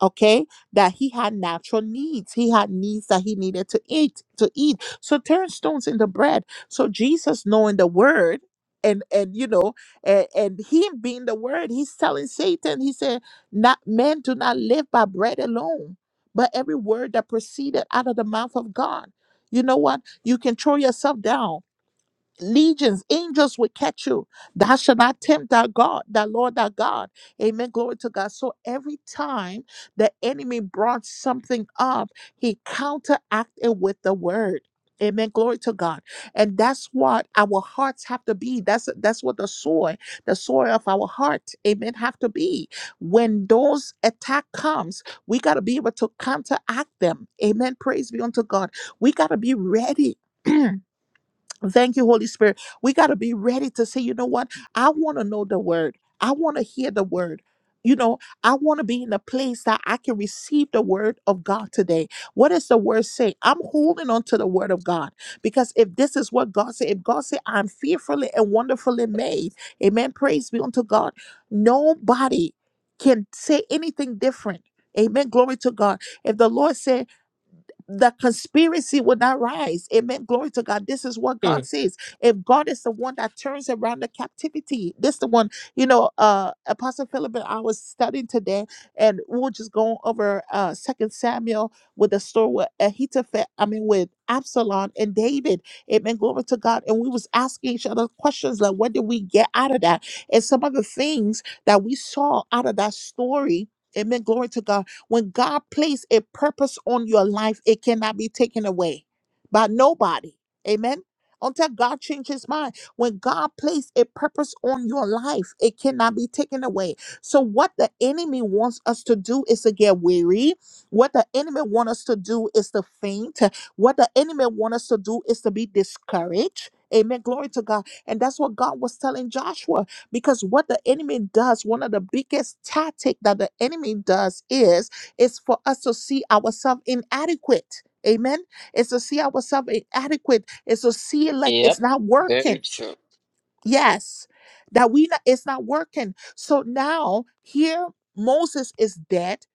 Speaker 1: okay that he had natural needs he had needs that he needed to eat to eat so turn stones into bread so jesus knowing the word and and you know and, and him being the word he's telling satan he said not men do not live by bread alone but every word that proceeded out of the mouth of god you know what you can throw yourself down legions, angels will catch you. Thou shalt not tempt thy God, thy Lord, thy God. Amen. Glory to God. So every time the enemy brought something up, he counteracted with the word. Amen. Glory to God. And that's what our hearts have to be. That's that's what the soil, the soil of our heart, amen, have to be. When those attack comes, we gotta be able to counteract them. Amen. Praise be unto God. We gotta be ready. Thank you, Holy Spirit. We got to be ready to say, you know what? I want to know the word. I want to hear the word. You know, I want to be in a place that I can receive the word of God today. What does the word say? I'm holding on to the word of God because if this is what God said, if God said, I'm fearfully and wonderfully made, amen. Praise be unto God. Nobody can say anything different. Amen. Glory to God. If the Lord said, the conspiracy will not rise. Amen. Glory to God. This is what
Speaker 3: Hmm.
Speaker 1: God says. If God is the one that turns around the captivity, this the one, you know, uh Apostle Philip and I was studying today, and we were just going over uh Second Samuel with the story with Ahithophel, I mean with Absalom and David. Amen. Glory to God. And we was asking each other questions like what did we get out of that? And some of the things that we saw out of that story. Amen. Glory to God when God placed a purpose on your life, it cannot be taken away by nobody. Amen. Until God changes his mind. When God placed a purpose on your life, it cannot be taken away. So, what the enemy wants us to do is to get weary. What the enemy wants us to do is to faint. What the enemy wants us to do is to be discouraged. Amen. Glory to God. And that's what God was telling Joshua. Because what the enemy does, one of the biggest tactic that the enemy does is it's for us to see ourselves inadequate. Amen. It's to see ourselves inadequate. It's to see it like it's
Speaker 3: Yep,
Speaker 1: not
Speaker 3: very
Speaker 1: working.
Speaker 3: true.
Speaker 1: Yes, that we not, it's not working. So now here Moses is dead.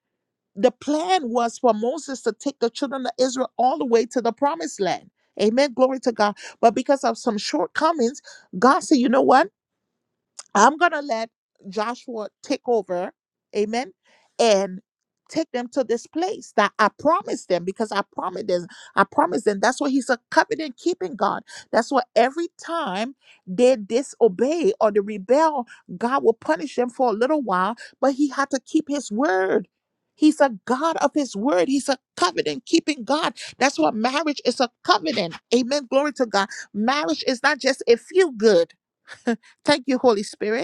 Speaker 1: The plan was for Moses to take the children of Israel all the way to the promised land. Amen. Glory to God. But because of some shortcomings, God said, you know what? I'm going to let Joshua take over. Amen. And take them to this place that I promised them because I promised them. I promised them. That's what he's a covenant keeping God. That's what every time they disobey or they rebel, God will punish them for a little while, but he had to keep his word. He's a God of his word. He's a covenant keeping God. That's what marriage is a covenant. Amen. Glory to God. Marriage is not just a feel good. Thank you, Holy Spirit.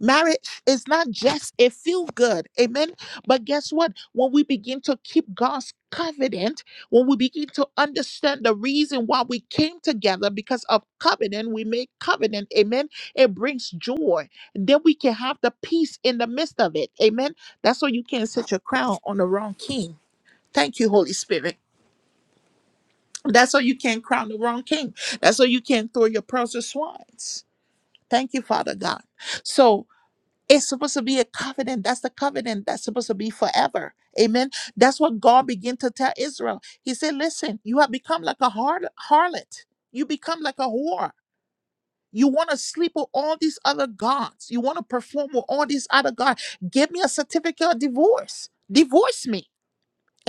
Speaker 1: Marriage is not just a feel good. Amen. But guess what? When we begin to keep God's covenant, when we begin to understand the reason why we came together because of covenant, we make covenant. Amen. It brings joy. And then we can have the peace in the midst of it. Amen. That's why you can't set your crown on the wrong king. Thank you, Holy Spirit. That's why you can't crown the wrong king. That's why you can't throw your pearls to swines. Thank you, Father God. So, it's supposed to be a covenant. That's the covenant that's supposed to be forever. Amen. That's what God began to tell Israel. He said, Listen, you have become like a har- harlot. You become like a whore. You want to sleep with all these other gods. You want to perform with all these other gods. Give me a certificate of divorce. Divorce me.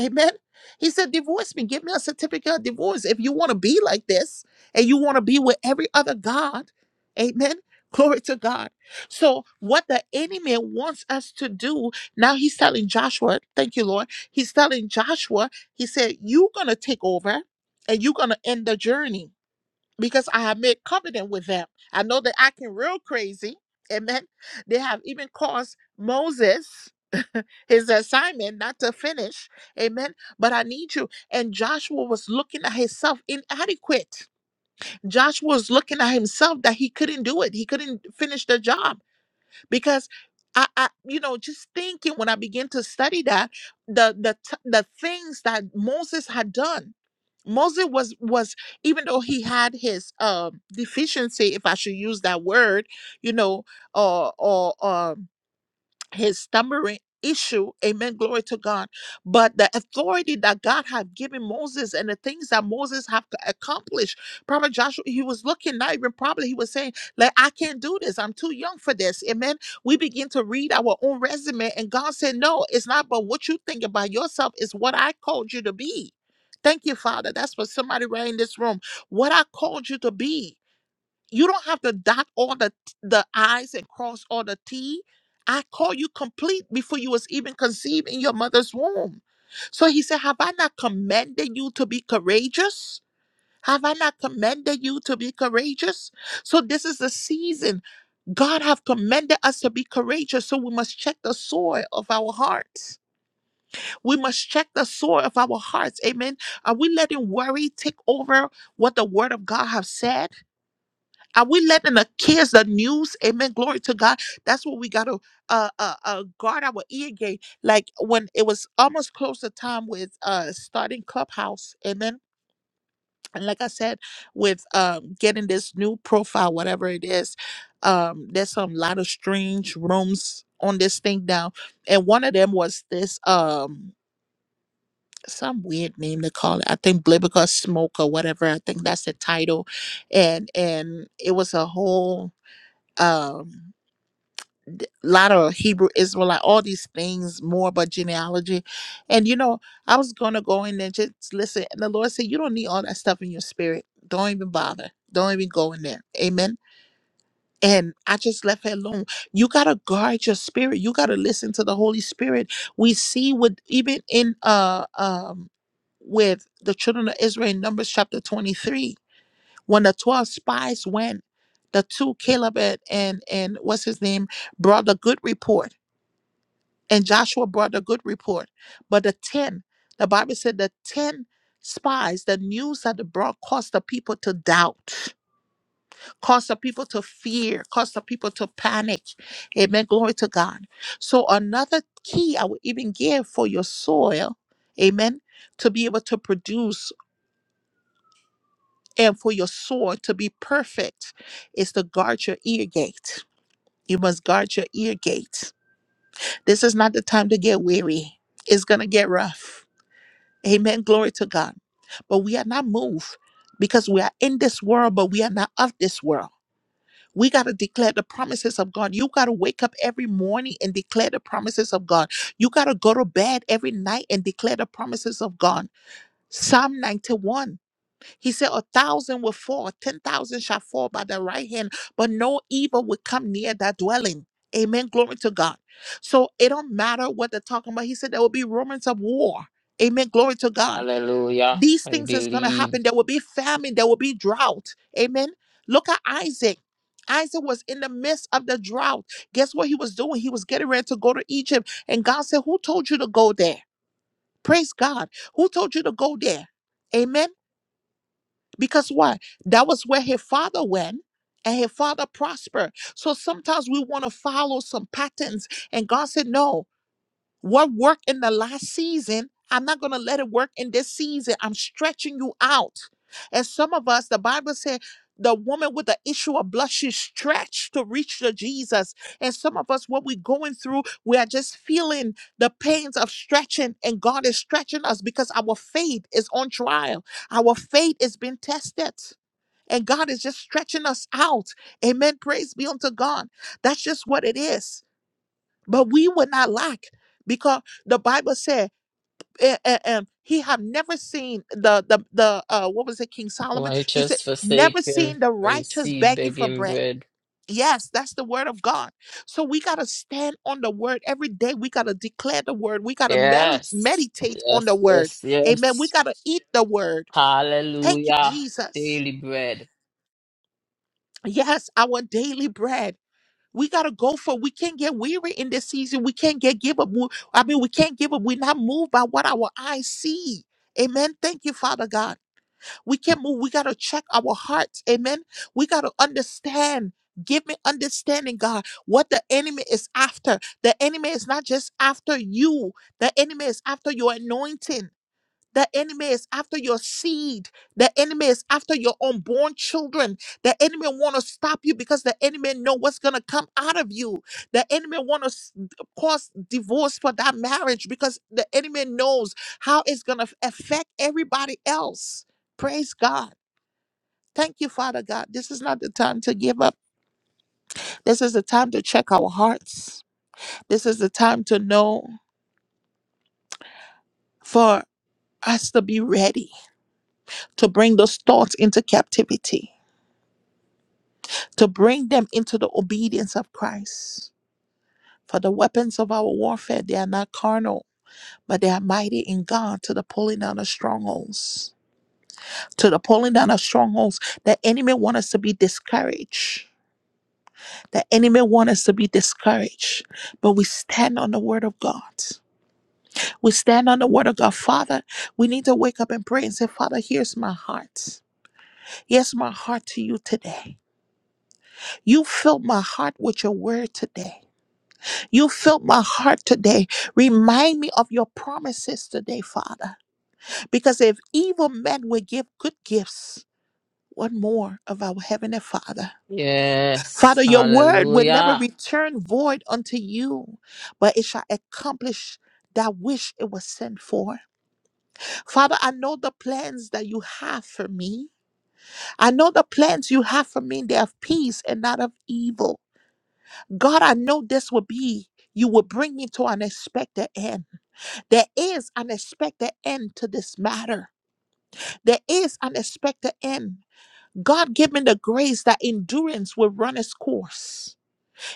Speaker 1: Amen. He said, Divorce me. Give me a certificate of divorce. If you want to be like this and you want to be with every other God, amen. Glory to God. So, what the enemy wants us to do, now he's telling Joshua, thank you, Lord. He's telling Joshua, he said, You're going to take over and you're going to end the journey because I have made covenant with them. I know they're acting real crazy. Amen. They have even caused Moses his assignment not to finish. Amen. But I need you. And Joshua was looking at himself inadequate. Joshua was looking at himself that he couldn't do it. He couldn't finish the job because I, I you know just thinking when i began to study that the the t- the things that moses had done moses was was even though he had his um deficiency if i should use that word you know or or um his stammering issue amen glory to god but the authority that god had given moses and the things that moses have c- accomplished Prophet joshua he was looking not even probably he was saying like i can't do this i'm too young for this amen we begin to read our own resume and god said no it's not but what you think about yourself is what i called you to be thank you father that's for somebody right in this room what i called you to be you don't have to dot all the the I's and cross all the T. I call you complete before you was even conceived in your mother's womb. So he said, Have I not commanded you to be courageous? Have I not commanded you to be courageous? So this is the season. God have commanded us to be courageous. So we must check the soil of our hearts. We must check the soil of our hearts. Amen. Are we letting worry take over what the word of God have said? Are we letting the kids, the news, amen, glory to God? That's what we got to uh, uh, uh, guard our ear gate. Like when it was almost close to time with uh, starting Clubhouse, amen. And like I said, with um, getting this new profile, whatever it is, um, there's some lot of strange rooms on this thing now. And one of them was this um, some weird name they call it. I think Biblical Smoke or whatever. I think that's the title. And and it was a whole um a lot of Hebrew Israelite, all these things more about genealogy. And you know, I was gonna go in there just listen. And the Lord said, You don't need all that stuff in your spirit. Don't even bother. Don't even go in there. Amen. And I just left it alone. You gotta guard your spirit. You gotta listen to the Holy Spirit. We see what even in uh um with the children of Israel in Numbers chapter 23. When the 12 spies went, the two, Caleb and, and, and what's his name, brought a good report. And Joshua brought a good report. But the 10, the Bible said the 10 spies, the news that they brought caused the people to doubt, caused the people to fear, caused the people to panic. Amen. Glory to God. So another key I would even give for your soil, amen, to be able to produce and for your sword to be perfect is to guard your ear gate. You must guard your ear gate. This is not the time to get weary. It's going to get rough. Amen. Glory to God. But we are not moved because we are in this world, but we are not of this world. We got to declare the promises of God. You got to wake up every morning and declare the promises of God. You got to go to bed every night and declare the promises of God. Psalm 91 He said, A thousand will fall, ten thousand shall fall by the right hand, but no evil will come near that dwelling. Amen. Glory to God. So it don't matter what they're talking about. He said there will be rumors of war. Amen. Glory to God.
Speaker 3: Hallelujah.
Speaker 1: These
Speaker 3: I
Speaker 1: things is gonna
Speaker 3: believe.
Speaker 1: happen. There will be famine. There will be drought. Amen. Look at Isaac. Isaac was in the midst of the drought. Guess what he was doing? He was getting ready to go to Egypt. And God said, Who told you to go there? Praise God. Who told you to go there? Amen. Because why? That was where her father went and her father prospered. So sometimes we want to follow some patterns. And God said, No, what worked in the last season, I'm not going to let it work in this season. I'm stretching you out. And some of us, the Bible said, the woman with the issue of blood, she stretched to reach to Jesus. And some of us, what we're going through, we are just feeling the pains of stretching, and God is stretching us because our faith is on trial. Our faith is being tested, and God is just stretching us out. Amen. Praise be unto God. That's just what it is but we would not lack because the bible said and, he have never seen the the the uh what was it king solomon he said
Speaker 3: Righteous
Speaker 1: never
Speaker 3: forsaken,
Speaker 1: seen the
Speaker 3: I
Speaker 1: righteous
Speaker 3: see
Speaker 1: begging for
Speaker 3: begging
Speaker 1: bread
Speaker 3: bread.
Speaker 1: yes that's the word of god so we got to stand on the word every day we got to declare the word we got to mel-
Speaker 3: Yes,
Speaker 1: meditate on the
Speaker 3: yes,
Speaker 1: word
Speaker 3: yes,
Speaker 1: amen we
Speaker 3: yes.
Speaker 1: got to eat the word thank you
Speaker 3: Hallelujah.
Speaker 1: jesus
Speaker 3: Daily bread.
Speaker 1: yes our daily bread We gotta go for. We can't get weary in this season. We can't get give up. We- I mean, we can't give up. We're not moved by what our eyes see. Amen. Thank you, Father God. We can't move. We gotta check our hearts. Amen. We gotta understand. Give me understanding, God, what the enemy is after. The enemy is not just after you. The enemy is after your anointing. The enemy is after your seed. The enemy is after your unborn children. The enemy want to stop you because the enemy know what's going to come out of you. The enemy want to cause divorce for that marriage because the enemy knows how it's going to affect everybody else. Praise God. Thank you, Father God. This is not the time to give up. This is the time to check our hearts. This is the time to know for us to be ready to bring those thoughts into captivity to bring them into the obedience of Christ. For the weapons of our warfare, they are not carnal, but they are mighty in God to the pulling down of strongholds. To the pulling down of strongholds. The enemy wants us to be discouraged. The enemy wants us to be discouraged. But we stand on the word of God. We stand on the word of God. Father, we need to wake up and pray and say, Father, here's my heart. Here's my heart to you today. You filled my heart with your word today. You filled my heart today. Remind me of your promises today, Father. Because if evil men will give good gifts, what more of our Heavenly Father? Father,
Speaker 3: Yes,
Speaker 1: your word will never
Speaker 3: hallelujah.
Speaker 1: return void unto you, but it shall accomplish that which it was sent for. Father, I know the plans that you have for me. I know the plans you have for me. They have peace and not of evil. God, I know this will be, you will bring me to an expected end. There is an expected end to this matter. There is an expected end. God give me the grace that endurance will run its course.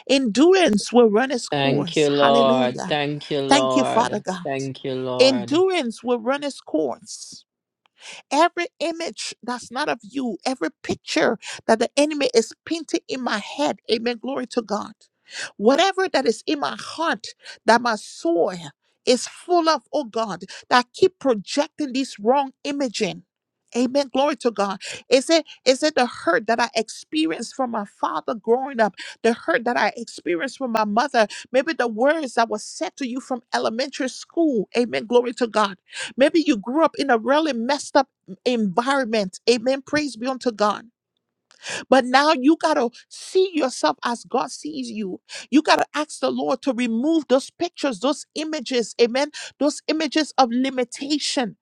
Speaker 1: Endurance will run its
Speaker 3: Thank
Speaker 1: course.
Speaker 3: you, Lord.
Speaker 1: Hallelujah.
Speaker 3: Thank you,
Speaker 1: Thank you, Father
Speaker 3: Lord.
Speaker 1: God.
Speaker 3: Thank you, Lord.
Speaker 1: Endurance will run its course. Every image that's not of you, every picture that the enemy is painting in my head, amen. Glory to God. Whatever that is in my heart, that my soul is full of, oh God, that keep projecting this wrong imaging. Amen. Glory to God. Is it is it the hurt that I experienced from my father growing up? The hurt that I experienced from my mother? Maybe the words that was said to you from elementary school. Amen. Glory to God. Maybe you grew up in a really messed up environment. Amen. Praise be unto God. But now you got to see yourself as God sees you. You got to ask the Lord to remove those pictures, those images. Amen. Those images of limitation.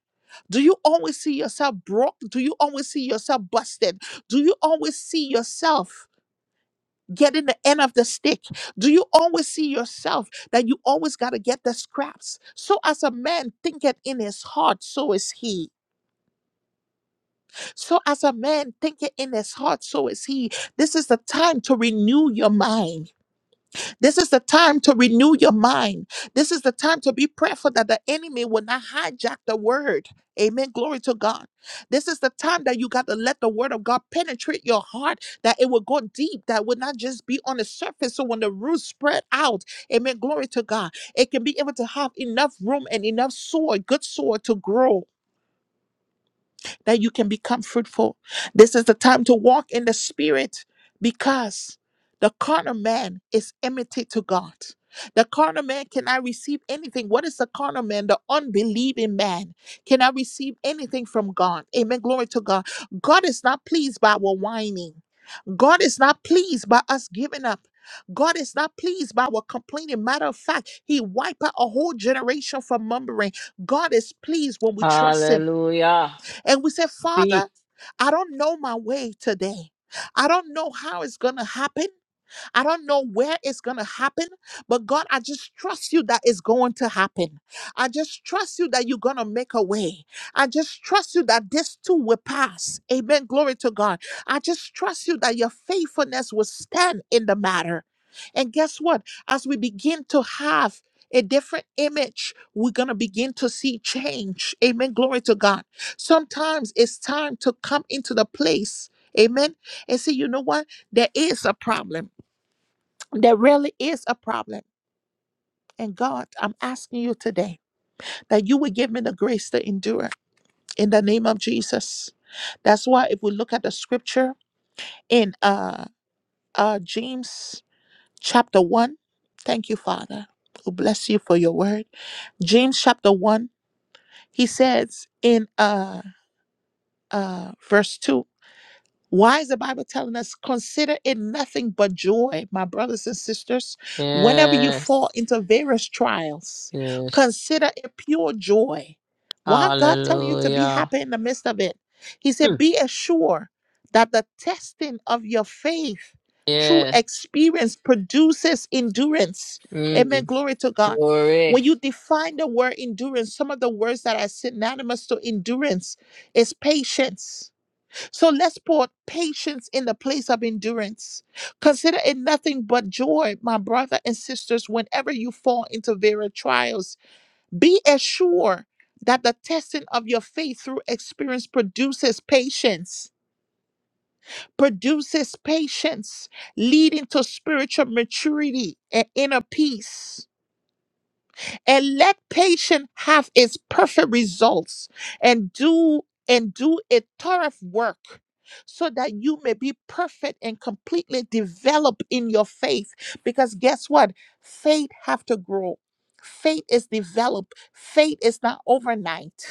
Speaker 1: Do you always see yourself broke? Do you always see yourself busted? Do you always see yourself? Getting the end of the stick? Do you always see yourself that you always got to get the scraps? So, as a man thinketh in his heart, so is he. So, as a man thinketh in his heart, so is he. This is the time to renew your mind. This is the time to renew your mind. This is the time to be prayerful that the enemy will not hijack the word. Amen. Glory to God. This is the time that you got to let the word of God penetrate your heart, that it will go deep, that will not just be on the surface. So when the roots spread out, amen. Glory to God. It can be able to have enough room and enough soil, good soil to grow that you can become fruitful. This is the time to walk in the spirit because the carnal man is enmity to God. The carnal man cannot receive anything. What is the carnal man? The unbelieving man cannot receive anything from God. Amen. Glory to God. God is not pleased by our whining. God is not pleased by us giving up. God is not pleased by our complaining. Matter of fact, He wiped out a whole generation from murmuring. God is pleased when we trust Him.
Speaker 3: Hallelujah.
Speaker 1: And we say, Father,
Speaker 3: Speak.
Speaker 1: I don't know my way today. I don't know how it's going to happen. I don't know where it's going to happen, but God, I just trust you that it's going to happen. I just trust you that you're going to make a way. I just trust you that this too will pass. Amen. Glory to God. I just trust you that your faithfulness will stand in the matter. And guess what? As we begin to have a different image, we're going to begin to see change. Amen. Glory to God. Sometimes it's time to come into the place. Amen. And say, you know what? There is a problem there really is a problem. And God, I'm asking you today that you will give me the grace to endure in the name of Jesus. That's why if we look at the scripture in uh, uh, James chapter 1, thank you, Father. We bless you for your word. James chapter 1, he says in uh, uh, verse 2, Why is the Bible telling us consider it nothing but joy, my brothers and sisters, whenever you fall
Speaker 3: Yes.
Speaker 1: into various trials?
Speaker 3: Yes.
Speaker 1: Consider it pure joy. Why God telling you to be
Speaker 3: Hallelujah.
Speaker 1: happy in the midst of it? He
Speaker 3: Hmm.
Speaker 1: said, be assured that the testing of your faith through
Speaker 3: Yeah.
Speaker 1: experience produces endurance. Amen.
Speaker 3: Mm.
Speaker 1: Glory to God.
Speaker 3: Glory.
Speaker 1: When you define the word endurance, some of the words that are synonymous to endurance is patience so let's put patience in the place of endurance. Consider it nothing but joy, my brother and sisters, whenever you fall into various trials. Be assured that the testing of your faith through experience produces patience, produces patience, leading to spiritual maturity and inner peace and let patience have its perfect results and do and do a thorough work so that you may be perfect and completely developed in your faith because guess what faith have to grow faith is developed faith is not overnight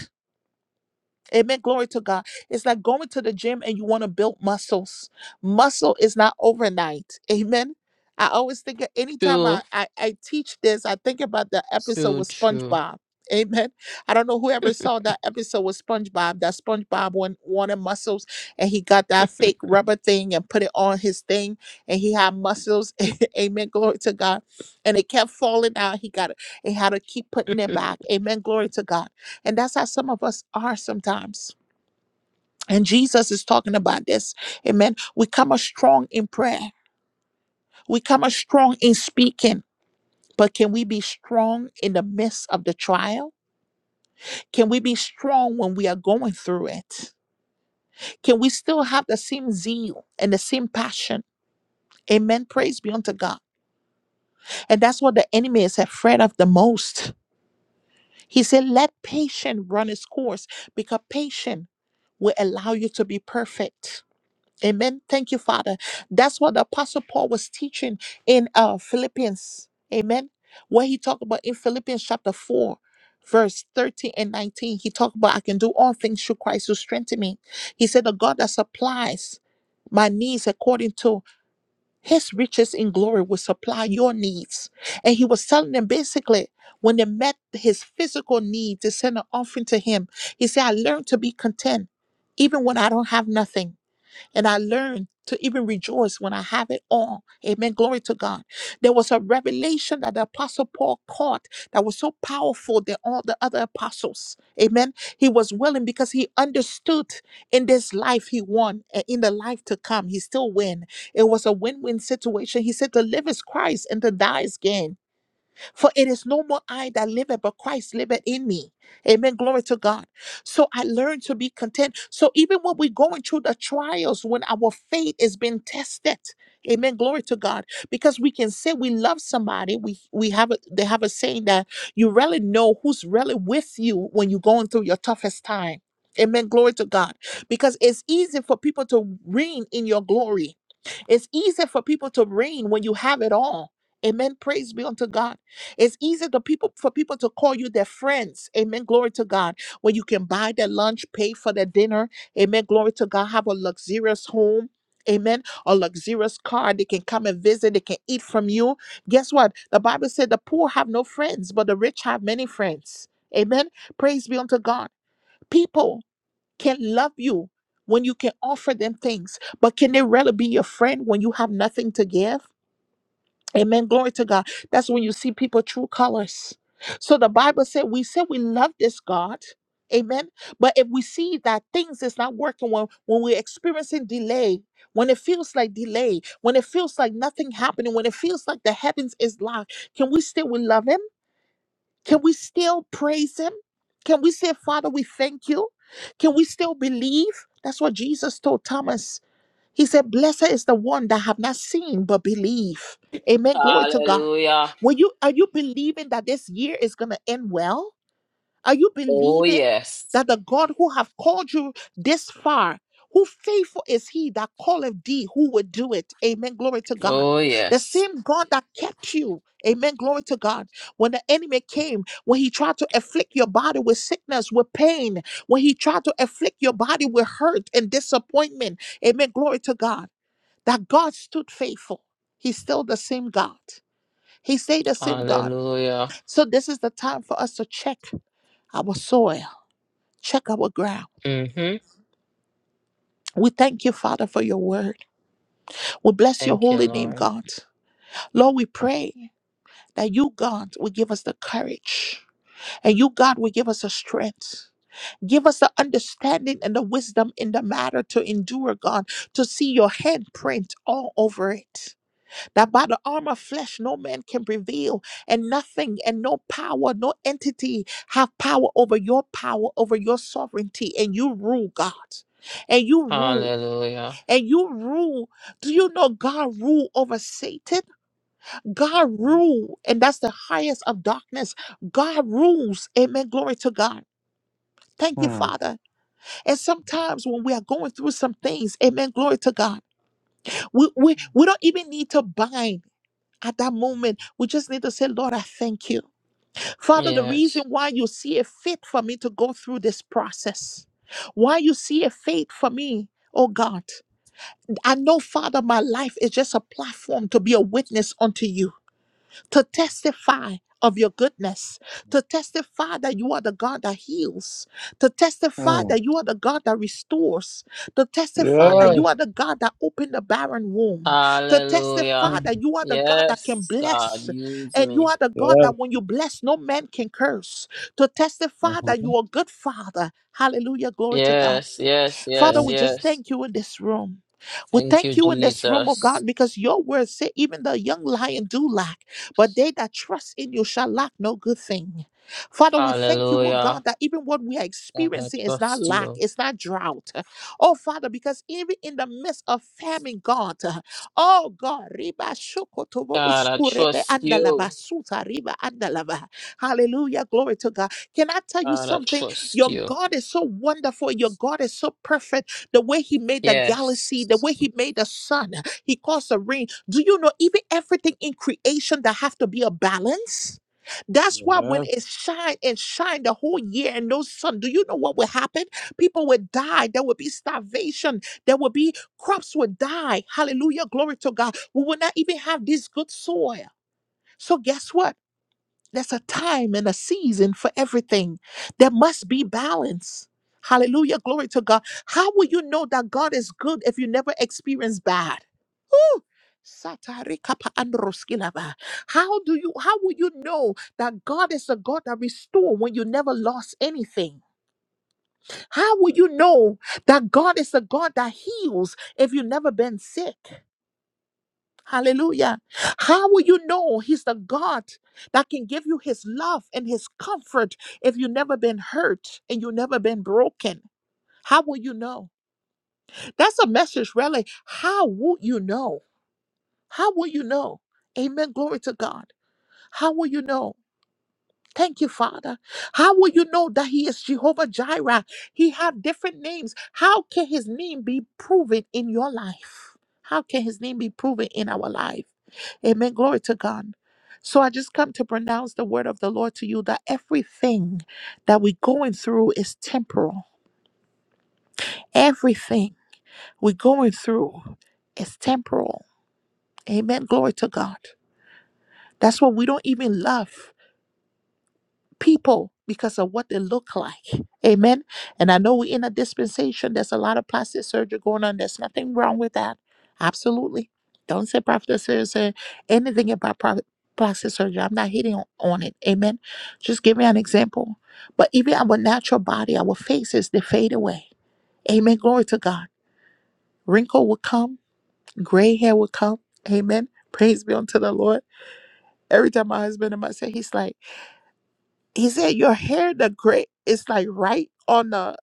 Speaker 1: Amen. Glory to God. It's like going to the gym and you want to build muscles. Muscle is not overnight. Amen. I always think of- anytime
Speaker 3: True.
Speaker 1: I, I, I teach this, I think about the episode
Speaker 3: True.
Speaker 1: with
Speaker 3: True.
Speaker 1: SpongeBob. Amen. I don't know whoever saw that episode with SpongeBob, that SpongeBob went, wanted muscles and he got that fake rubber thing and put it on his thing and he had muscles. Amen. Glory to God. And it kept falling out. He got it. He had to keep putting it back. Amen. Glory to God. And that's how some of us are sometimes. And Jesus is talking about this. Amen. We come as strong in prayer, we come as strong in speaking. But can we be strong in the midst of the trial? Can we be strong when we are going through it? Can we still have the same zeal and the same passion? Amen. Praise be unto God. And that's what the enemy is afraid of the most. He said, Let patience run its course because patience will allow you to be perfect. Amen. Thank you, Father. That's what the Apostle Paul was teaching in uh, Philippians. Amen. What he talked about in Philippians chapter 4, verse 13 and 19. He talked about, I can do all things through Christ who strengthens me. He said, The God that supplies my needs according to his riches in glory will supply your needs. And he was telling them basically, when they met his physical needs, they sent an offering to him. He said, I learned to be content even when I don't have nothing. And I learned to even rejoice when I have it all. Amen. Glory to God. There was a revelation that the Apostle Paul caught that was so powerful than all the other apostles. Amen. He was willing because he understood in this life he won and in the life to come he still win. It was a win-win situation. He said to live is Christ and to die is gain. For it is no more I that liveth, but Christ liveth in me. Amen. Glory to God. So I learned to be content. So even when we're going through the trials, when our faith is being tested, Amen. Glory to God. Because we can say we love somebody. We we have a, they have a saying that you really know who's really with you when you're going through your toughest time. Amen. Glory to God. Because it's easy for people to reign in your glory. It's easy for people to reign when you have it all. Amen. Praise be unto God. It's easy to people for people to call you their friends. Amen. Glory to God. When you can buy their lunch, pay for their dinner. Amen. Glory to God. Have a luxurious home. Amen. A luxurious car. They can come and visit. They can eat from you. Guess what? The Bible said the poor have no friends, but the rich have many friends. Amen. Praise be unto God. People can love you when you can offer them things, but can they really be your friend when you have nothing to give? Amen. Glory to God. That's when you see people true colors. So the Bible said, we say we love this God. Amen. But if we see that things is not working when, when we're experiencing delay, when it feels like delay, when it feels like nothing happening, when it feels like the heavens is locked, can we still we love him? Can we still praise him? Can we say, Father, we thank you? Can we still believe? That's what Jesus told Thomas. He said, Blessed is the one that have not seen but believe. Amen. Glory to God.
Speaker 3: Hallelujah.
Speaker 1: When you are you believing that this year is gonna end well? Are you
Speaker 3: Oh,
Speaker 1: believing
Speaker 3: yes.
Speaker 1: that the God who have called you this far, who faithful is he that calleth thee, who would do it? Amen. Glory to God.
Speaker 3: Oh,
Speaker 1: The
Speaker 3: yes.
Speaker 1: same God that kept you. Amen. Glory to God. When the enemy came, when he tried to afflict your body with sickness, with pain, when he tried to afflict your body with hurt and disappointment. Amen. Glory to God. That God stood faithful. He's still the same God. He stayed the same God.
Speaker 3: Hallelujah.
Speaker 1: So this is the time for us to check our soil check our ground.
Speaker 3: Mm-hmm.
Speaker 1: We thank you, Father, for your word. We bless your
Speaker 3: Thank you,
Speaker 1: holy name,
Speaker 3: Lord.
Speaker 1: God. Lord, we pray that you, God, will give us the courage and you, God, will give us the strength. Give us the understanding and the wisdom in the matter to endure, God, to see your handprint all over it. That by the arm of flesh no man can prevail, and nothing and no power, no entity have power over your power, over your sovereignty, and you rule, God and you rule.
Speaker 3: Hallelujah.
Speaker 1: and you rule. Do you know God rule over Satan? God rule, and that's the highest of darkness. God rules. Amen. Glory to God. Thank you, Father. And sometimes when we are going through some things, amen, glory to God, we, we, we don't even need to bind at that moment. We just need to say, Lord, I thank you. Father, the reason
Speaker 3: Yes.
Speaker 1: why you see a fit for me to go through this process, why you see a fit for me, oh God. I know, Father, my life is just a platform to be a witness unto you, to testify of your goodness, to testify that you are the God that heals, to testify
Speaker 2: Oh
Speaker 1: that you are the God that restores, to testify
Speaker 3: Yes.
Speaker 1: that you
Speaker 2: Yes.
Speaker 1: are the God that opened the barren womb, to testify
Speaker 3: Hallelujah.
Speaker 1: that
Speaker 2: Mm.
Speaker 1: you are the God that can
Speaker 3: Yes, God,
Speaker 1: bless,
Speaker 3: use
Speaker 1: and you
Speaker 3: me.
Speaker 1: are the God
Speaker 2: Yes.
Speaker 1: that when you bless, no man can curse, to testify that
Speaker 2: Mm-hmm.
Speaker 1: you are a good Father. Hallelujah, glory to God
Speaker 3: Yes, yes,
Speaker 1: Father,
Speaker 3: yes,
Speaker 2: Yes.
Speaker 1: we just
Speaker 3: yes.
Speaker 1: thank you in this room. We
Speaker 3: Thank
Speaker 1: thank
Speaker 3: you,
Speaker 1: you in this room, oh
Speaker 3: Jesus.
Speaker 1: God, because your words say even the young lion do lack, but they that trust in you shall lack no good thing. Father, we thank you, oh God,
Speaker 3: Hallelujah.
Speaker 1: that even what we are
Speaker 3: God, I
Speaker 1: experiencing is not
Speaker 3: trust
Speaker 1: lack,
Speaker 3: you.
Speaker 1: it's not drought. Oh Father, because even in the midst of famine, God, oh God, riba shokotobo
Speaker 3: God, I
Speaker 1: uskurebe
Speaker 3: trust you.
Speaker 1: andalava suta riba andalava. Hallelujah, glory to God. Can I tell you
Speaker 3: God, I
Speaker 1: something?
Speaker 3: trust
Speaker 1: Your
Speaker 3: you.
Speaker 1: God is so wonderful. Your God is so perfect. The way He made the galaxy, the
Speaker 3: Yes.
Speaker 1: way He made the sun, He caused the rain. Do you know even everything in creation that have to be a balance? That's why when
Speaker 2: Yes.
Speaker 1: it shine and shine the whole year and no sun, do you know what will happen? People will die. There will be starvation. There will be crops will die. Hallelujah. Glory to God. We will not even have this good soil. So guess what? There's a time and a season for everything. There must be balance. Hallelujah. Glory to God. How will you know that God is good if you never experience bad? Satari kapa androskilaba. How do you how will you know that God is a God that restores when you never lost anything? How will you know that God is a God that heals if you never been sick? Hallelujah. How will you know he's the God that can give you his love and his comfort if you've never been hurt and you've never been broken? How will you know? That's a message, really. How would you know? How will you know? Amen. Glory to God. How will you know? Thank you, Father. How will you know that He is Jehovah Jireh? He had different names. How can His name be proven in your life? How can His name be proven in our life? Amen. Glory to God. So I just come to pronounce the word of the Lord to you that everything that we're going through is temporal. Everything we're going through is temporal. Amen. Glory to God. That's what we don't even love. people because of what they look like. Amen. And I know we're in a dispensation. There's a lot of plastic surgery going on. There's nothing wrong with that. Absolutely. Don't say prophet surgery, anything about prophet plastic surgery. I'm not hitting on, on it. Amen. Just give me an example. But even our natural body, our faces, they fade away. Amen. Glory to God. Wrinkle will come. Gray hair will come. Amen. Praise be unto the Lord. Every time my husband and I say, he's like, he said your hair the gray is like right on the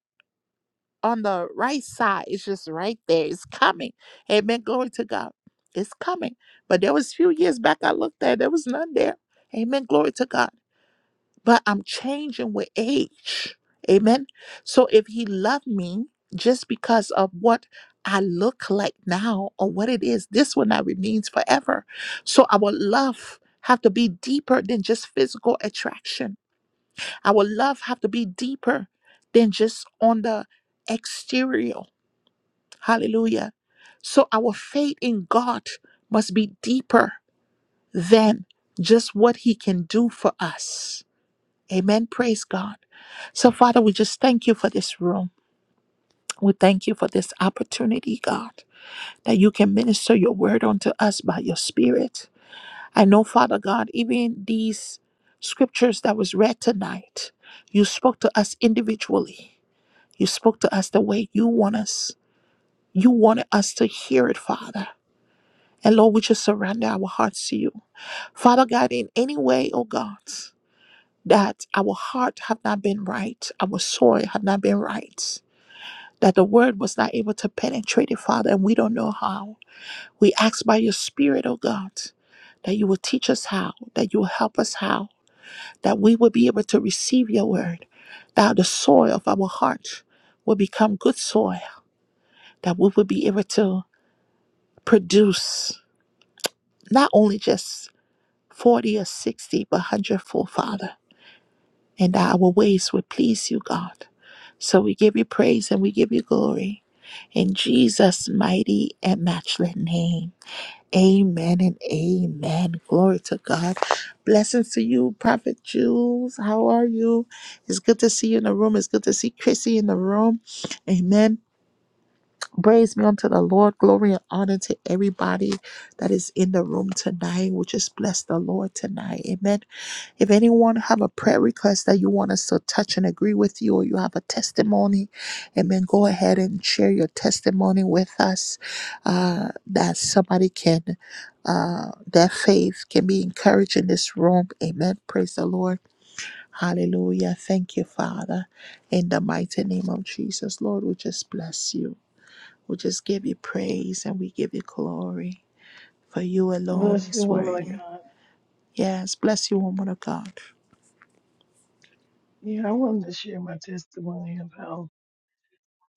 Speaker 1: on the right side it's just right there it's coming amen glory to god it's coming but there was a few years back i looked at there was none there amen glory to god but i'm changing with age amen so if he loved me just because of what I look like now or what it is, this will not remains forever. So our love have to be deeper than just physical attraction our love have to be deeper than just on the exterior. Hallelujah. So our faith in God must be deeper than just what he can do for us. Amen. Praise God. So Father, we just thank you for this room. We thank you for this opportunity, God, that you can minister your word unto us by your spirit. I know, Father God, even these scriptures that was read tonight, you spoke to us individually. You spoke to us the way you want us. You wanted us to hear it, Father. And Lord, we just surrender our hearts to you. Father God, in any way, oh God, that our heart have not been right, our soul have not been right, that the word was not able to penetrate it, Father, and we don't know how. We ask by your spirit, oh God, that you will teach us how, that you will help us how, that we will be able to receive your word, that the soil of our heart will become good soil, that we will be able to produce not only just 40 or 60, but hundredfold, Father, and that our ways would please you, God. So we give you praise and we give you glory in Jesus' mighty and matchless name. Amen and amen. Glory to God. Blessings to you, Prophet Jules. How are you? It's good to see you in the room. It's good to see Chrissy in the room. Amen. Praise be unto the Lord. Glory and honor to everybody that is in the room tonight. We just bless the Lord tonight. Amen. If anyone have a prayer request that you want us to touch and agree with you, or you have a testimony, amen, go ahead and share your testimony with us uh, that somebody can, uh, their faith can be encouraged in this room. Amen. Praise the Lord. Hallelujah. Thank you, Father. In the mighty name of Jesus, Lord, we just bless you. We just give you praise and we give you glory, for you alone
Speaker 6: Bless the
Speaker 1: is
Speaker 6: woman of
Speaker 1: worthy.
Speaker 6: God.
Speaker 1: Yes, bless you, woman of God.
Speaker 6: Yeah, I wanted to share my testimony of how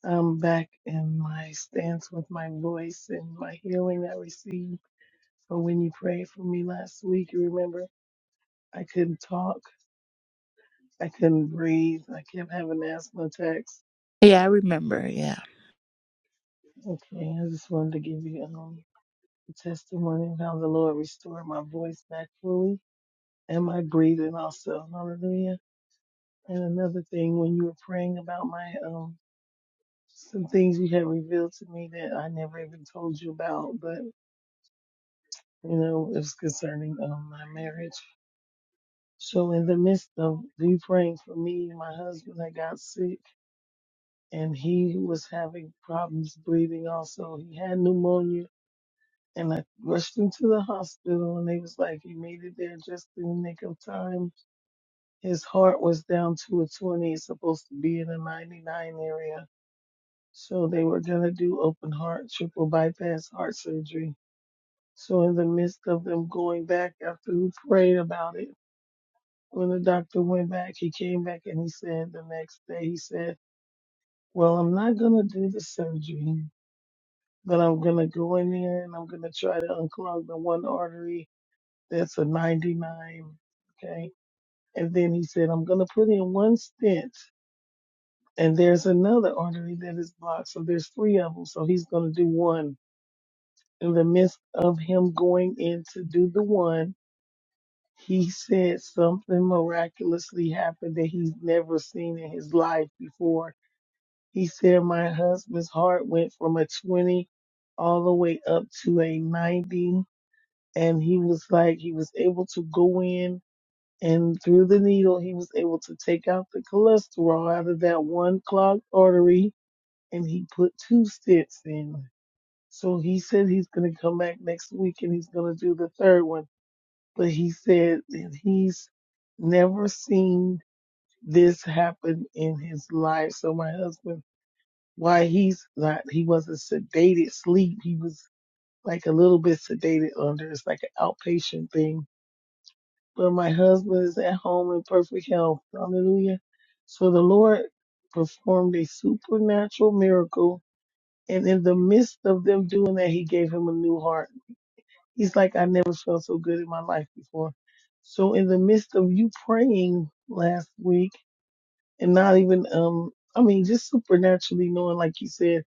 Speaker 6: I'm back in my stance with my voice and my healing that I received. So when you prayed for me last week, you remember I couldn't talk, I couldn't breathe, I kept having asthma attacks.
Speaker 1: Yeah, I remember. Yeah.
Speaker 6: Okay, I just wanted to give you um, a testimony of how the Lord restored my voice back fully and my breathing also. Hallelujah. And another thing, when you were praying about my um some things you had revealed to me that I never even told you about, but you know, it's concerning um, my marriage. So, in the midst of you praying for me, my husband had got sick and he was having problems breathing also. He had pneumonia and I rushed him to the hospital and they was like, he made it there just in the nick of time. His heart was down to a 20. It's supposed to be in a 99 area. So they were going to do open heart, triple bypass heart surgery So in the midst of them going back after we prayed about it, when the doctor went back, he came back and he said the next day, he said, Well, I'm not gonna do the surgery, but I'm gonna go in there and I'm gonna try to unclog the one artery that's a ninety nine. Okay. And then he said, I'm gonna put in one stent and there's another artery that is blocked. So there's three of them. So he's gonna do one. In the midst of him going in to do the one, He said something miraculously happened that he's never seen in his life before. He said, My husband's heart went from a 20 all the way up to a 90. And he was like, he was able to go in and through the needle, he was able to take out the cholesterol out of that one clogged artery. And he put two stents in. So he said he's going to come back next week and he's going to do the third one but he said that he's never seen this happen in his life. So my husband, why he's not, he wasn't sedated sleep. He was like a little bit sedated under. It's like an outpatient thing. But my husband is at home in perfect health. Hallelujah. So the Lord performed a supernatural miracle. And in the midst of them doing that, he gave him a new heart. He's like, I never felt so good in my life before. So in the midst of you praying last week and not even, um, I mean, just supernaturally knowing, like you said,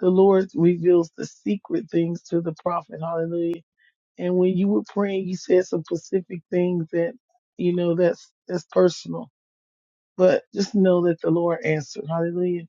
Speaker 6: the Lord reveals the secret things to the prophet. Hallelujah. And when you were praying, you said some specific things that, you know, that's, that's personal, but just know that the Lord answered. Hallelujah.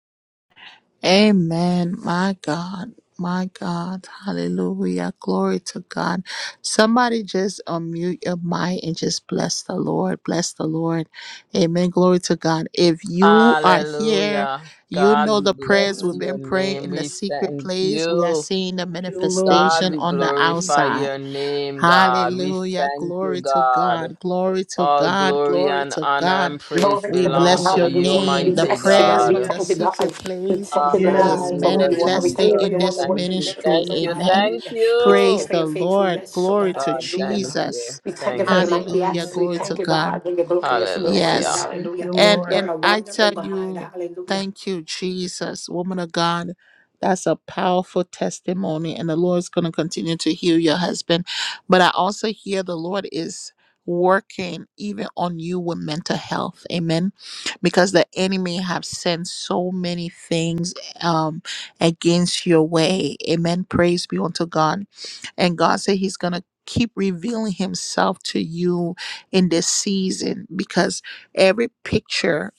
Speaker 1: Amen. My God. My God. Hallelujah. Glory to God. Somebody just unmute your mic and just bless the Lord. Bless the Lord. Amen. Glory to God. If you are here,
Speaker 3: Hallelujah.
Speaker 1: you
Speaker 3: God,
Speaker 1: know
Speaker 3: we
Speaker 1: the prayers
Speaker 3: bless
Speaker 1: we've been
Speaker 6: Hallelujah.
Speaker 3: your
Speaker 1: praying
Speaker 3: name.
Speaker 1: in the
Speaker 6: Hallelujah.
Speaker 3: We
Speaker 1: secret
Speaker 3: thank
Speaker 1: place. We are
Speaker 3: you.
Speaker 1: seeing the
Speaker 6: Thank you, Lord.
Speaker 3: God,
Speaker 1: manifestation
Speaker 3: we
Speaker 1: on the
Speaker 6: Hallelujah.
Speaker 3: glorify
Speaker 1: outside.
Speaker 3: your name, God. We
Speaker 1: Hallelujah.
Speaker 3: thank you,
Speaker 1: Glory to
Speaker 3: God.
Speaker 1: God. Glory to
Speaker 3: All
Speaker 1: God.
Speaker 3: glory
Speaker 1: Glory
Speaker 3: and
Speaker 1: to
Speaker 3: honor
Speaker 1: God.
Speaker 3: and praise
Speaker 1: We
Speaker 3: belong
Speaker 1: bless
Speaker 3: to
Speaker 1: your
Speaker 3: you,
Speaker 1: name. The
Speaker 6: Hallelujah.
Speaker 3: mighty
Speaker 1: prayers from
Speaker 6: Hallelujah.
Speaker 3: God.
Speaker 1: the secret place
Speaker 6: Yes,
Speaker 1: is
Speaker 3: Hallelujah,
Speaker 1: manifested in
Speaker 3: Jesus.
Speaker 6: hallelujah.
Speaker 1: this
Speaker 3: Thank you,
Speaker 1: ministry.
Speaker 3: thank you,
Speaker 1: Amen.
Speaker 3: thank
Speaker 1: Praise
Speaker 3: you.
Speaker 1: the Lord.
Speaker 6: Hallelujah.
Speaker 1: Glory to
Speaker 3: God, thank you,
Speaker 1: Jesus.
Speaker 3: thank
Speaker 6: Yes,
Speaker 3: you.
Speaker 1: Hallelujah. Glory
Speaker 6: hallelujah.
Speaker 1: to God. Yes.
Speaker 3: Hallelujah.
Speaker 6: Thank you,
Speaker 1: And
Speaker 6: Lord.
Speaker 1: and I tell you, thank you, Jesus, woman of God. That's a powerful testimony, and the Lord's going to continue to heal your husband. But I also hear the Lord is working even on you with mental health. Amen. Because the enemy have sent so many things um against your way. Amen. Praise be unto God. And God said He's gonna keep revealing Himself to you in this season because every picture,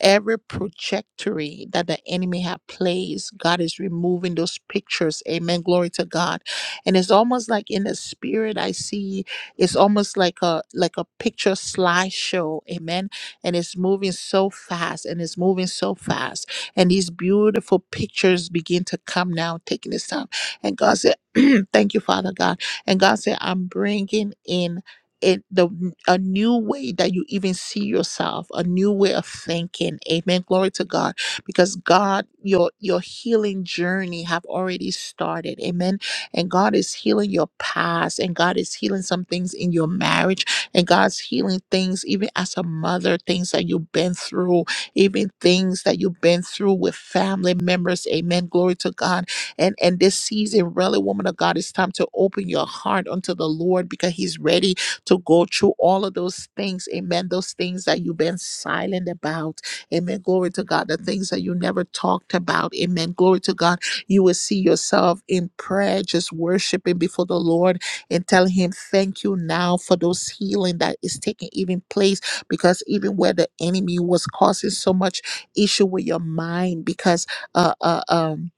Speaker 1: every trajectory that the enemy had placed, God is removing those pictures. Amen. Glory to God. And it's almost like in the spirit I see it's almost like a like a picture slideshow. Amen. And it's moving so fast and it's moving so fast. And these beautiful pictures begin to come now, taking this time. And God said, Thank you, Father God. And God said, I'm bringing in it the n- a new way that you even see yourself a new way of thinking amen glory to god because god your your healing journey have already started amen and god is healing your past and god is healing some things in your marriage and god's healing things even as a mother things that you've been through even things that you've been through with family members amen glory to god and and this season really woman of god it's time to open your heart unto the lord because he's ready to go through all of those things. Amen. Those things that you've been silent about. Amen. Glory to God. The things that you never talked about. Amen. Glory to God. You will see yourself in prayer, just worshiping before the Lord and telling Him, Thank you now for those healing that is taking even place. Because even where the enemy was causing so much issue with your mind, because uh, uh, um,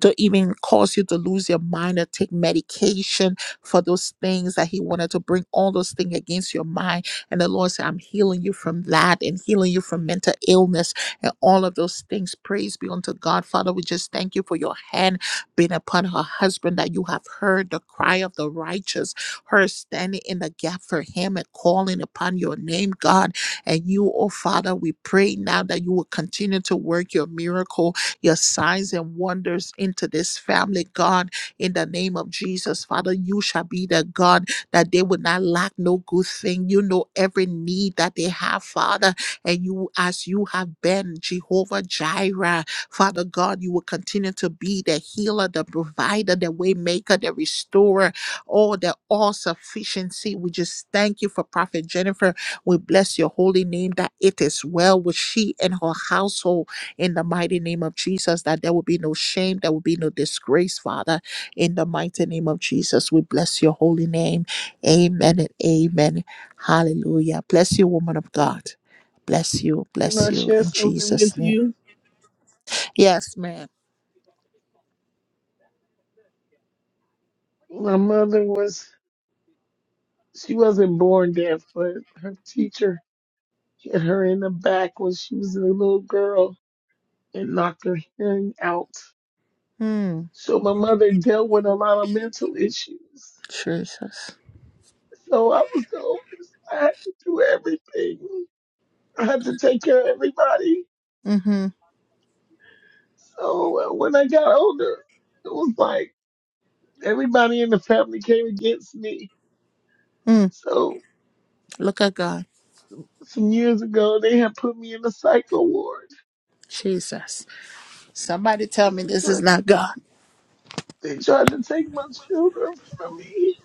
Speaker 1: to even cause you to lose your mind or take medication for those things that he wanted to bring all those things against your mind and the lord said i'm healing you from that and healing you from mental illness and all of those things praise be unto god father we just thank you for your hand being upon her husband that you have heard the cry of the righteous her standing in the gap for him and calling upon your name god and you oh father we pray now that you will continue to work your miracle your signs and wonders into this family, God, in the name of Jesus. Father, you shall be the God that they would not lack no good thing. You know every need that they have, Father, and you, as you have been Jehovah Jireh, Father God, you will continue to be the healer, the provider, the way maker, the restorer, all the all sufficiency. We just thank you for Prophet Jennifer. We bless your holy name that it is well with she and her household in the mighty name of Jesus, that there will be no shame, there will be no disgrace, Father. In the mighty name of Jesus, we bless your holy name. Amen and amen. Hallelujah. Bless you, woman of God. Bless you,
Speaker 6: Can
Speaker 1: bless
Speaker 6: I
Speaker 1: you
Speaker 6: share
Speaker 1: in
Speaker 6: something
Speaker 1: Jesus'
Speaker 6: with
Speaker 1: name.
Speaker 6: you?
Speaker 1: Yes, ma'am.
Speaker 6: My mother was, she wasn't born deaf, but her teacher hit her in the back when she was a little girl and knocked her hearing out.
Speaker 1: Hmm.
Speaker 6: So my mother dealt with a lot of mental issues.
Speaker 1: Jesus.
Speaker 6: So I was the oldest. I had to do everything. I had to take care of everybody.
Speaker 1: Mm-hmm.
Speaker 6: So uh, when I got older, it was like everybody in the family came against me.
Speaker 1: Mm.
Speaker 6: So
Speaker 1: Look at God.
Speaker 6: some years ago, they had put me in the psycho ward,
Speaker 1: Jesus. Somebody tell
Speaker 6: and
Speaker 1: me
Speaker 6: they
Speaker 1: this is
Speaker 6: tried to,
Speaker 1: not God.
Speaker 6: they tried to take my children from me.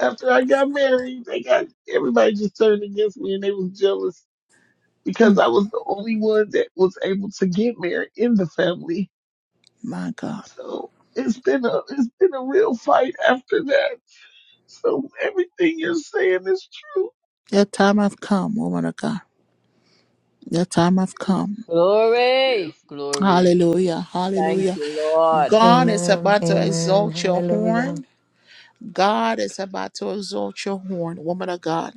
Speaker 6: After I got married, they got everybody just turned against me, and they was jealous because
Speaker 1: Mm.
Speaker 6: I was the only one that was able to get married in the family.
Speaker 1: My God.
Speaker 6: So it's been a it's been a real fight after that. So everything you're saying is true.
Speaker 1: Your time have come, woman of God. Your time have come.
Speaker 6: Yes.
Speaker 3: Glory, glory.
Speaker 1: Hallelujah.
Speaker 3: Thank
Speaker 1: Hallelujah.
Speaker 3: you, Lord.
Speaker 1: God is about to exalt your horn. God is about to exalt your horn, woman of God.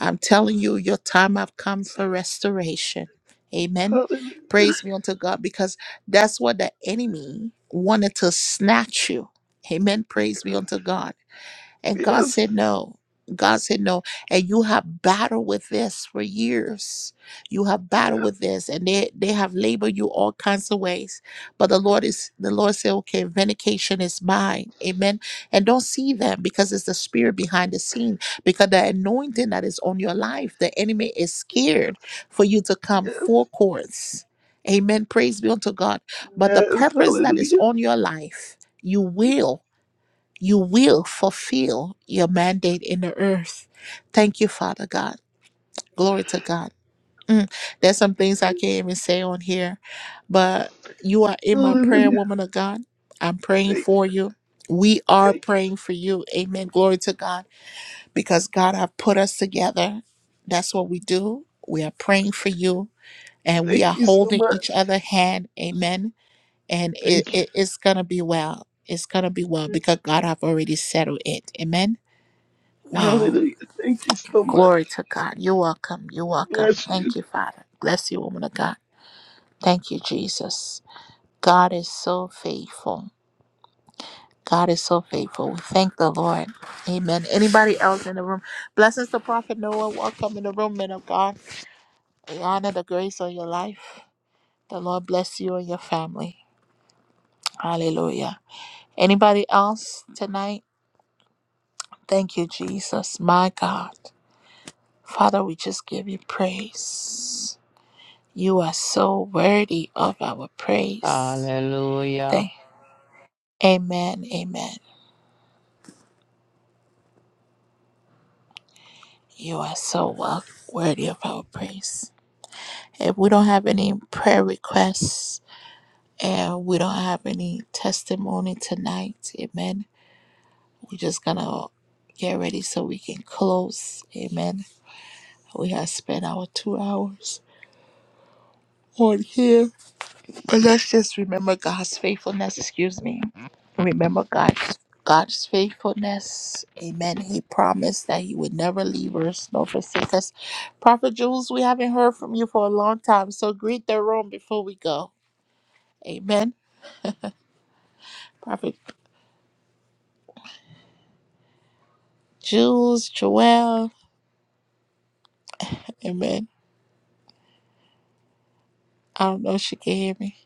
Speaker 1: I'm telling you, your time have come for restoration. Amen.
Speaker 6: Hallelujah.
Speaker 1: Praise be unto God because that's what the enemy wanted to snatch you. Amen. Praise be unto God. And God
Speaker 6: Yes.
Speaker 1: said, No. God said, No. And you have battled with this for years. You have battled
Speaker 6: Yes.
Speaker 1: with this. And they, they have labored you all kinds of ways. But the Lord is the Lord said, Okay, vindication is mine. Amen. And don't see them because it's the spirit behind the scene. Because the anointing that is on your life, the enemy is scared
Speaker 6: Yes.
Speaker 1: for you to come
Speaker 6: Yes.
Speaker 1: four courts. Amen. Praise be unto God. But the
Speaker 6: yes.
Speaker 1: purpose that is
Speaker 6: Hallelujah.
Speaker 1: on your life, you will you will fulfill your mandate in the earth. Thank you, Father God. Glory to God. Mm, There's some things I can't even say on here, but you are in my prayer,
Speaker 6: Hallelujah.
Speaker 1: woman of God. I'm praying
Speaker 6: Thank
Speaker 1: for
Speaker 6: you.
Speaker 1: you. We are
Speaker 6: Thank
Speaker 1: praying for you. Amen. Glory to God. Because God have put us together. That's what we do. We are praying for you
Speaker 6: you.
Speaker 1: and we
Speaker 6: Thank
Speaker 1: are
Speaker 6: you so
Speaker 1: holding each
Speaker 6: much.
Speaker 1: other hand. Amen. And it,
Speaker 6: Thank you.
Speaker 1: it- it's going to be well. It's going to be well because God have already settled it. Amen. Wow.
Speaker 6: Hallelujah. Thank you so much.
Speaker 1: Glory to God. You're welcome. You're welcome.
Speaker 6: Bless
Speaker 1: Thank
Speaker 6: you.
Speaker 1: you, Father. Bless you, woman of God. Thank you, Jesus. God is so faithful. God is so faithful. We thank the Lord. Amen. Anybody else in the room? Blessings to Prophet Noah. Welcome in the room, men of God. We honor the grace on your life. The Lord bless you and your family. Hallelujah. Anybody else tonight? Thank you, Jesus. My God. Father, we just give you praise. You are so worthy of our praise.
Speaker 3: Hallelujah.
Speaker 1: Thank. Amen. Amen. You are so well worthy of our praise. If we don't have any prayer requests and we don't have any testimony tonight, amen. We're just gonna get ready so we can close. Amen. We have spent our two hours on here. But let's just remember God's faithfulness. Excuse me. Remember God's God's faithfulness. Amen. He promised that He would never leave us nor forsake us. Prophet Jules, we haven't heard from you for a long time, so greet the room before we go. Amen. Prophet Jules, Joel. Amen. I don't know if she can hear me.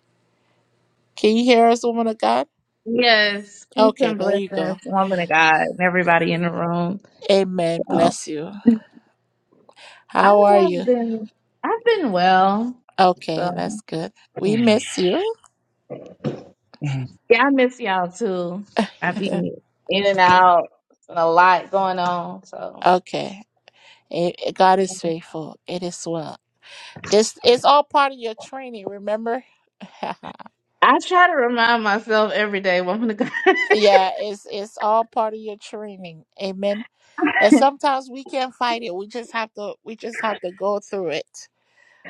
Speaker 1: Can you hear us, woman of God?
Speaker 7: Yes, peace
Speaker 1: Okay,
Speaker 7: and
Speaker 1: there you go.
Speaker 7: blessings, woman of God, and everybody in the room.
Speaker 1: Amen.
Speaker 7: So,
Speaker 1: Bless you.
Speaker 7: I
Speaker 1: How are
Speaker 7: have
Speaker 1: you?
Speaker 7: been, I've been well.
Speaker 1: Okay,
Speaker 7: So,
Speaker 1: that's good. We miss you.
Speaker 7: yeah, I miss y'all too. I be in and out, and a lot going on. So,
Speaker 1: okay. It, it- God is faithful. It is well. This is all part of your training. Remember,
Speaker 7: I try to remind myself every day, woman of God.
Speaker 1: yeah, it's it's all part of your training. Amen. And sometimes we can't fight it. We just have to. We just have to go through it.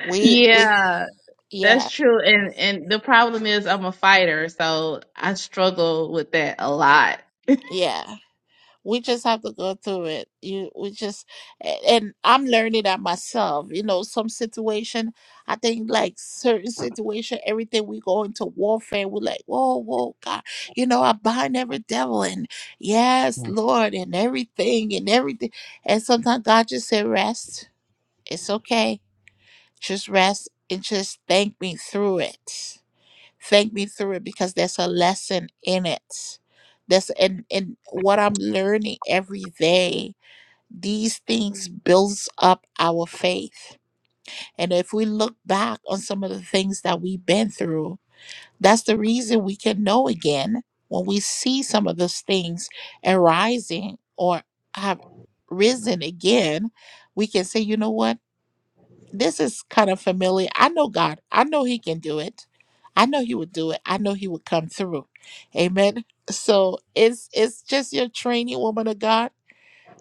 Speaker 1: We we
Speaker 7: yeah,
Speaker 1: yeah
Speaker 7: that's true. And and the problem is, I'm a fighter, so I struggle with that a lot.
Speaker 1: yeah. we just have to go through it you we just a- and i'm learning that myself you know some situation i think like certain situation everything we go into warfare we're like whoa whoa god you know i bind every devil and yes
Speaker 2: Mm-hmm.
Speaker 1: lord and everything and everything and sometimes god just said rest it's okay just rest and just thank me through it Thank me through it because there's a lesson in it. That's and and what I'm learning every day. These things builds up our faith. And if we look back on some of the things that we've been through, that's the reason we can know again when we see some of those things arising or have risen again. We can say, you know what? this is kind of familiar. I know God. I know He can do it. I know He would do it. I know He would come through. Amen. So it's it's just your training, woman of God.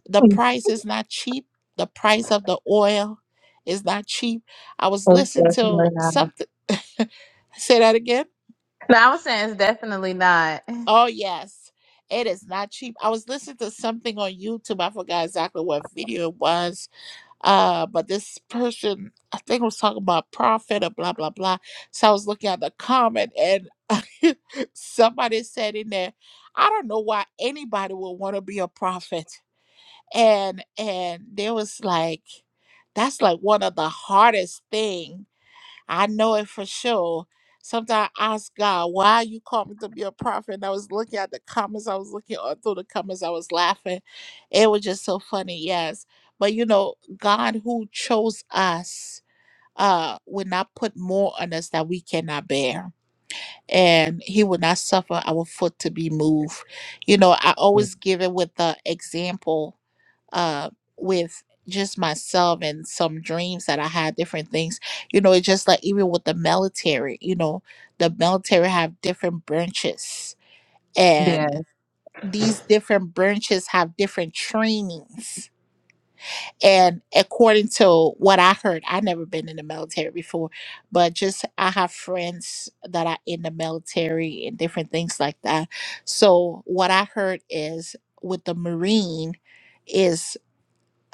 Speaker 1: The price is not cheap. The price of the oil is not cheap. I was
Speaker 7: It's
Speaker 1: listening
Speaker 7: definitely
Speaker 1: to
Speaker 7: not. No,
Speaker 1: something. Say that again.
Speaker 7: I was saying it's definitely not.
Speaker 1: Oh yes. It is not cheap. I was listening to something on YouTube. I forgot exactly what video it was uh but this person i think was talking about profit or blah blah blah so i was looking at the comment and somebody said in there i don't know why anybody would want to be a prophet and and there was like that's like one of the hardest thing I know it for sure. Sometimes I ask God, why you called me to be a prophet? And I was looking at the comments, I was looking all through the comments, I was laughing. It was just so funny, yes. But you know, God who chose us uh would not put more on us that we cannot bear. And he would not suffer our foot to be moved. You know, I always give it with the example uh, with just myself and some dreams that I had, different things. You know, it's just like even with the military, you know, the military have different branches and these different branches have different trainings. And according to what I heard, i never been in the military before, but just I have friends that are in the military and different things like that. So what I heard is with the Marine is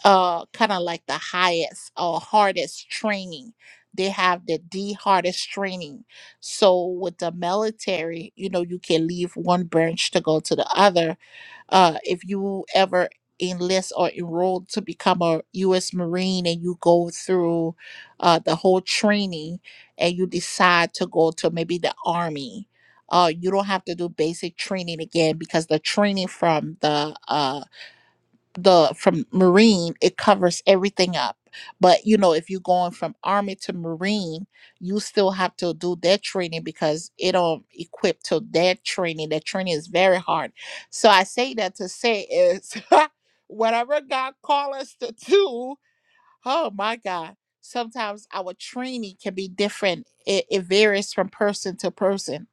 Speaker 1: uh kind of like the highest or hardest training they have the the hardest training so with the military you know you can leave one branch to go to the other uh if you ever enlist or enroll to become a u.s marine and you go through uh the whole training and you decide to go to maybe the army uh you don't have to do basic training again because the training from the uh the from marine it covers everything up but you know if you're going from army to marine you still have to do that training because it don't equip to that training that training is very hard so i say that to say is whatever god call us to do oh my god sometimes our training can be different it, it varies from person to person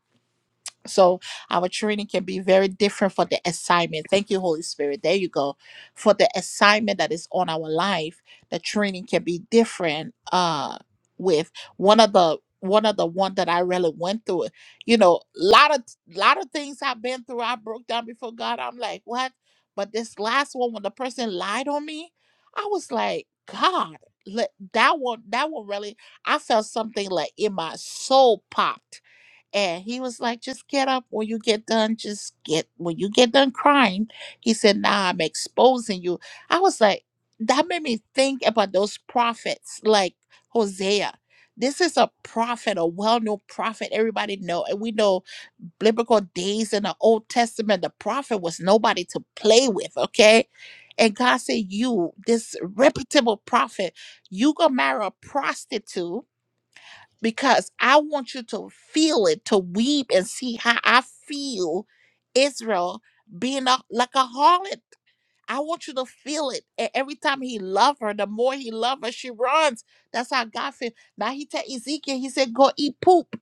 Speaker 1: so our training can be very different for the assignment. Thank you, Holy Spirit. There you go. For the assignment that is on our life, the training can be different uh with one of the one of the one that I really went through. You know, lot of lot of things I've been through, I broke down before God. I'm like, what? But this last one when the person lied on me, I was like, God, let, that one that one really I felt something like in my soul popped and he was like, just get up when you get done. Just get, when you get done crying, he said, nah, I'm exposing you. I was like, that made me think about those prophets like Hosea. This is a prophet, a well-known prophet. Everybody know, and we know biblical days in the Old Testament, the prophet was nobody to play with, okay? And God said, you, this reputable prophet, you gonna marry a prostitute because I want you to feel it, to weep and see how I feel Israel being a, like a harlot. I want you to feel it. And every time he loved her, the more he loved her, she runs. That's how God feels. Now he tell Ezekiel, he said, go eat poop.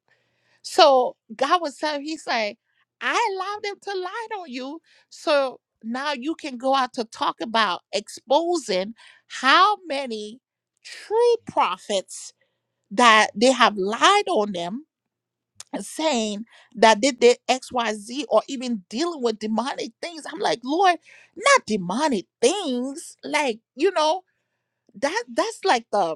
Speaker 1: So God was telling, he said, I allowed them to lie on you. So now you can go out to talk about exposing how many true prophets that they have lied on them and saying that they did XYZ or even dealing with demonic things. I'm like, Lord, not demonic things. Like, you know, that that's like the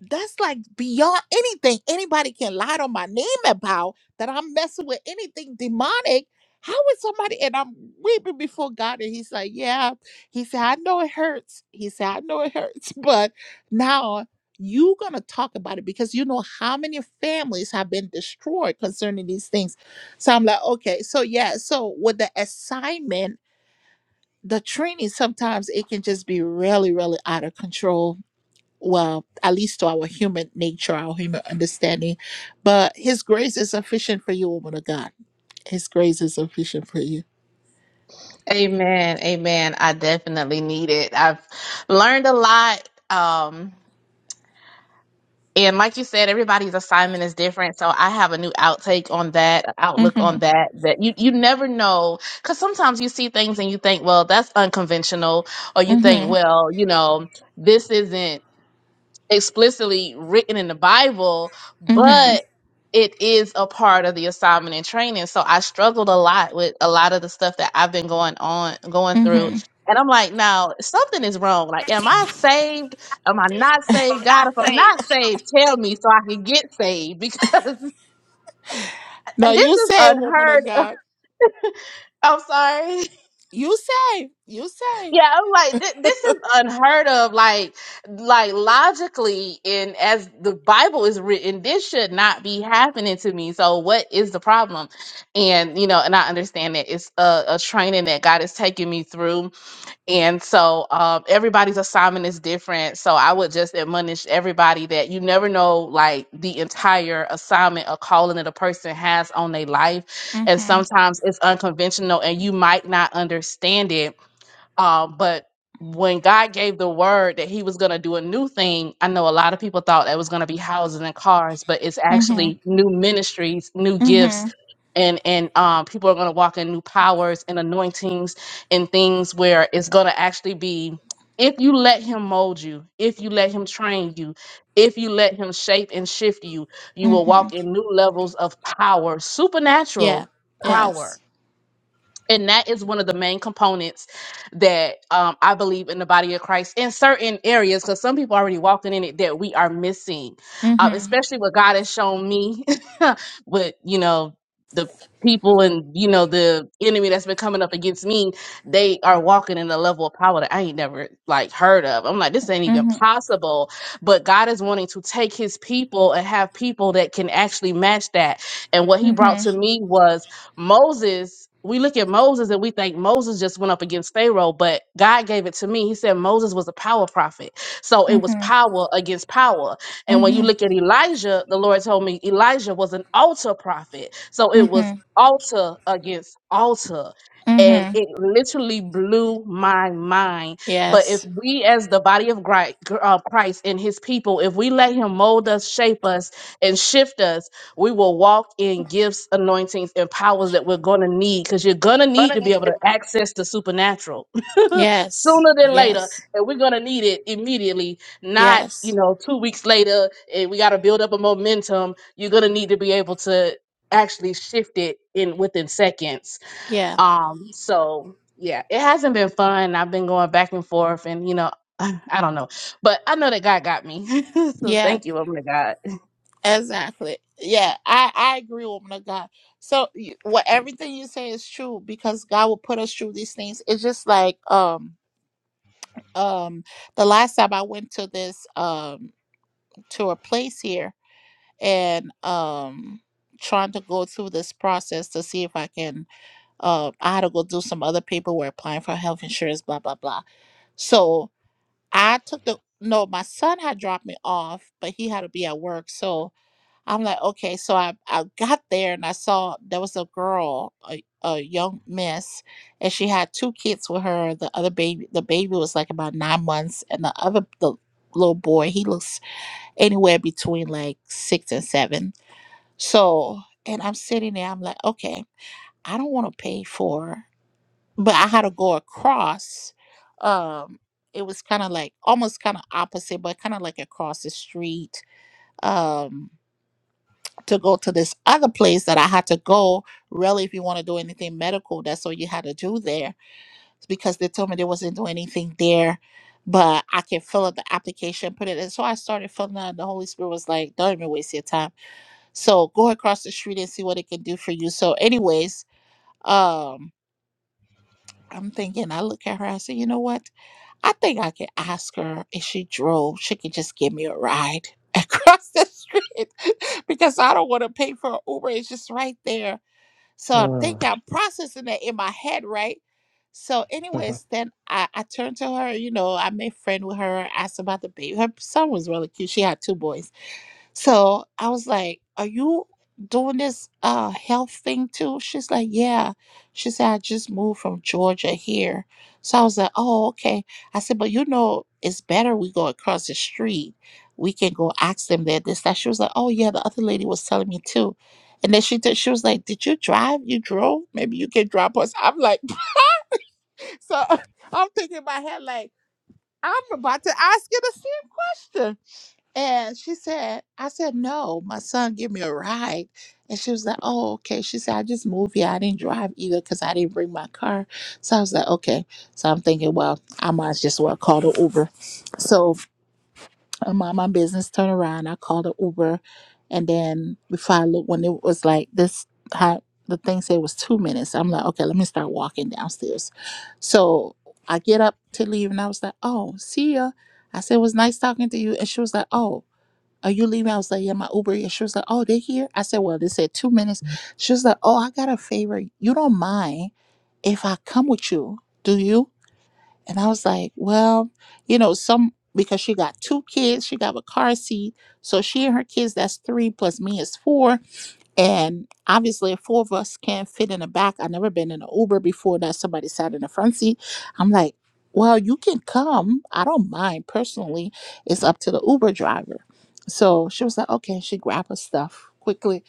Speaker 1: that's like beyond anything anybody can lie on my name about that I'm messing with anything demonic. How would somebody and I'm weeping before God and he's like, Yeah, he said, I know it hurts. He said, I know it hurts, but now you gonna talk about it because you know how many families have been destroyed concerning these things. So I'm like, okay, so yeah, so with the assignment, the training sometimes it can just be really, really out of control well, at least to our human nature, our human understanding. But His grace is sufficient for you, woman of God. His grace is sufficient for you.
Speaker 7: Amen. Amen. I definitely need it. I've learned a lot. Um, and like you said, everybody's assignment is different. So I have a new outtake on that, outlook on
Speaker 1: Mhm.
Speaker 7: that, that you, you never know. Cause sometimes you see things and you think, well, that's unconventional. Or you think,
Speaker 1: Mhm.
Speaker 7: well, you know, this isn't explicitly written in the Bible,
Speaker 1: Mhm.
Speaker 7: but it is a part of the assignment and training. So I struggled a lot with a lot of the stuff that I've been going on going through.
Speaker 1: Mhm.
Speaker 7: And I'm like, now something is wrong. Like, am I saved? Am I not saved? God, if I'm not saved, tell me so I can get saved because
Speaker 1: No,
Speaker 7: this
Speaker 1: you
Speaker 7: is
Speaker 1: say, woman of
Speaker 7: unheard.
Speaker 1: God.
Speaker 7: I'm sorry.
Speaker 1: You say, you say.
Speaker 7: Yeah, I'm like thi- this is unheard of. Like, like logically, and as the Bible is written, this should not be happening to me. So, what is the problem? And you know, and I understand that it's a, a training that God is taking me through, and so um, everybody's assignment is different. So, I would just admonish everybody that you never know, like the entire assignment or calling that a person has on their life, and
Speaker 1: Mhm.
Speaker 7: sometimes it's unconventional, and you might not understand it um, but when God gave the word that He was going to do a new thing, I know a lot of people thought that was going to be houses and cars, but it's
Speaker 1: Mhm.
Speaker 7: actually new ministries, new gifts,
Speaker 1: Mhm.
Speaker 7: and and um, people are going to walk in new powers and anointings and things where it's going to actually be. If you let him mold you, if you let him train you, if you let him shape and shift you, you will walk
Speaker 1: Mhm.
Speaker 7: in new levels of power,
Speaker 1: Yeah,
Speaker 7: supernatural power
Speaker 1: yes.
Speaker 7: and that is one of the main components that um, I believe in the body of Christ in certain areas, because some people are already walking in it that we are missing, um,
Speaker 1: Mhm.
Speaker 7: especially what God has shown me with you know the people and you know the enemy that's been coming up against me. They are walking in a level of power that I ain't never like heard of. I'm like, this ain't even
Speaker 1: Mhm.
Speaker 7: possible. But God is wanting to take His people and have people that can actually match that. And what He brought
Speaker 1: Mhm.
Speaker 7: to me was Moses, we look at Moses and we think Moses just went up against Pharaoh, but God gave it to me. He said Moses was a power prophet. So it was
Speaker 1: Mhm.
Speaker 7: power against power. And when you
Speaker 1: Mhm.
Speaker 7: look at Elijah, the Lord told me Elijah was an altar prophet. So it was
Speaker 1: Mhm.
Speaker 7: altar against altar. And
Speaker 1: Mhm.
Speaker 7: it literally blew my mind. But if
Speaker 1: Yes,
Speaker 7: we, as the body of Gri- gr- uh, Christ and his people, if we let him mold us, shape us, and shift us, we will walk in gifts, anointings, and powers that we're going to need because you're going to need to be able to access the supernatural
Speaker 1: yes,
Speaker 7: sooner than later.
Speaker 1: yes,
Speaker 7: And we're going to need it immediately, not, you
Speaker 1: yes,
Speaker 7: know, two weeks later. And we got to build up a momentum. You're going to need to be able to actually shift it in within seconds.
Speaker 1: yeah,
Speaker 7: Um, so yeah, it hasn't been fun. I've been going back and forth and, you know, I don't know, but I know that God got me. so
Speaker 1: yeah.
Speaker 7: thank you, woman of God.
Speaker 1: Exactly. Yeah, I I agree, woman of God. So you- what everything you say is true because God will put us through these things. It's just like um um the last time I went to this um to a place here and um trying to go through this process to see if I can uh I had to go do some other paperwork applying for health insurance blah blah blah. So I took the no, my son had dropped me off, but he had to be at work. So I'm like, okay. So I, I got there and I saw there was a girl, a, a young miss, and she had two kids with her. The other baby, the baby was like about nine months, and the other the little boy, he looks anywhere between like six and seven. So, and I'm sitting there, I'm like, okay, I don't want to pay for, but I had to go across. Um, it was kind of like almost kind of opposite, but kind of like across the street. Um, to go to this other place that I had to go. Really, if you want to do anything medical, that's all you had to do there It's because they told me they wasn't doing anything there. But I can fill out the application, put it in. So I started filling out. The Holy Spirit was like, "Don't even waste your time. So go across the street and see what it can do for you." So, anyways, um, I'm thinking. I look at her. I say, "You know what? I think I can ask her if she drove. She could just give me a ride across the street because I don't want to pay for an Uber. It's just right there." So I think
Speaker 2: Mm.
Speaker 1: I'm processing that in my head, right? So, anyways, then I, I turned to her, you know, I made friend with her, asked about the baby. Her son was really cute. She had two boys. So I was like, Are you doing this uh health thing too? She's like, Yeah. She said, I just moved from Georgia here. So I was like, Oh, okay. I said, But you know, it's better we go across the street. We can go ask them that this that she was like, Oh yeah, the other lady was telling me too. And then she did, she was like, Did you drive? You drove? Maybe you can drop us. I'm like, so I'm thinking in my head like I'm about to ask you the same question and she said, I said, no, my son give me a ride. And she was like, oh, okay. She said, I just moved here. I didn't drive either because I didn't bring my car. So I was like, okay. So I'm thinking, well, I might as just well call the Uber. So I mind my business, turn around. I called the Uber. And then before I looked, when it was like this, how the thing said it was two minutes. I'm like, okay, let me start walking downstairs. So I get up to leave and I was like, oh, see ya. I said, it was nice talking to you. And she was like, oh. Are you leaving? I was like, Yeah, my Uber here. She was like, Oh, they here? I said, Well, they said two minutes. She was like, Oh, I got a favor. You don't mind if I come with you, do you? And I was like, Well, you know, some because she got two kids, she got a car seat. So she and her kids, that's three plus me is four. And obviously, four of us can't fit in the back. I've never been in an Uber before that somebody sat in the front seat. I'm like, well, you can come. I don't mind personally. It's up to the Uber driver. So she was like, okay. She grabbed her stuff quickly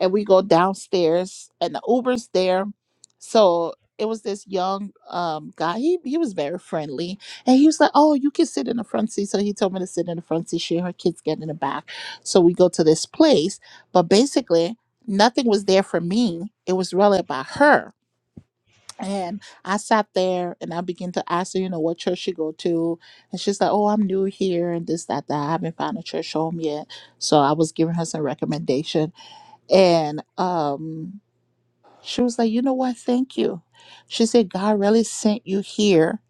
Speaker 1: and we go downstairs and the uber's there so it was this young um, guy he, he was very friendly and he was like oh you can sit in the front seat so he told me to sit in the front seat she and her kids get in the back so we go to this place but basically nothing was there for me it was really about her and I sat there and I began to ask her, you know, what church she go to. And she's like, oh, I'm new here and this, that, that. I haven't found a church home yet. So I was giving her some recommendations and um, she was like, You know what? Thank you. She said, God really sent you here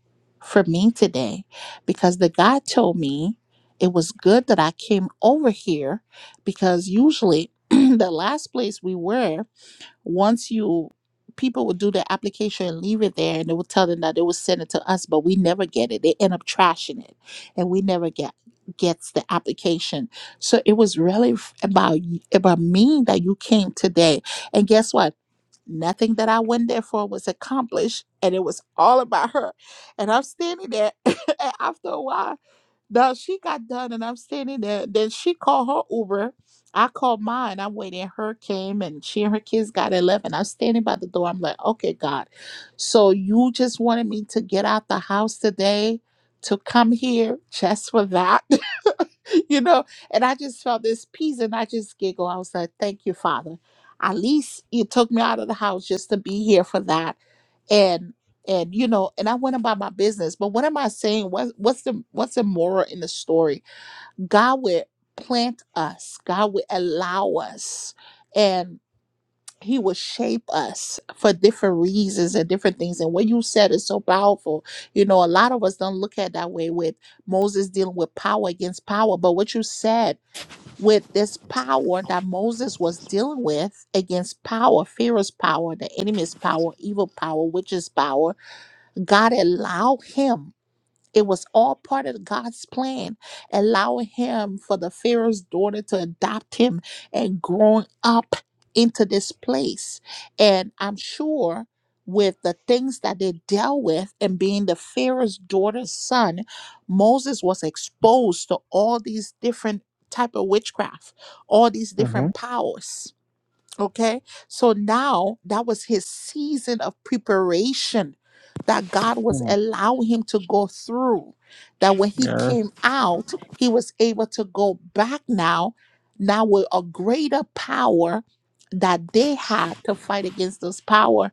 Speaker 1: for me today because the guy told me it was good that I came over here because usually the last place we were once you people would do the application and leave it there and they would tell them that they would send it to us but we never get it they end up trashing it and we never get gets the application so it was really f- about y- about me that you came today and guess what nothing that i went there for was accomplished and it was all about her and i'm standing there and after a while no, she got done, and I'm standing there. Then she called her Uber. I called mine. I'm waiting. Her came, and she and her kids got 11 I'm standing by the door. I'm like, okay, God. So you just wanted me to get out the house today to come here just for that? you know, and I just felt this peace and I just giggle. I was like, thank you, Father. At least you took me out of the house just to be here for that. And and you know, and I went about my business. But what am I saying? What what's the what's the moral in the story? God would plant us, God would allow us he will shape us for different reasons and different things. And what you said is so powerful. You know, a lot of us don't look at it that way with Moses dealing with power against power. But what you said with this power that Moses was dealing with against power, fear is power, the enemy's power, evil power, witch's power, God allowed him. It was all part of God's plan, allowing him for the Pharaoh's daughter to adopt him and growing up into this place. And I'm sure with the things that they dealt with and being the Pharaoh's daughter's son, Moses was exposed to all these different type of witchcraft, all these
Speaker 2: Mhm.
Speaker 1: different powers Okay. So now that was his season of preparation that God was
Speaker 2: Mm.
Speaker 1: allowing him to go through. That when he
Speaker 2: Yes.
Speaker 1: came out, he was able to go back now, now with a greater power that they had to fight against this power.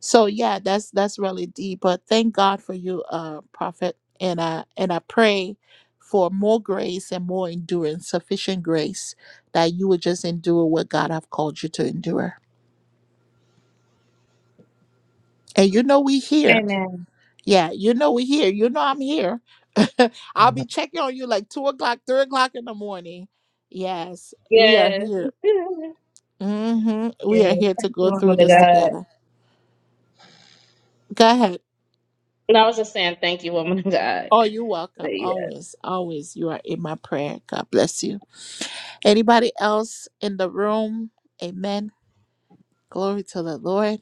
Speaker 1: So yeah, that's that's really deep. But thank God for you, uh, prophet. And I and I pray for more grace and more endurance, sufficient grace that you would just endure what God have called you to endure. And you know we here.
Speaker 7: Amen.
Speaker 1: Yeah, you know we here. You know I'm here. I'll
Speaker 2: Mhm.
Speaker 1: be checking on you like two o'clock, three o'clock in the morning. Yes, we are
Speaker 7: Yes.
Speaker 1: here.
Speaker 7: yes.
Speaker 1: hmm We are here to
Speaker 7: Thank you,
Speaker 1: go through
Speaker 7: woman of
Speaker 1: this
Speaker 7: God.
Speaker 1: together. Go ahead.
Speaker 7: And I was just saying thank you, woman of God.
Speaker 1: Oh, you're
Speaker 7: But
Speaker 1: welcome.
Speaker 7: yeah.
Speaker 1: Always, always. You are in my prayer. God bless you. Anybody else in the room? Amen. Glory to the Lord.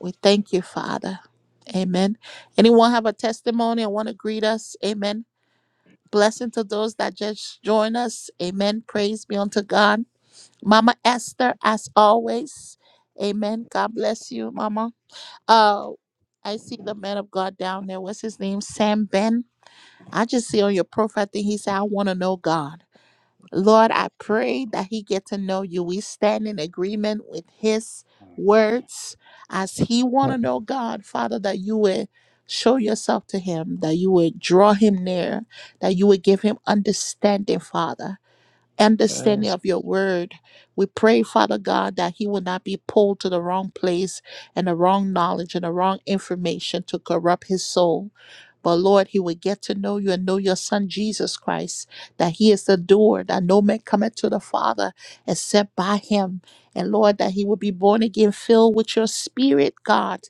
Speaker 1: We thank you, Father. Amen. Anyone have a testimony and want to greet us? Amen. Blessing to those that just join us. Amen. Praise be unto God. Mama Esther, as always. Amen. God bless you, Mama. Uh, I see the man of God down there. What's his name? Sam Ben. I just see on your profile thing. He said, I want to know God. Lord, I pray that he get to know you. We stand in agreement with his words as he want to
Speaker 2: Mm.
Speaker 1: know God, Father, that you would show yourself to him, that you would draw him near, that you would give him understanding, Father. Understanding
Speaker 2: Yes.
Speaker 1: of your word. We pray, Father God, that he will not be pulled to the wrong place and the wrong knowledge and the wrong information to corrupt his soul. But Lord, he will get to know you and know your son Jesus Christ, that he is the door, that no man cometh to the Father except by him. And Lord, that he will be born again, filled with your spirit, God,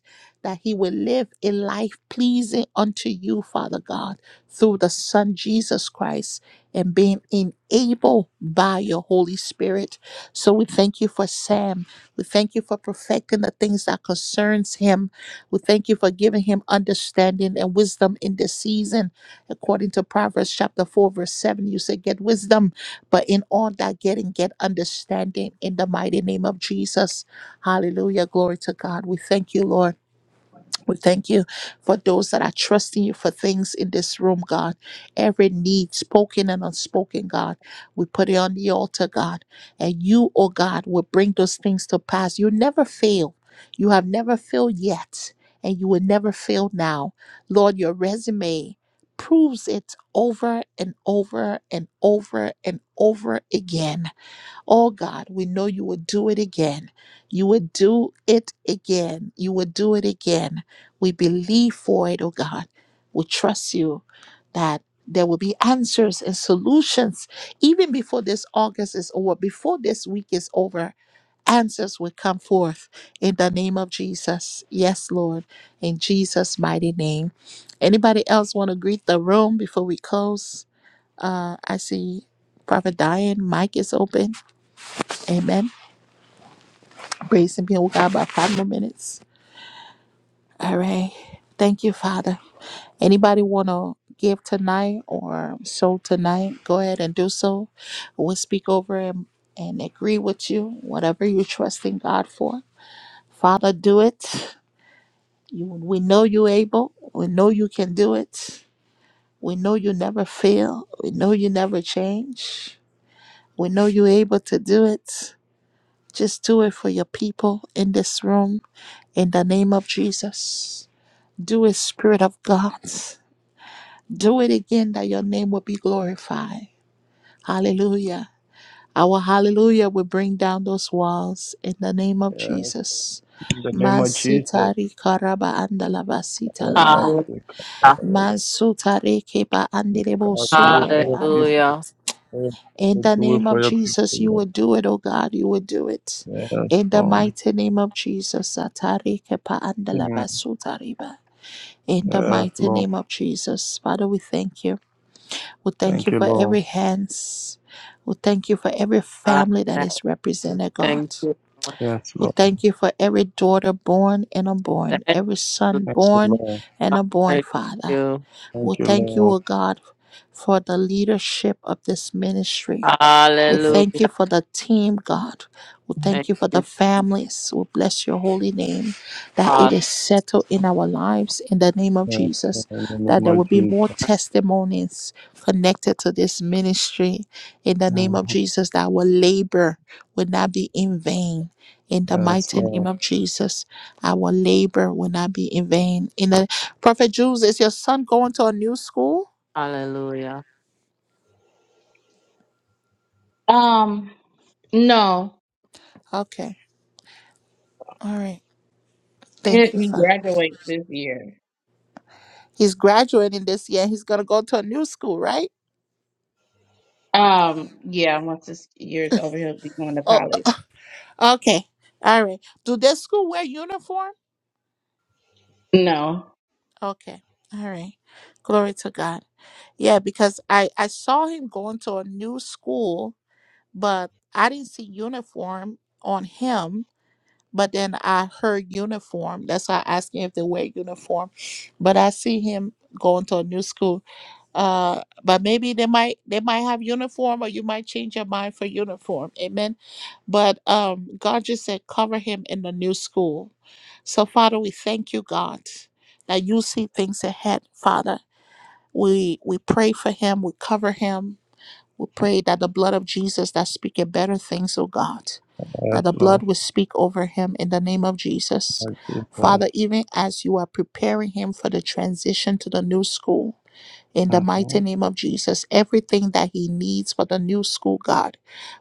Speaker 1: that he will live a life pleasing unto you, Father God, through the Son Jesus Christ and being enabled by your Holy Spirit. So we thank you for Sam. We thank you for perfecting the things that concerns him we thank you for giving him understanding and wisdom in this season. According to Proverbs chapter 4, verse 7, you said, Get wisdom, but in all that getting, get understanding in the mighty name of Jesus. Hallelujah. Glory to God. We thank you, Lord. We thank you for those that are trusting you for things in this room, God. Every need, spoken and unspoken, God. We put it on the altar, God. And you, oh God, will bring those things to pass. You never fail. You have never failed yet. And you will never fail now. Lord, your resume proves it over and over and over and over again Oh God, we know you will do it again. You will do it again. You will do it again. We believe for it, oh God. We trust you that there will be answers and solutions even before this August is over, before this week is over. Answers will come forth in the name of Jesus. Yes, Lord, in Jesus' mighty name. Anybody else want to greet the room before we close? Uh, I see Prophet Diane, mic is open. Amen. Grace and peace. We got about five more minutes. All right. Thank you, Father. Anybody want to give tonight or sow tonight? Go ahead and do so. We'll speak over and, and agree with you, whatever you're trusting God for. Father, do it. You, we know you're able. We know you can do it. We know you never fail. We know you never change. We know you're able to do it. Just do it for your people in this room in the name of Jesus. Do it, Spirit of God. Do it again that your name will be glorified. Hallelujah. Our hallelujah will bring down those walls in the name of
Speaker 2: Yes.
Speaker 1: Jesus.
Speaker 2: In the name of Jesus,
Speaker 1: Masitari karaba andalaba
Speaker 2: I ask
Speaker 1: sitalaba.
Speaker 3: Hallelujah.
Speaker 2: you, God, Lord,
Speaker 1: Masutare keba andelebo
Speaker 2: God, do it
Speaker 3: Hallelujah.
Speaker 2: for
Speaker 1: surebe
Speaker 2: your people.
Speaker 1: andaba.
Speaker 2: Lord,
Speaker 1: In the
Speaker 2: Do it
Speaker 1: name
Speaker 2: for
Speaker 1: of
Speaker 2: your people.
Speaker 1: Jesus, you will
Speaker 2: Lord.
Speaker 1: do it, oh God, you will do it.
Speaker 2: Yes,
Speaker 1: In the
Speaker 2: Lord.
Speaker 1: mighty name of Jesus, atari kepa
Speaker 2: Mm.
Speaker 1: andalaba sutariba. In the
Speaker 2: Yes,
Speaker 1: mighty
Speaker 2: Lord.
Speaker 1: name of Jesus, Father, we thank you. We thank
Speaker 2: Thank
Speaker 1: you
Speaker 2: you,
Speaker 1: for
Speaker 2: Lord.
Speaker 1: every hands. We thank you for every family that
Speaker 3: Hallelujah.
Speaker 1: is represented,
Speaker 3: Thank
Speaker 1: God.
Speaker 3: you. Lord.
Speaker 2: Yes,
Speaker 1: We
Speaker 2: Lord.
Speaker 1: thank you for every daughter born and unborn,
Speaker 3: Thank
Speaker 1: every
Speaker 3: you.
Speaker 1: son
Speaker 2: Thank you,
Speaker 1: born
Speaker 2: Lord.
Speaker 1: and
Speaker 3: Lord.
Speaker 1: unborn,
Speaker 3: Thank
Speaker 1: Father.
Speaker 3: you.
Speaker 1: We
Speaker 2: Thank you,
Speaker 1: thank you,
Speaker 2: Lord.
Speaker 1: O God, for the leadership of this ministry. We
Speaker 3: Hallelujah.
Speaker 1: thank you for the team, God. We thank
Speaker 3: Thank
Speaker 1: you for the
Speaker 3: you.
Speaker 1: families. We bless your holy name that it
Speaker 3: Uh,
Speaker 1: is settled in our lives in the name of
Speaker 2: Yes, Lord.
Speaker 1: Jesus,
Speaker 2: In the
Speaker 1: that
Speaker 2: name
Speaker 1: there will
Speaker 2: of
Speaker 1: be
Speaker 2: Jesus.
Speaker 1: more testimonies connected to this ministry in the name of
Speaker 2: Mhm.
Speaker 1: Jesus, that our labor will not be in vain. In the
Speaker 2: Yes,
Speaker 1: mighty
Speaker 2: Lord.
Speaker 1: name of Jesus, our labor will not be in vain. In the Prophet Jules, is your son going to a new school?
Speaker 3: hallelujah.
Speaker 7: Um, no.
Speaker 1: Okay. All right.
Speaker 7: He,
Speaker 1: Thank you,
Speaker 7: he
Speaker 1: Father.
Speaker 7: graduates this year.
Speaker 1: He's graduating this year. He's gonna go to a new school, right?
Speaker 7: Um, yeah, once this year's over, he'll be going to
Speaker 1: Oh,
Speaker 7: college.
Speaker 1: oh, okay. All right. Do their school wear uniform?
Speaker 7: No.
Speaker 1: Okay. All right. Glory to God. Yeah, because I I saw him going to a new school, but I didn't see uniform on him. But then I heard uniform. That's why I asked him if they wear uniform. But I see him going to a new school. Uh, but maybe they might they might have uniform, or you might change your mind for uniform. Amen. But um, God just said, cover him in the new school. So, Father, we thank you, God, that you see things ahead, Father. We we pray for him, we cover him. We pray that the blood of Jesus that speaketh better things, oh God,
Speaker 2: Yes,
Speaker 1: that the
Speaker 2: Lord,
Speaker 1: blood will speak over him in the name of Jesus.
Speaker 2: Lord Jesus.
Speaker 1: Father, even as you are preparing him for the transition to the new school, in the
Speaker 2: Mm-hmm.
Speaker 1: mighty name of Jesus. Everything that he needs for the new school, God,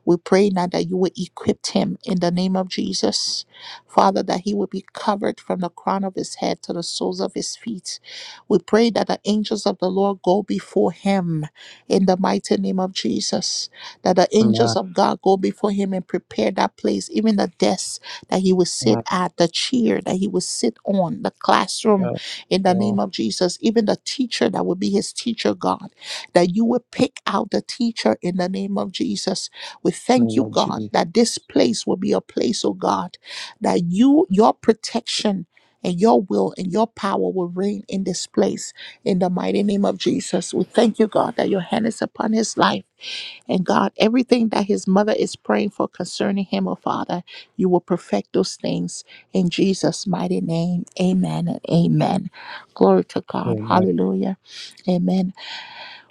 Speaker 1: we pray now that you will equip him in the name of Jesus. Father, that he will be covered from the crown of his head to the soles of his feet. We pray that the angels of the Lord go before him in the mighty name of Jesus that the angels
Speaker 2: Amen.
Speaker 1: of God go before him and prepare that place, even the desk that he would sit
Speaker 2: Amen.
Speaker 1: at, the chair that he would sit on, the classroom
Speaker 2: Yes,
Speaker 1: in the name
Speaker 2: Lord,
Speaker 1: of Jesus, even the teacher that would be his teacher, God, that you would pick out the teacher in the name of Jesus. We thank
Speaker 2: name
Speaker 1: you,
Speaker 2: of
Speaker 1: God,
Speaker 2: Jesus.
Speaker 1: that this place will be a place, oh God, that you, your protection, and your will and your power will reign in this place in the mighty name of Jesus. We thank you, God, that your hand is upon his life. And God, everything that his mother is praying for concerning him, oh Father, you will perfect those things in Jesus' mighty name. Amen and amen. Glory to God.
Speaker 2: Amen.
Speaker 1: Hallelujah. Amen.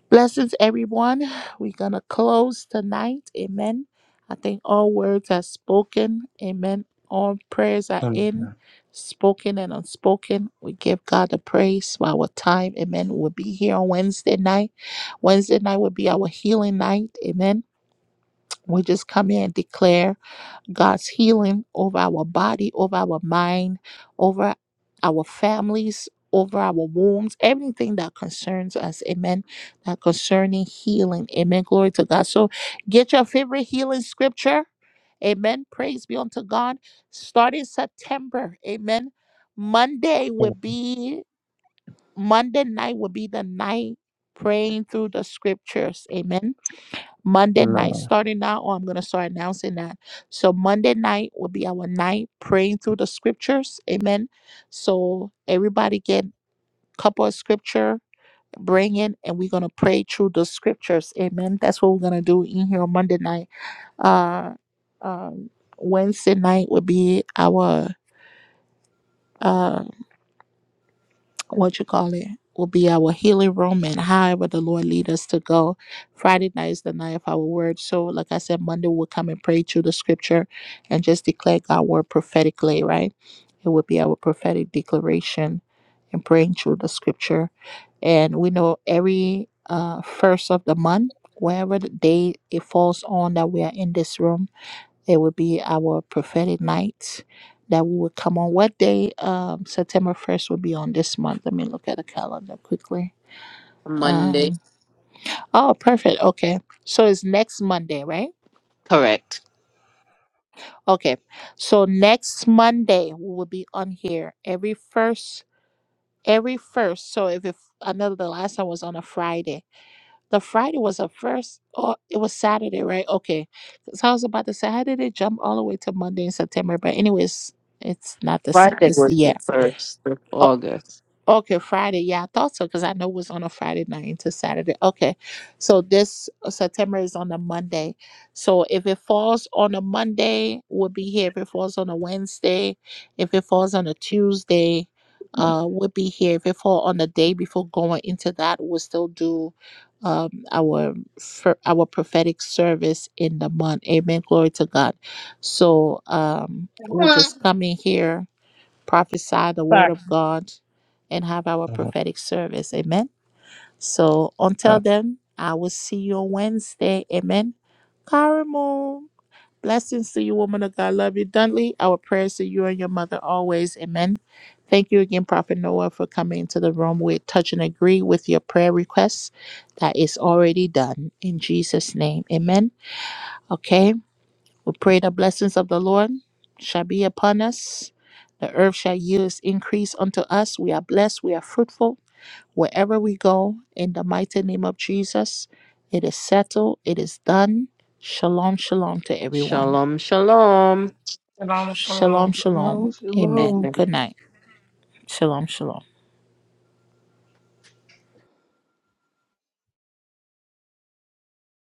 Speaker 1: Blessings, everyone. We're going to close tonight. Amen. I think all words are spoken. Amen. All prayers are in,
Speaker 2: Amen.
Speaker 1: spoken and unspoken. We give God the praise for our time. Amen. We'll be here on Wednesday night. Wednesday night will be our healing night. Amen. We just come in and declare God's healing over our body, over our mind, over our families, over our wombs, everything that concerns us. Amen. That concerning healing. Amen. Glory to God. So get your favorite healing scripture. Amen. Praise be unto God. Starting September. Amen. Monday will be, Monday night will be the night praying through the scriptures. Amen Monday
Speaker 2: Amen.
Speaker 1: night, starting now, or I'm going to start announcing that. So, Monday night will be our night praying through the scriptures. Amen. So, everybody get a couple of scripture, bring it, and we're going to pray through the scriptures. Amen. That's what we're going to do in here on Monday night. Uh, um, Wednesday night will be our. uh. what you call it will be our healing room and however the Lord lead us to go. Friday night is the night of our word. So like I said, Monday we'll come and pray through the scripture and just declare God's word prophetically, right? It will be our prophetic declaration and praying through the scripture. And we know every uh first of the month, wherever the day it falls on that we are in this room it would be our prophetic night that we would come on. What day? Um, September 1st would be on this month. Let me look at the calendar quickly.
Speaker 3: Monday.
Speaker 1: Um, oh, perfect. Okay. So it's next Monday, right?
Speaker 3: Correct.
Speaker 1: Okay. So next Monday we will be on here every first, every first. So if, if I know the last time was on a Friday, the Friday was a first, or it was Saturday, right? Okay. So I was about to say, how did it jump all the way to Monday in September? But anyways, it's not the same.
Speaker 3: Friday
Speaker 1: It's
Speaker 3: was
Speaker 1: yeah.
Speaker 3: the 1st of
Speaker 1: Oh,
Speaker 3: August.
Speaker 1: okay, Friday. Yeah, I thought so because I know it was on a Friday night into Saturday. Okay, so this uh, September is on a Monday. So if it falls on a Monday, we'll be here. If it falls on a Wednesday, if it falls on a Tuesday, uh, we'll be here. If it fall on the day before going into that, we'll still do um our fir- our prophetic service in the month amen glory to god so um we'll just come in here prophesy the
Speaker 7: sorry.
Speaker 1: word of God, and have our
Speaker 2: Amen.
Speaker 1: prophetic service. Amen. So until then, I will see you on Wednesday. Amen. Karamo, blessings to you, woman of God. Love you, Dunley. Our prayers to you and your mother always. Amen. Thank you again, Prophet Noah, for coming into the room. We touch and agree with your prayer requests. That is already done in Jesus' name. Amen. Okay. We pray the blessings of the Lord shall be upon us. The earth shall yield its increase unto us. We are blessed. We are fruitful wherever we go. In the mighty name of Jesus, it is settled. It is done. Shalom, shalom to everyone.
Speaker 3: Shalom, shalom.
Speaker 8: Shalom, shalom.
Speaker 1: Shalom, shalom.
Speaker 6: Shalom.
Speaker 1: Amen.
Speaker 6: Shalom.
Speaker 3: Amen.
Speaker 1: Good night. Shalom, shalom.